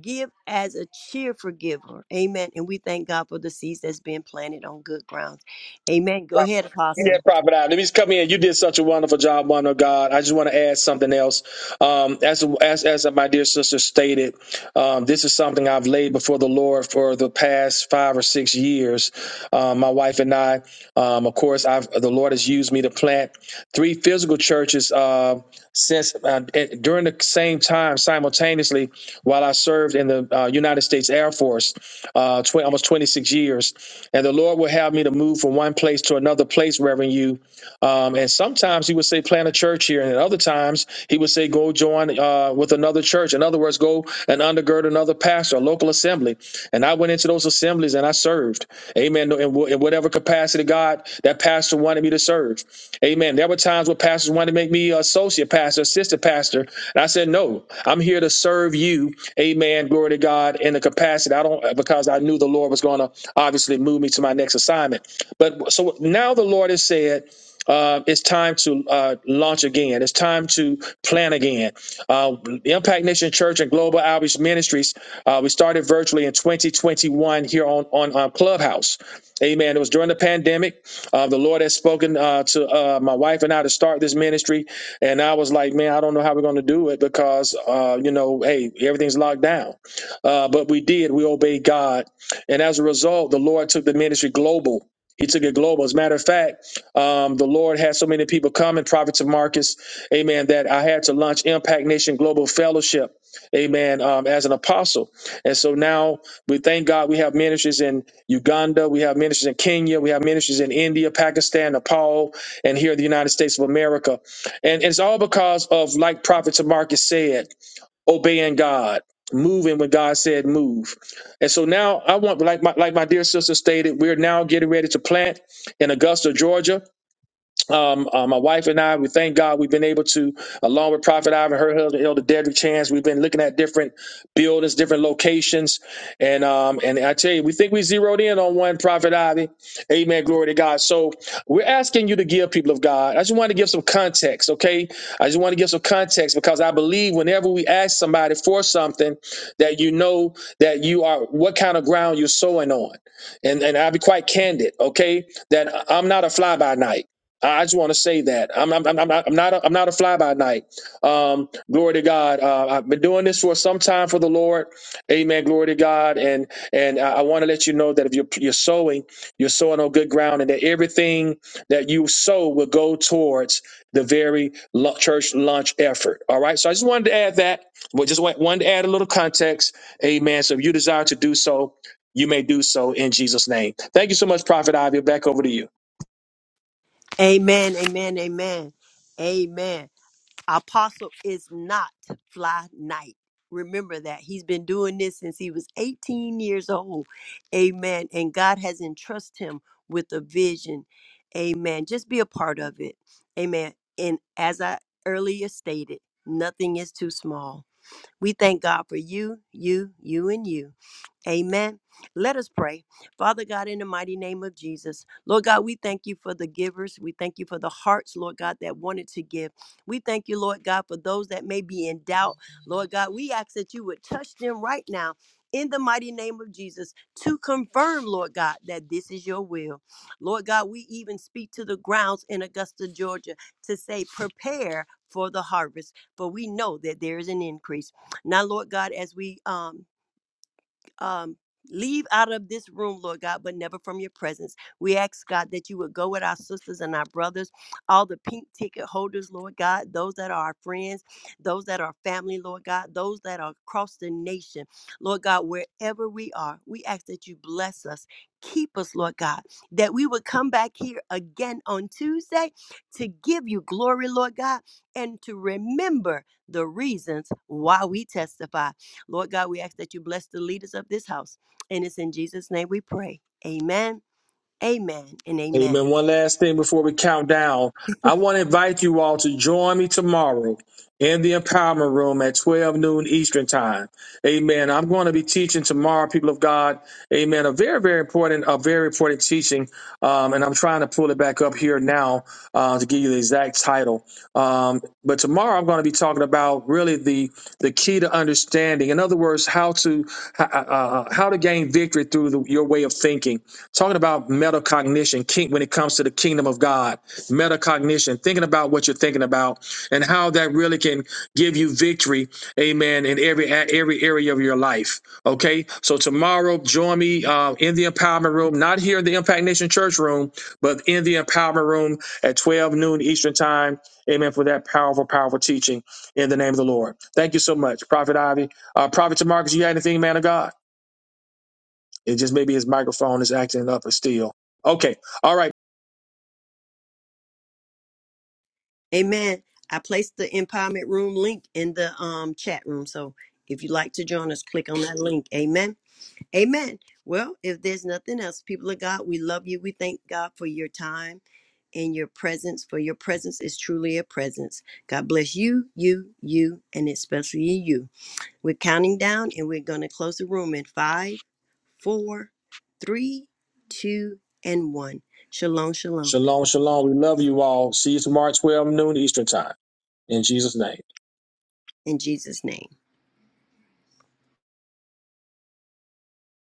S2: give as a cheerful giver. Amen. And we thank God for the seeds that's been planted on good grounds. Amen. Go ahead,
S4: Yeah,
S2: Apostle.
S4: Prophet Adam. Let me just come in. You did such a wonderful job, one of God. I just want to add something else. Um, as as as my dear sister stated, um, this is something I've laid before the Lord for the past five or six years. Um, my wife and I, um, of course, I've the Lord. Lord has used me to plant three physical churches uh, since uh, eh, during the same time simultaneously while I served in the uh, United States Air Force uh, tw- almost 26 years. And the Lord will have me to move from one place to another place, Reverend You, um, and sometimes he would say, plant a church here. And at other times, he would say, go join uh, with another church. In other words, go and undergird another pastor, a local assembly. And I went into those assemblies and I served. Amen. No, In, wh- in whatever capacity God, that pastor wanted me to serve. Amen. There were times where pastors wanted to make me associate pastor, assistant pastor. And I said, no, I'm here to serve you. Amen. Glory to God in the capacity. I don't, because I knew the Lord was going to obviously move me to my next assignment. But so now the Lord has said, uh, it's time to uh, launch again. It's time to plan again. Uh, Impact Nation Church and Global Outreach Ministries, uh, we started virtually in 2021 here on, on uh, Clubhouse. Amen. It was during the pandemic. Uh, the Lord has spoken uh, to uh, my wife and I to start this ministry. And I was like, man, I don't know how we're going to do it because, uh, you know, hey, everything's locked down. Uh, but we did. We obeyed God. And as a result, the Lord took the ministry global. He took it global. As a matter of fact, um, the Lord had so many people coming, prophets of Marcus, amen, that I had to launch Impact Nation Global Fellowship, amen, um, as an apostle. And so now we thank God we have ministries in Uganda, we have ministries in Kenya, we have ministries in India, Pakistan, Nepal, and here in the United States of America. And it's all because of, like prophets of Marcus said, obeying God. Moving when God said move, and so now I want, like my like my dear sister stated, we're now getting ready to plant in Augusta, Georgia. Um, uh, my wife and I, we thank God we've been able to, along with Prophet Ivan, her husband, Elder Dedrick Chance, we've been looking at different buildings, different locations. And um, and I tell you, we think we zeroed in on one, Prophet Ivy. Amen. Glory to God. So we're asking you to give people of God. I just want to give some context, okay? I just want to give some context because I believe whenever we ask somebody for something, that you know that you are what kind of ground you're sowing on. And and I'll be quite candid, okay? That I'm not a fly by night. I just want to say that I'm, I'm, I'm, I'm not I'm not a, I'm not a fly by night. Um, glory to God. Uh, I've been doing this for some time for the Lord. Amen. Glory to God. And and I, I want to let you know that if you're, you're sowing, you're sowing on good ground, and that everything that you sow will go towards the very lu- church launch effort. All right. So I just wanted to add that. Well, just want, wanted to add a little context. Amen. So if you desire to do so, you may do so in Jesus' name. Thank you so much, Prophet Ivy. Back over to you.
S2: Amen. Amen. Amen. Amen. Apostle is not fly night. Remember that he's been doing this since he was 18 years old. Amen. And God has entrusted him with a vision. Amen. Just be a part of it. Amen. And as I earlier stated, nothing is too small. We thank God for you, you, you, and you. Amen. Let us pray. Father God, in the mighty name of Jesus, Lord God, we thank you for the givers. We thank you for the hearts, Lord God, that wanted to give. We thank you, Lord God, for those that may be in doubt. Lord God, we ask that you would touch them right now. In the mighty name of Jesus, to confirm, Lord God, that this is your will. Lord God, we even speak to the grounds in Augusta, Georgia to say, prepare for the harvest, for we know that there is an increase. Now, Lord God, as we um, um, leave out of this room, Lord God, but never from your presence. We ask, God, that you would go with our sisters and our brothers, all the pink ticket holders, Lord God, those that are our friends, those that are family, Lord God, those that are across the nation, Lord God, wherever we are, we ask that you bless us. Keep us, Lord God, that we would come back here again on Tuesday to give you glory, Lord God, and to remember the reasons why we testify. Lord God, we ask that you bless the leaders of this house. And it's in Jesus' name we pray. Amen, amen, and amen.
S4: Amen. One last thing before we count down. I want to invite you all to join me tomorrow in the empowerment room at 12 noon Eastern time. Amen. I'm going to be teaching tomorrow, people of God. Amen. A very, very important, a very important teaching. Um, and I'm trying to pull it back up here now uh, to give you the exact title. Um, but tomorrow I'm going to be talking about really the the key to understanding. In other words, how to uh, uh, how to gain victory through the, your way of thinking talking about metacognition king, when it comes to the kingdom of God, metacognition, thinking about what you're thinking about and how that really can give you victory, amen, in every a- every area of your life. Okay, so tomorrow, join me uh, in the empowerment room, not here in the Impact Nation Church room, but in the empowerment room at 12 noon Eastern Time, amen, for that powerful, powerful teaching in the name of the Lord. Thank you so much, Prophet Ivy. Uh, Prophet Tamarcus, you got anything, man of God? It just maybe his microphone is acting up or still. Okay. All right.
S2: Amen. I placed the empowerment room link in the um, chat room. So if you'd like to join us, click on that link. Amen. Amen. Well, if there's nothing else, people of God, we love you. We thank God for your time and your presence, for your presence is truly a presence. God bless you, you, you, and especially you. We're counting down and we're going to close the room in five four, three, two, and one. Shalom, shalom.
S4: Shalom, shalom. We love you all. See you tomorrow 12 noon Eastern time. In Jesus' name.
S2: In Jesus' name.